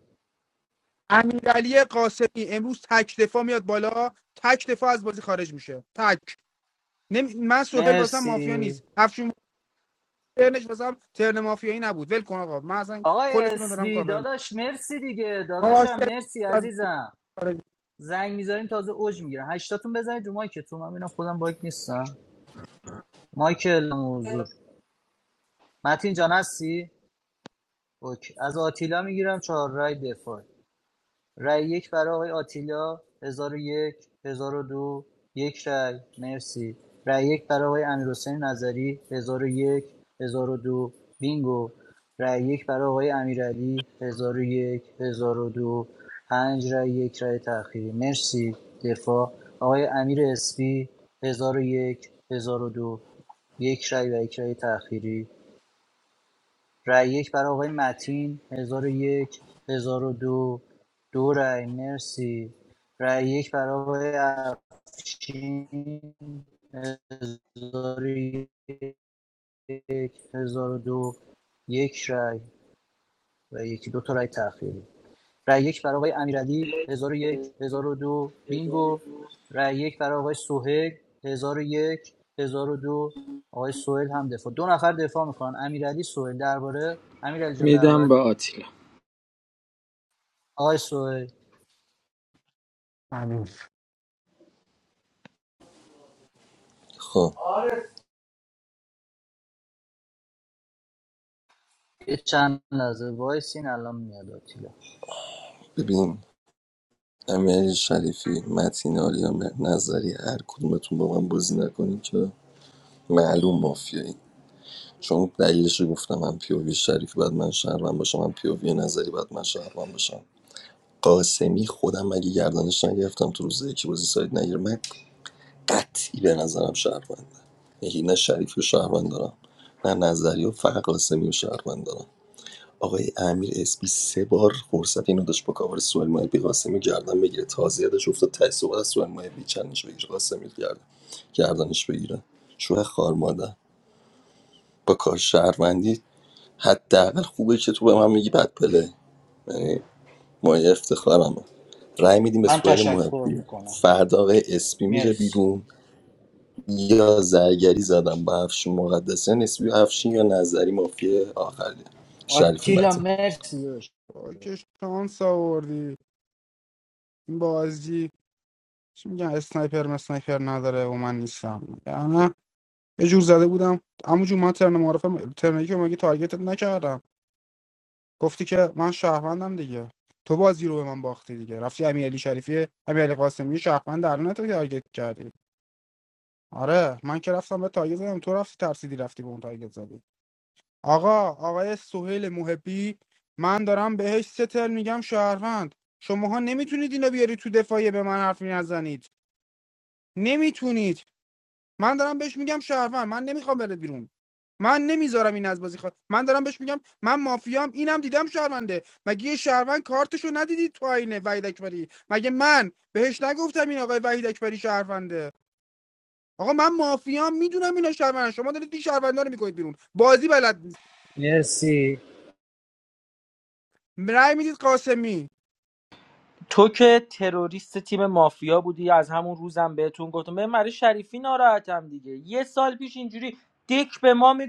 امیرعلی قاسمی امروز تک دفاع میاد بالا تک دفاع از بازی خارج میشه تک نمی... من سهل واسم مافیا
مرسی
نیست افشین ترنش واسم ترن مافیایی نبود ول کن آقا من اصلا
آقای
کلتون رو دارم
اسلی
کاور می‌کنم.
داداش مرسی دیگه داداشم
قاسمی
مرسی
از
عزیزم
بازی خارج
زنگ میذاریم تازه اوج میگیرم هشتاتون بزنید رو مایکتون من ببینم خودم باگ نیستم مایکل حضور متین جان هستی اوکی. از آتیلا میگیرم چهار رای دفاع رای یک برای آقای آتیلا هزار و یک هزار و دو یک رای مرسی رای یک برای آقای امیرحسین نظری هزار و یک هزار و دو بینگو رای یک برای آقای امیرعلی هزار و یک هزار و دو پنج رای یک رای تأخیری مرسی دفاع آقای امیر اسپی هزار و یک هزار و دو یک رای و یک رای تأخیری رأی یک برای آقای متین 1001 1002 دو دو رای مرسی رأی یک برای آقای افشین 1001 1002 یک هزار و دو یک رأی و یکی دو تا رای تأخیری رأی یک برای آقای امیرعلی 1001 1002 بینگو رأی یک برای آقای سهیل 1001 1002 آقای سهیل هم دفاع دو نفر دفاع میکنن امیرعلی سهیل درباره امیرعلی جان
میدم
درباره
به آتیلا
آقای سوهل
امیر
خب
یه چند لحظه وایسین الان میاد آتیلا
ببین امیرعلی شریفی متین آریا نظری هر کدومتون با من بازی نکنین که معلوم مافیایی چون دلیلش رو گفتم من پیووی شریف بعد من شهروند باشم من پیووی نظری بعد من شهروند باشم قاسمی خودم مگه گردنش نگرفتم تو روز یکی بازی سایت نگیر من قطعی به نظرم شهرونده یکی نه شریفی و شهروند دارم نه نظری و فقط قاسمی و شهروند دارم آقای امیر اسپی سه بار فرصت اینو داشت با کاور سوال مایبی قاسمی گردن بگیره تازه یادش افتاد ته صحبت از سوال مایبی چندش بگیره قاسمی گردن گردنش بگیره شوه خار مادر با کار شهروندی حداقل خوبه که تو به من میگی بد پله یعنی مایه افتخارمه رأی میدیم به
من
سوهل
تشکر
محبی
میکنم
فردا آقای اسپی میره
مرسی
بیرون یا زرگری زدم با افشین مقدسیان اسپی و افشین یا نظری مافیا آخری شریفی
آتیلا
متین
مرسی داشت
آه، چه شانس آوردی این بازی چی میگن اسنایپر مسنایپر نداره و من نیستم نه یه جور زده بودم اما جون من ترن معرفه ترنی که مگه تارگتت نکردم گفتی که من شهروندم دیگه تو بازی رو به من باختی دیگه رفتی امیرعلی شریفی امیرعلی قاسمی شهروند در نه تو تارگت کردی آره من که رفتم به تارگت زدم تو رفتی ترسیدی رفتی به اون تارگت زدی آقا آقای سهیل محبی من دارم بهش ستل میگم شهروند شماها نمیتونید اینا بیاری تو دفاعیه به من حرفی نزنید نمیتونید من دارم بهش میگم شهروند من نمیخوام بره بیرون من نمیذارم این از بازی خوا... من دارم بهش میگم من مافیام اینم دیدم شهرونده مگه یه شهروند کارتشو ندیدی تو آینه وحید اکبری مگه من بهش نگفتم این آقای وحید اکبری شهرونده آقا من مافیام میدونم اینا شهروندن شما دارید این شهروندا رو میکنید بیرون بازی بلد نیست
مرسی
رأی میدید قاسمی
تو که تروریست تیم مافیا بودی از همون روزم بهتون گفتم به مری شریفی ناراحتم دیگه یه سال پیش اینجوری دک به ما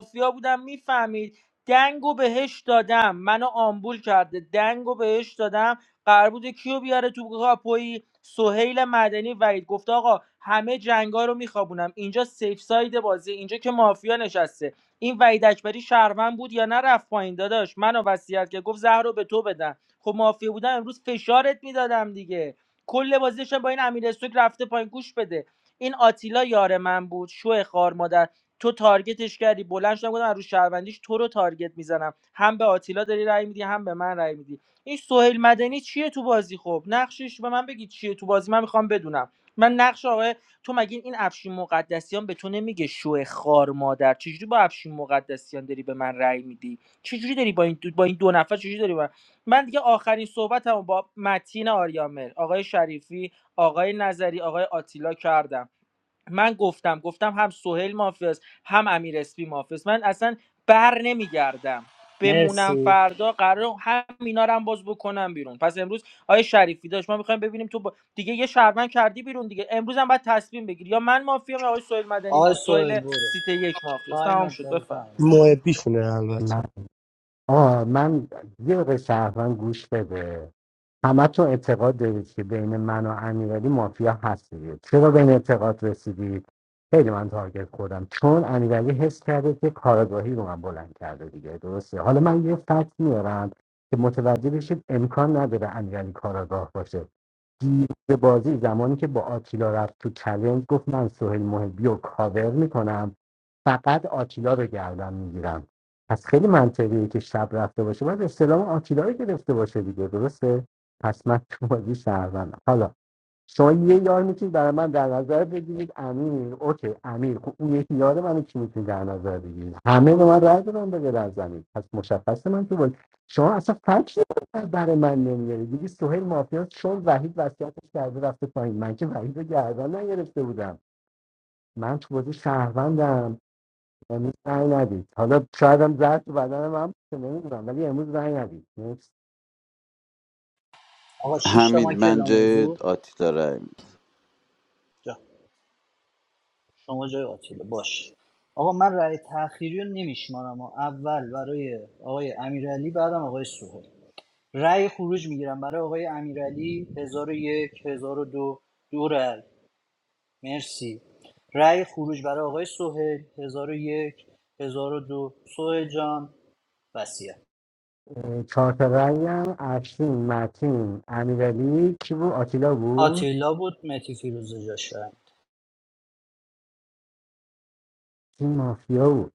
مافیا بودم میفهمید دنگو بهش دادم منو آمبول کرده دنگو بهش دادم قرار بوده کیو بیاره تو کاپوی سهیل مدنی وید گفته آقا همه جنگا رو میخوابونم اینجا سیف ساید بازی اینجا که مافیا نشسته این وحید اکبری شهروند بود یا نه رفت پایین داداش منو وصیت که گفت زهر رو به تو بدم خب مافیا بودم امروز فشارت میدادم دیگه کل بازیش با این امیر استوک رفته پایین گوش بده این آتیلا یار من بود شو خار مادر تو تارگتش کردی بلند شدم گفتم از رو شهروندیش تو رو تارگت میزنم هم به آتیلا داری رأی میدی هم به من رأی میدی این سهیل مدنی چیه تو بازی خب نقشش به من بگی چیه تو بازی من میخوام بدونم من نقش آقای تو مگه این افشین مقدسیان به تو نمیگه شو خار مادر چجوری با افشین مقدسیان داری به من رأی میدی چجوری داری با این دو... با این دو نفر چجوری داری با... من دیگه آخرین صحبتمو با متین آریامر آقای شریفی آقای نظری آقای آتیلا کردم من گفتم گفتم هم سهیل مافیاست هم امیر اسپی مافیاست من اصلا بر نمیگردم بمونم
مرسی
فردا قرار هم اینا رو هم باز بکنم بیرون پس امروز آیه شریفی داشت ما میخوایم ببینیم تو با... دیگه یه شهروند کردی بیرون دیگه امروز هم باید تصمیم بگیری یا من مافیام یا آقای سهیل مدنی
آقای
ما...
سوهل
سهیل
برو
سیته یک مافیاست تمام
تایمت
شد
داره
بفهم
تموم
No,
شد.
it's different.
من آه من یه دقیقه شهروند گوش بده همه تو اعتقاد دارید که بین من و امیرعلی مافیا هستید چرا به این اعتقاد رسیدید خیلی من تارگت خوردم چون امیرعلی حس کرده که کارگاهی رو من بلند کرده دیگه درسته حالا من یه فکت میارم که متوجه بشید امکان نداره امیرعلی کاراگاه باشه دیروز بازی زمانی که با آتیلا رفت تو چلنج گفت من سهیل محبی رو کاور میکنم فقط آتیلا رو گردن میگیرم پس خیلی منطقیه که شب رفته باشه باید استلام آتیلا رو گرفته باشه دیگه درسته پس من تو بازی شهروندم حالا شما یه یار میتونید برای من در نظر بگیرید امیر اوکی امیر خب اون یکی یار منو کی میتونید در نظر بگیرید همه به من رأی دادن به غیر از زمین پس مشخصه من تو بازی شما اصلا فکر برای من نمیارید دیگه سهیل مافیا چون وحید وصیتش کرده رفته پایین من که وحید رو گردن نگرفته بودم من تو بازی شهروندم امروز زنگ ندید حالا شاید هم زرد تو بدن من که نمیدونم ولی امروز زنگ ندید نیست.
آقا شیش تا
حمید
ما
من
کلام
جای
موضوع
آتیلا رای می‌دم.
جا شما جای آتیلا باش آقا من رأی تأخیری رو نمیشمارم اول برای آقای امیرعلی بعدم آقای سوهل رأی خروج میگیرم برای آقای امیرعلی 1001 1002 دو دو رأی مرسی رأی خروج برای آقای سهیل 1001 1002 سهیل جان وصیت
اه، چهار تا رنگ هم افشین متین امیرعلی کی بود آتیلا بود
آتیلا بود متی فیروزه جاشن
تیم مافیا بود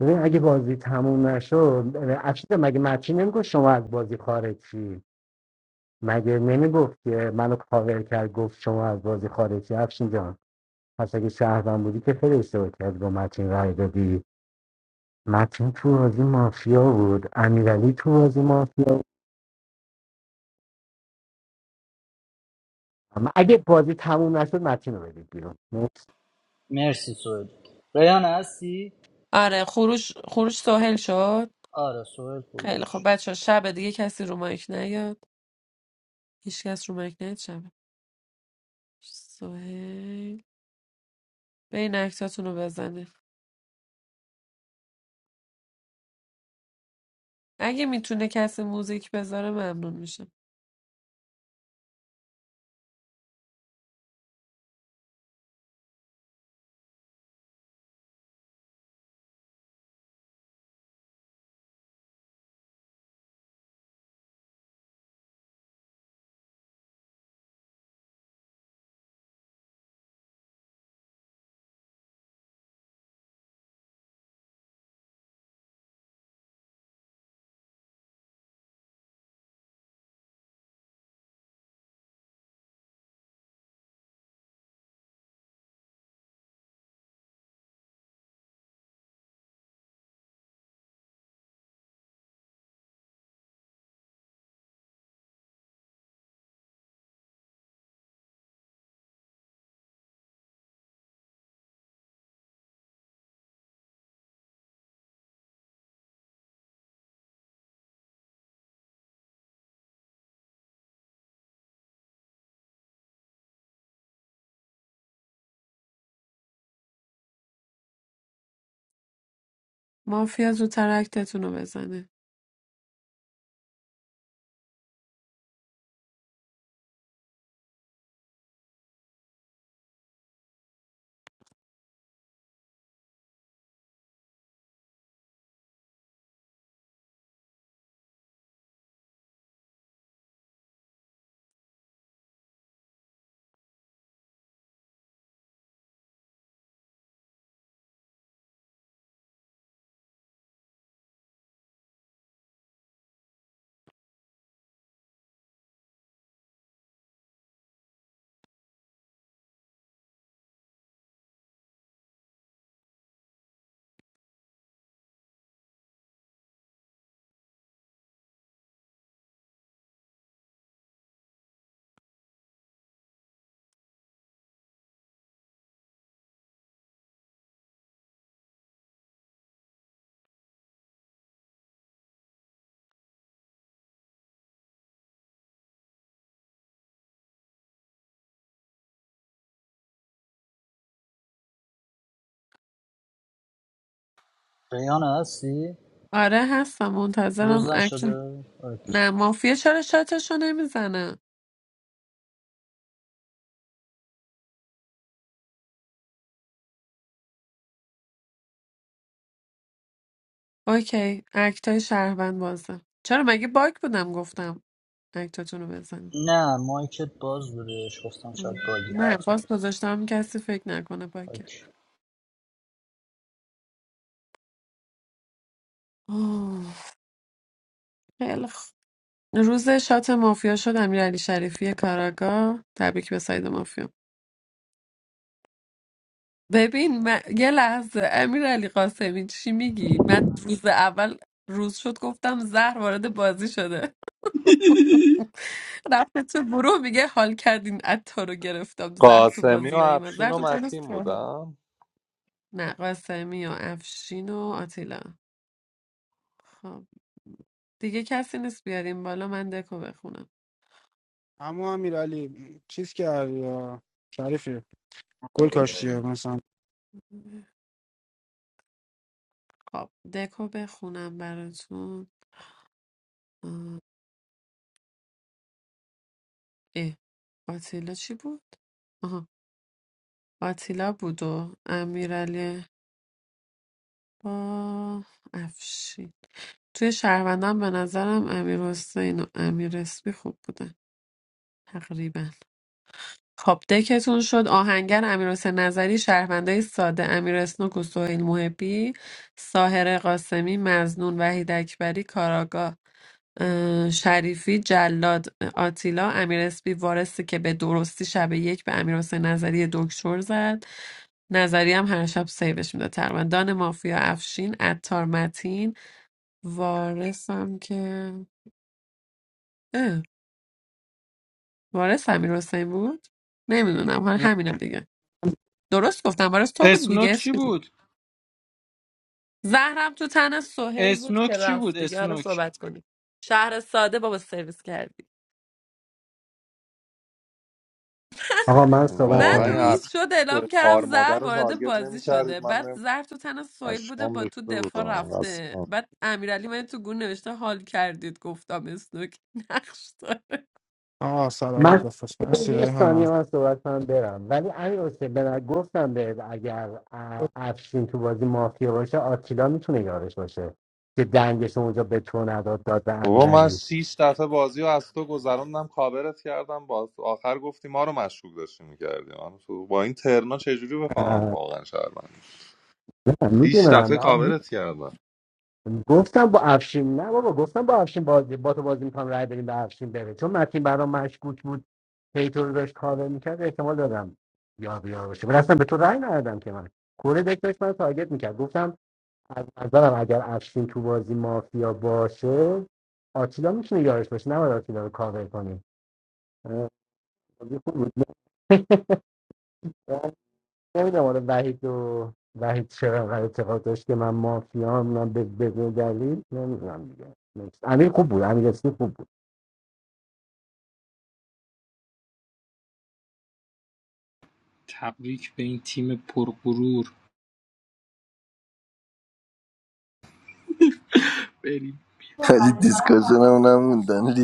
ببین اگه بازی تموم نشد اه، افشین مگه متین نمیگفت شما از بازی خارجی مگه نمیگفت که منو کاور کرد گفت شما از بازی خارجی شید، افشین جان پس اگه شهروند بودی که خیلی اشتباه کرد با متین رای دادی متین تو بازی مافیا بود امیرعلی تو بازی مافیا اما اگه بازی تموم نشد متین رو بدید بیرون
مرسی سهیل ریان هستی
آره خروش خروش سهیل شد
آره سهیل خروج
خیلی خب
شد.
بچه شب دیگه کسی رو مایک نیاد هیچکس رو مایک نیاد شب سهل به این اکتاتون رو بزنه اگه میتونه کسی موزیک بذاره ممنون میشم مافیا زودتر اکتتون رو بزنه
ریان هستی
آره هستم
روز
منتظرم اکت
نشده اوکی.
نه مافیا چرا شاتشو نمیزنه اوکی اکتای شهروند بازه چرا مگه باگ بودم گفتم اکتاتون رو بزن
نه مایکت باز بوده گفتم شاید باگی
نه
حرف
باز گذاشتم کسی فکر نکنه باگه
نمیزن
آه، خیلی خوب. روز شات مافیا شد امیرعلی شریفی کاراگاه تبریک به ساید مافیا ببین من... یه لحظه امیرعلی قاسمی چی میگی من روز اول روز شد گفتم زهر وارد بازی شده رفته تو گروه میگه حال کردین عطا رو گرفتم زهر تو
قاسمی
بازی
و
نیومد زهر
افشین و
تو تنها
متین
ساحل.
بودم
نه قاسمی و افشین و آتیلا خب دیگه کسی نیست بیاریم بالا من دکو بخونم
اما امیرعلی چیز کردی آه. شریفی گل کاشتی مثلا
خب دکو بخونم براتون آه، اه آتیلا چی بود؟ آها آتیلا بود و امیرعلی با افشین توی شهروندان به نظرم امیر حسین و امیر اسمی خوب بودن تقریبا خب دکتون شد آهنگر امیرحسین نظری شهروندای ساده امیر اسنوک و سهیل محبی ساهر قاسمی مزنون وحید اکبری کاراگاه اه، شریفی جلاد آتیلا امیر اسپی وارثی که به درستی شب یک به امیر حسین نظری دکتر زد نظری هم هر شب سیوش میده تقریبا دان مافیا افشین عطار متین وارثم که اه، وارث امیر حسین بود نمیدونم
نه
همینم دیگه درست گفتم برای تو بود
اسنوک
دیگه
چی
اسمی
بود
زهرم تو تن سهیل بود
اسنوک
که
چی
رفت
بود
دیگه حالا
اسنوک
صحبت کنیم شهر ساده بابا سرویس کردی
آقا من صحبت
من
واقعا این
کنم
روز
افشین
شد
تو
اعلام
کار
کردم
مادر
زهر
رو
وارد
تارگت
بازی شده
نمیکردید من
بعد زهر تو تن سهیل بوده
پشمام
با
ریخته
تو دفاع
بودم
رفته
قسمم
بعد امیرعلی من تو گون نوشته حال کردید گفتم اسنوک نقش داره.
آه صلوات
من
بفرست مرسی
یه
ریحانم
ثانیه من صحبت کنم برم ولی امیر حسین به من گفتم به اگر ا- افشین تو بازی مافیا باشه آتیلا میتونه یارش باشه که دنگش رو اونجا به تو نداد داد به
بابا من
امیرعلی
شیش دفعه بازی رو از تو گذروندم کاورت کردم باز آخر گفتی ما رو مشکوک داشتی میکردی من تو با این ترنا چجوری بفهمم
اه،
واقعا شهروند
نه
شیش دفعه
میدونم
کاورت کردم
گفتم با افشین نه بابا گفتم با افشین بازی با تو بازی میکنم رای بدیم به افشین بره چون متین برام مشکوک بود پیتو رو داشت کاور میکرد احتمال دادم یا بیا باشه ولی اصلا به تو رای ندادم که من کوره دک داشت من تارگت میکرد گفتم از نظرم اگر افشین تو بازی مافیا باشه آتیلا میتونه یارش باشه نباید آتیلا رو کاور کنیم اه، بازی خوب بود نمیدونم آره وحید و وحید چرا انقدر اعتقاد داشت که من مافیا هم من به به به دلیل نمیدونم دیگه Next. امیر خوب بود امیر اسمی خوب بود
تبریک به این تیم پرغرور
خیلی دیسکاشن هم نموندن